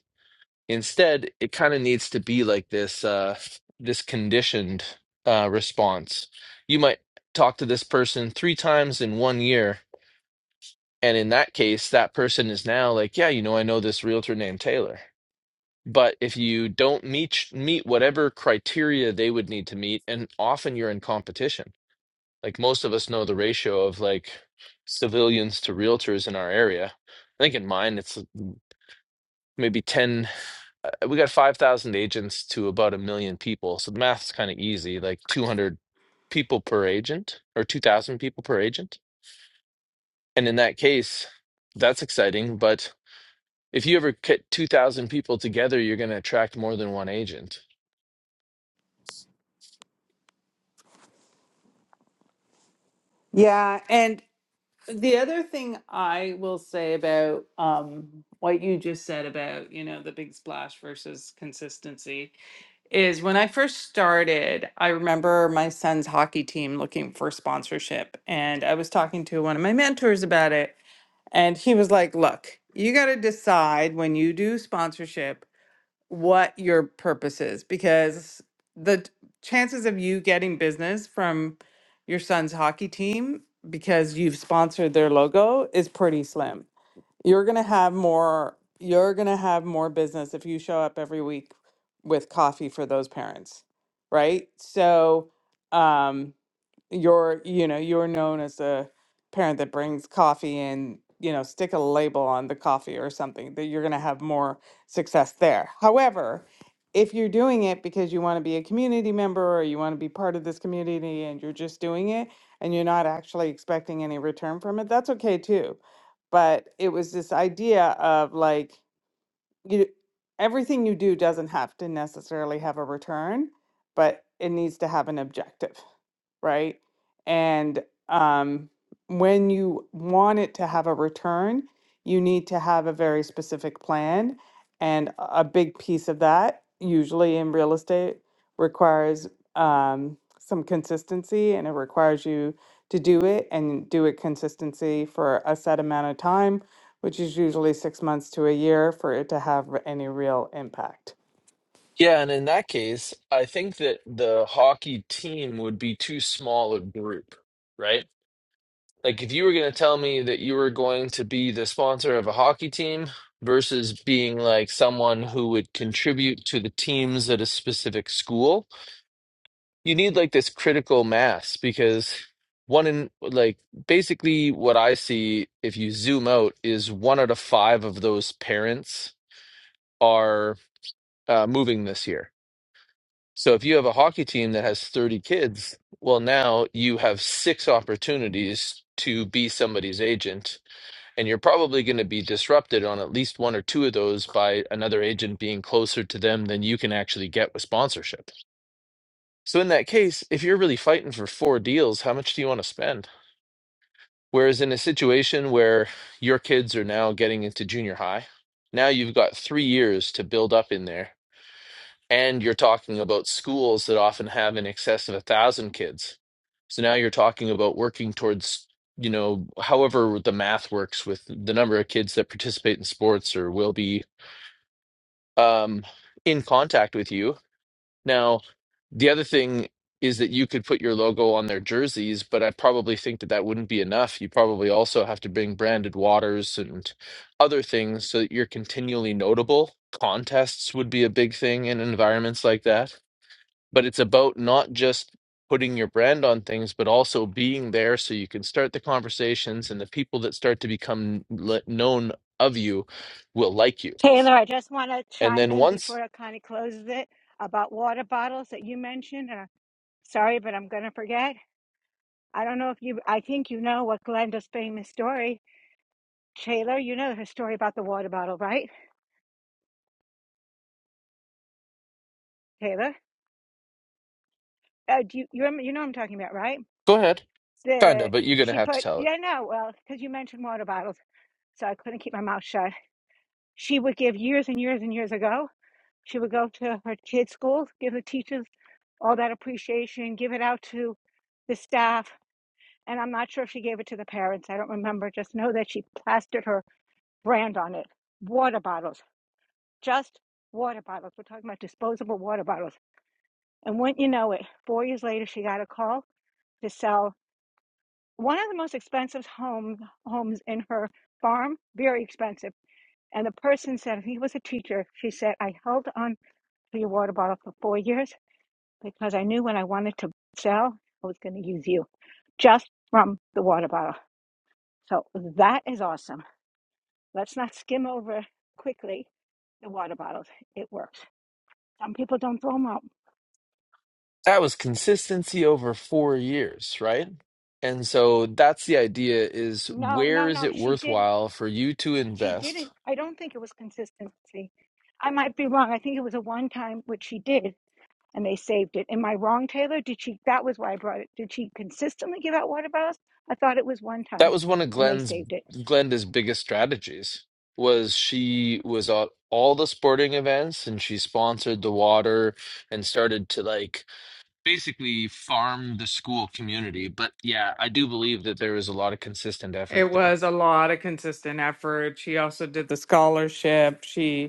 S17: Instead, it kind of needs to be like this uh, this conditioned uh, response. You might talk to this person three times in one year, and in that case, that person is now like, yeah, you know, I know this realtor named Taylor. But if you don't meet meet whatever criteria they would need to meet, and often you're in competition like most of us know the ratio of like civilians to realtors in our area. I think in mine it's maybe 10 uh, we got 5,000 agents to about a million people. So the math's kind of easy, like 200 people per agent or 2,000 people per agent. And in that case, that's exciting, but if you ever get 2,000 people together, you're going to attract more than one agent.
S1: Yeah, and the other thing I will say about um, what you just said about, you know, the big splash versus consistency is when I first started, I remember my son's hockey team looking for sponsorship, and I was talking to one of my mentors about it, and he was like, "Look, you got to decide when you do sponsorship what your purpose is because the t- chances of you getting business from your son's hockey team because you've sponsored their logo is pretty slim. You're going to have more you're going to have more business if you show up every week with coffee for those parents, right? So um you're you know you're known as a parent that brings coffee and you know stick a label on the coffee or something that you're going to have more success there however if you're doing it because you want to be a community member or you want to be part of this community and you're just doing it and you're not actually expecting any return from it that's okay too but it was this idea of like you everything you do doesn't have to necessarily have a return but it needs to have an objective right? And um, when you want it to have a return, you need to have a very specific plan. And a big piece of that, usually in real estate, requires um, some consistency and it requires you to do it and do it consistency for a set amount of time, which is usually six months to a year for it to have r- any real impact.
S17: Yeah, and in that case, I think that the hockey team would be too small a group, right? Like if you were going to tell me that you were going to be the sponsor of a hockey team versus being like someone who would contribute to the teams at a specific school, you need like this critical mass because one in like basically what I see if you zoom out is one out of five of those parents are uh, moving this year. So if you have a hockey team that has 30 kids, well, now you have six opportunities to be somebody's agent And you're probably going to be disrupted on at least one or two of those by another agent being closer to them than you can actually get with sponsorship. So, in that case, if you're really fighting for four deals, how much do you want to spend? Whereas in a situation where your kids are now getting into junior high, now you've got three years to build up in there and you're talking about schools that often have in excess of a thousand kids so now you're talking about working towards you know however the math works with the number of kids that participate in sports or will be um, in contact with you now the other thing is that you could put your logo on their jerseys but i probably think that that wouldn't be enough you probably also have to bring branded waters and other things so that you're continually notable contests would be a big thing in environments like that but it's about not just putting your brand on things but also being there so you can start the conversations and the people that start to become le- known of you will like you
S5: Taylor, I just want to
S17: and
S5: chime
S17: then
S5: in
S17: once
S5: before Connie closes it about water bottles that you mentioned. And I'm sorry, but I'm going to forget. I don't know if you, I think you know what Glenda's famous story. Taylor, you know her story about the water bottle, right? Taylor? Oh, do you you, rem- you know what I'm talking about, right?
S17: go ahead kinda
S5: The
S17: but you're gonna
S5: she
S17: have to
S5: put
S17: tell it
S5: yeah no well because you mentioned water bottles, so I couldn't keep my mouth shut. She would give years and years and years ago. She would go to her kids' schools, give the teachers all that appreciation, give it out to the staff, and I'm not sure if she gave it to the parents. I don't remember. Just know that she plastered her brand on it. Water bottles, just water bottles. We're talking about disposable water bottles. And wouldn't you know it, four years later, she got a call to sell. one of the most expensive home homes in her farm, very expensive. And the person said he was a teacher. She said, I held on to your water bottle for four years because I knew when I wanted to sell, I was going to use you just from the water bottle. So that is awesome. Let's not skim over quickly the water bottles. It works. Some people don't throw them out.
S17: that was consistency over four years right and so that's the idea is
S5: No,
S17: where
S5: no,
S17: is
S5: no.
S17: it
S5: She didn't.
S17: worthwhile for you to
S5: She
S17: invest
S5: didn't. I don't think it was consistency. I might be wrong. I think it was a one time, which she did and they saved it. Am I wrong, Taylor? Did she? That was why I brought it. Did she consistently give out water bottles? I thought it was one
S17: That
S5: time,
S17: was one of
S5: and they
S17: Glenn's
S5: saved it.
S17: Glenda's biggest strategies was she was at all the sporting events and she sponsored the water and started to like basically farm the school community. But yeah, I do believe that there was a lot of consistent effort
S1: It
S17: there.
S1: was a lot of consistent effort. She also did the scholarship. She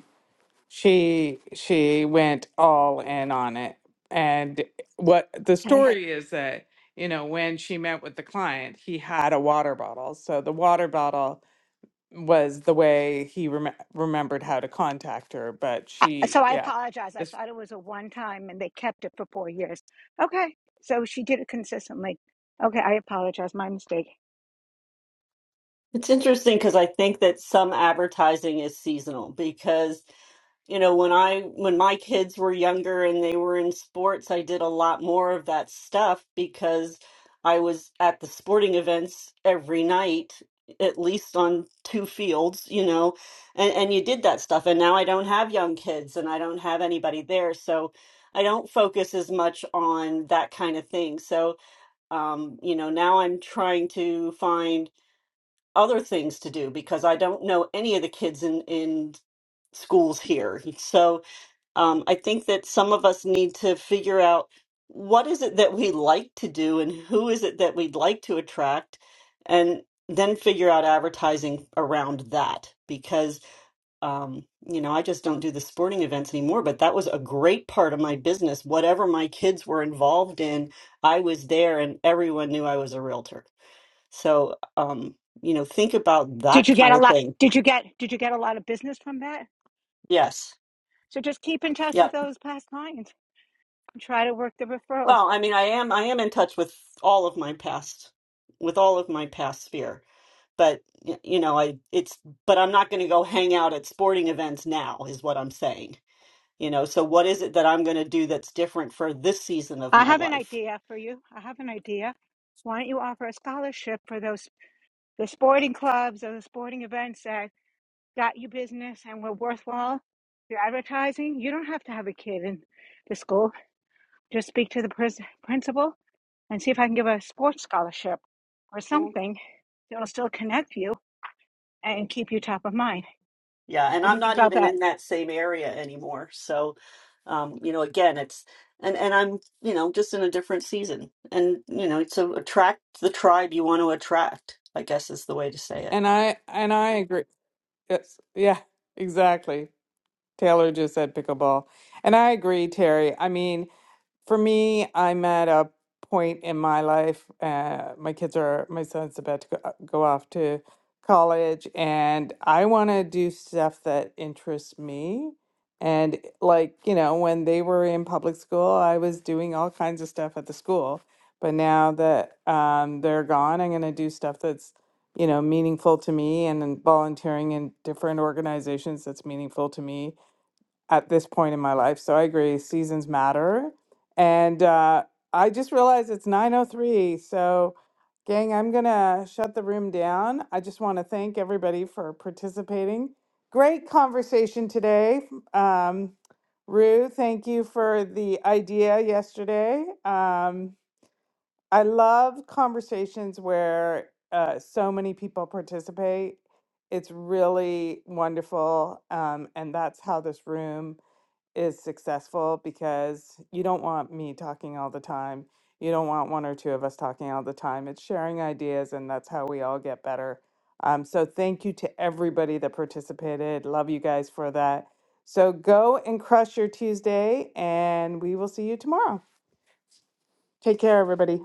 S1: she she went all in on it and what the
S5: Okay.
S1: story is that you know when she met with the client he had a water bottle so the water bottle was the way he rem- remembered how to contact her but
S5: I-
S1: she
S5: So I
S1: yeah
S5: apologize. I
S1: it's-
S5: thought it was a one time, and they kept it for four years. Okay. So she did it consistently. Okay, I apologize. My mistake.
S4: It's interesting because I think that some advertising is seasonal because You know, when I when my kids were younger and they were in sports, I did a lot more of that stuff because I was at the sporting events every night, at least on two fields, you know, and, and you did that stuff. And now I don't have young kids and I don't have anybody there. So I don't focus as much on that kind of thing. So, um, you know, now I'm trying to find other things to do because I don't know any of the kids in in schools here. So, um, I think that some of us need to figure out what is it that we like to do and who is it that we'd like to attract, and then figure out advertising around that. Because, um, you know, I just don't do the sporting events anymore, but that was a great part of my business. Whatever my kids were involved in, I was there and everyone knew I was a realtor. So, um, you know, think about that
S5: Did you get
S4: kind
S5: a
S4: of
S5: lot?
S4: thing.
S5: Did you get? Did you get a lot of business from that?
S4: Yes.
S5: So just keep in touch with
S4: Yep.
S5: those past clients and try to work the referrals.
S4: Well, I mean, I am I am in touch with all of my past, with all of my past sphere. But y- you know, I it's but I'm not going to go hang out at sporting events now, is what I'm saying. You know, so what is it that I'm going to do that's different for this season of
S5: I
S4: my
S5: have an
S4: life?
S5: idea for you. I have an idea. Why don't you offer a scholarship for those? the sporting clubs or the sporting events that got you business and were worthwhile, your advertising, you don't have to have a kid in the school. Just speak to the pris- principal and see if I can give a sports scholarship or something that'll still connect you and keep you top of mind.
S4: Yeah, and
S5: What do
S4: I'm
S5: you think
S4: not
S5: about
S4: even
S5: that?
S4: in that same area anymore. So, um, you know, again, it's and and I'm, you know, just in a different season. And, you know, it's a, attract the tribe you want to attract, I guess is the way to say it.
S1: and i and i agree yes yeah exactly taylor just said pickleball and i agree terry i mean for me, I'm at a point in my life. Uh, my kids are, my son's about to go, uh, go off to college, and I want to do stuff that interests me. And eh, like, you know, when they were in public school, I was doing all kinds of stuff at the school. But now that um, they're gone, I'm going to do stuff that's, you know, meaningful to me and then volunteering in different organizations that's meaningful to me at this point in my life. So I agree, seasons matter. And uh, I just realized it's 9:03. So, gang, I'm gonna shut the room down. I just want to thank everybody for participating. Great conversation today. Um, Rue, thank you for the idea yesterday. Um, I love conversations where uh, so many people participate. It's really wonderful. Um, and that's how this room is successful because you don't want me talking all the time. You don't want one or two of us talking all the time. It's sharing ideas, and that's how we all get better. Um, so, thank you to everybody that participated. Love you guys for that. So, go and crush your Tuesday, and we will see you tomorrow. Take care, everybody.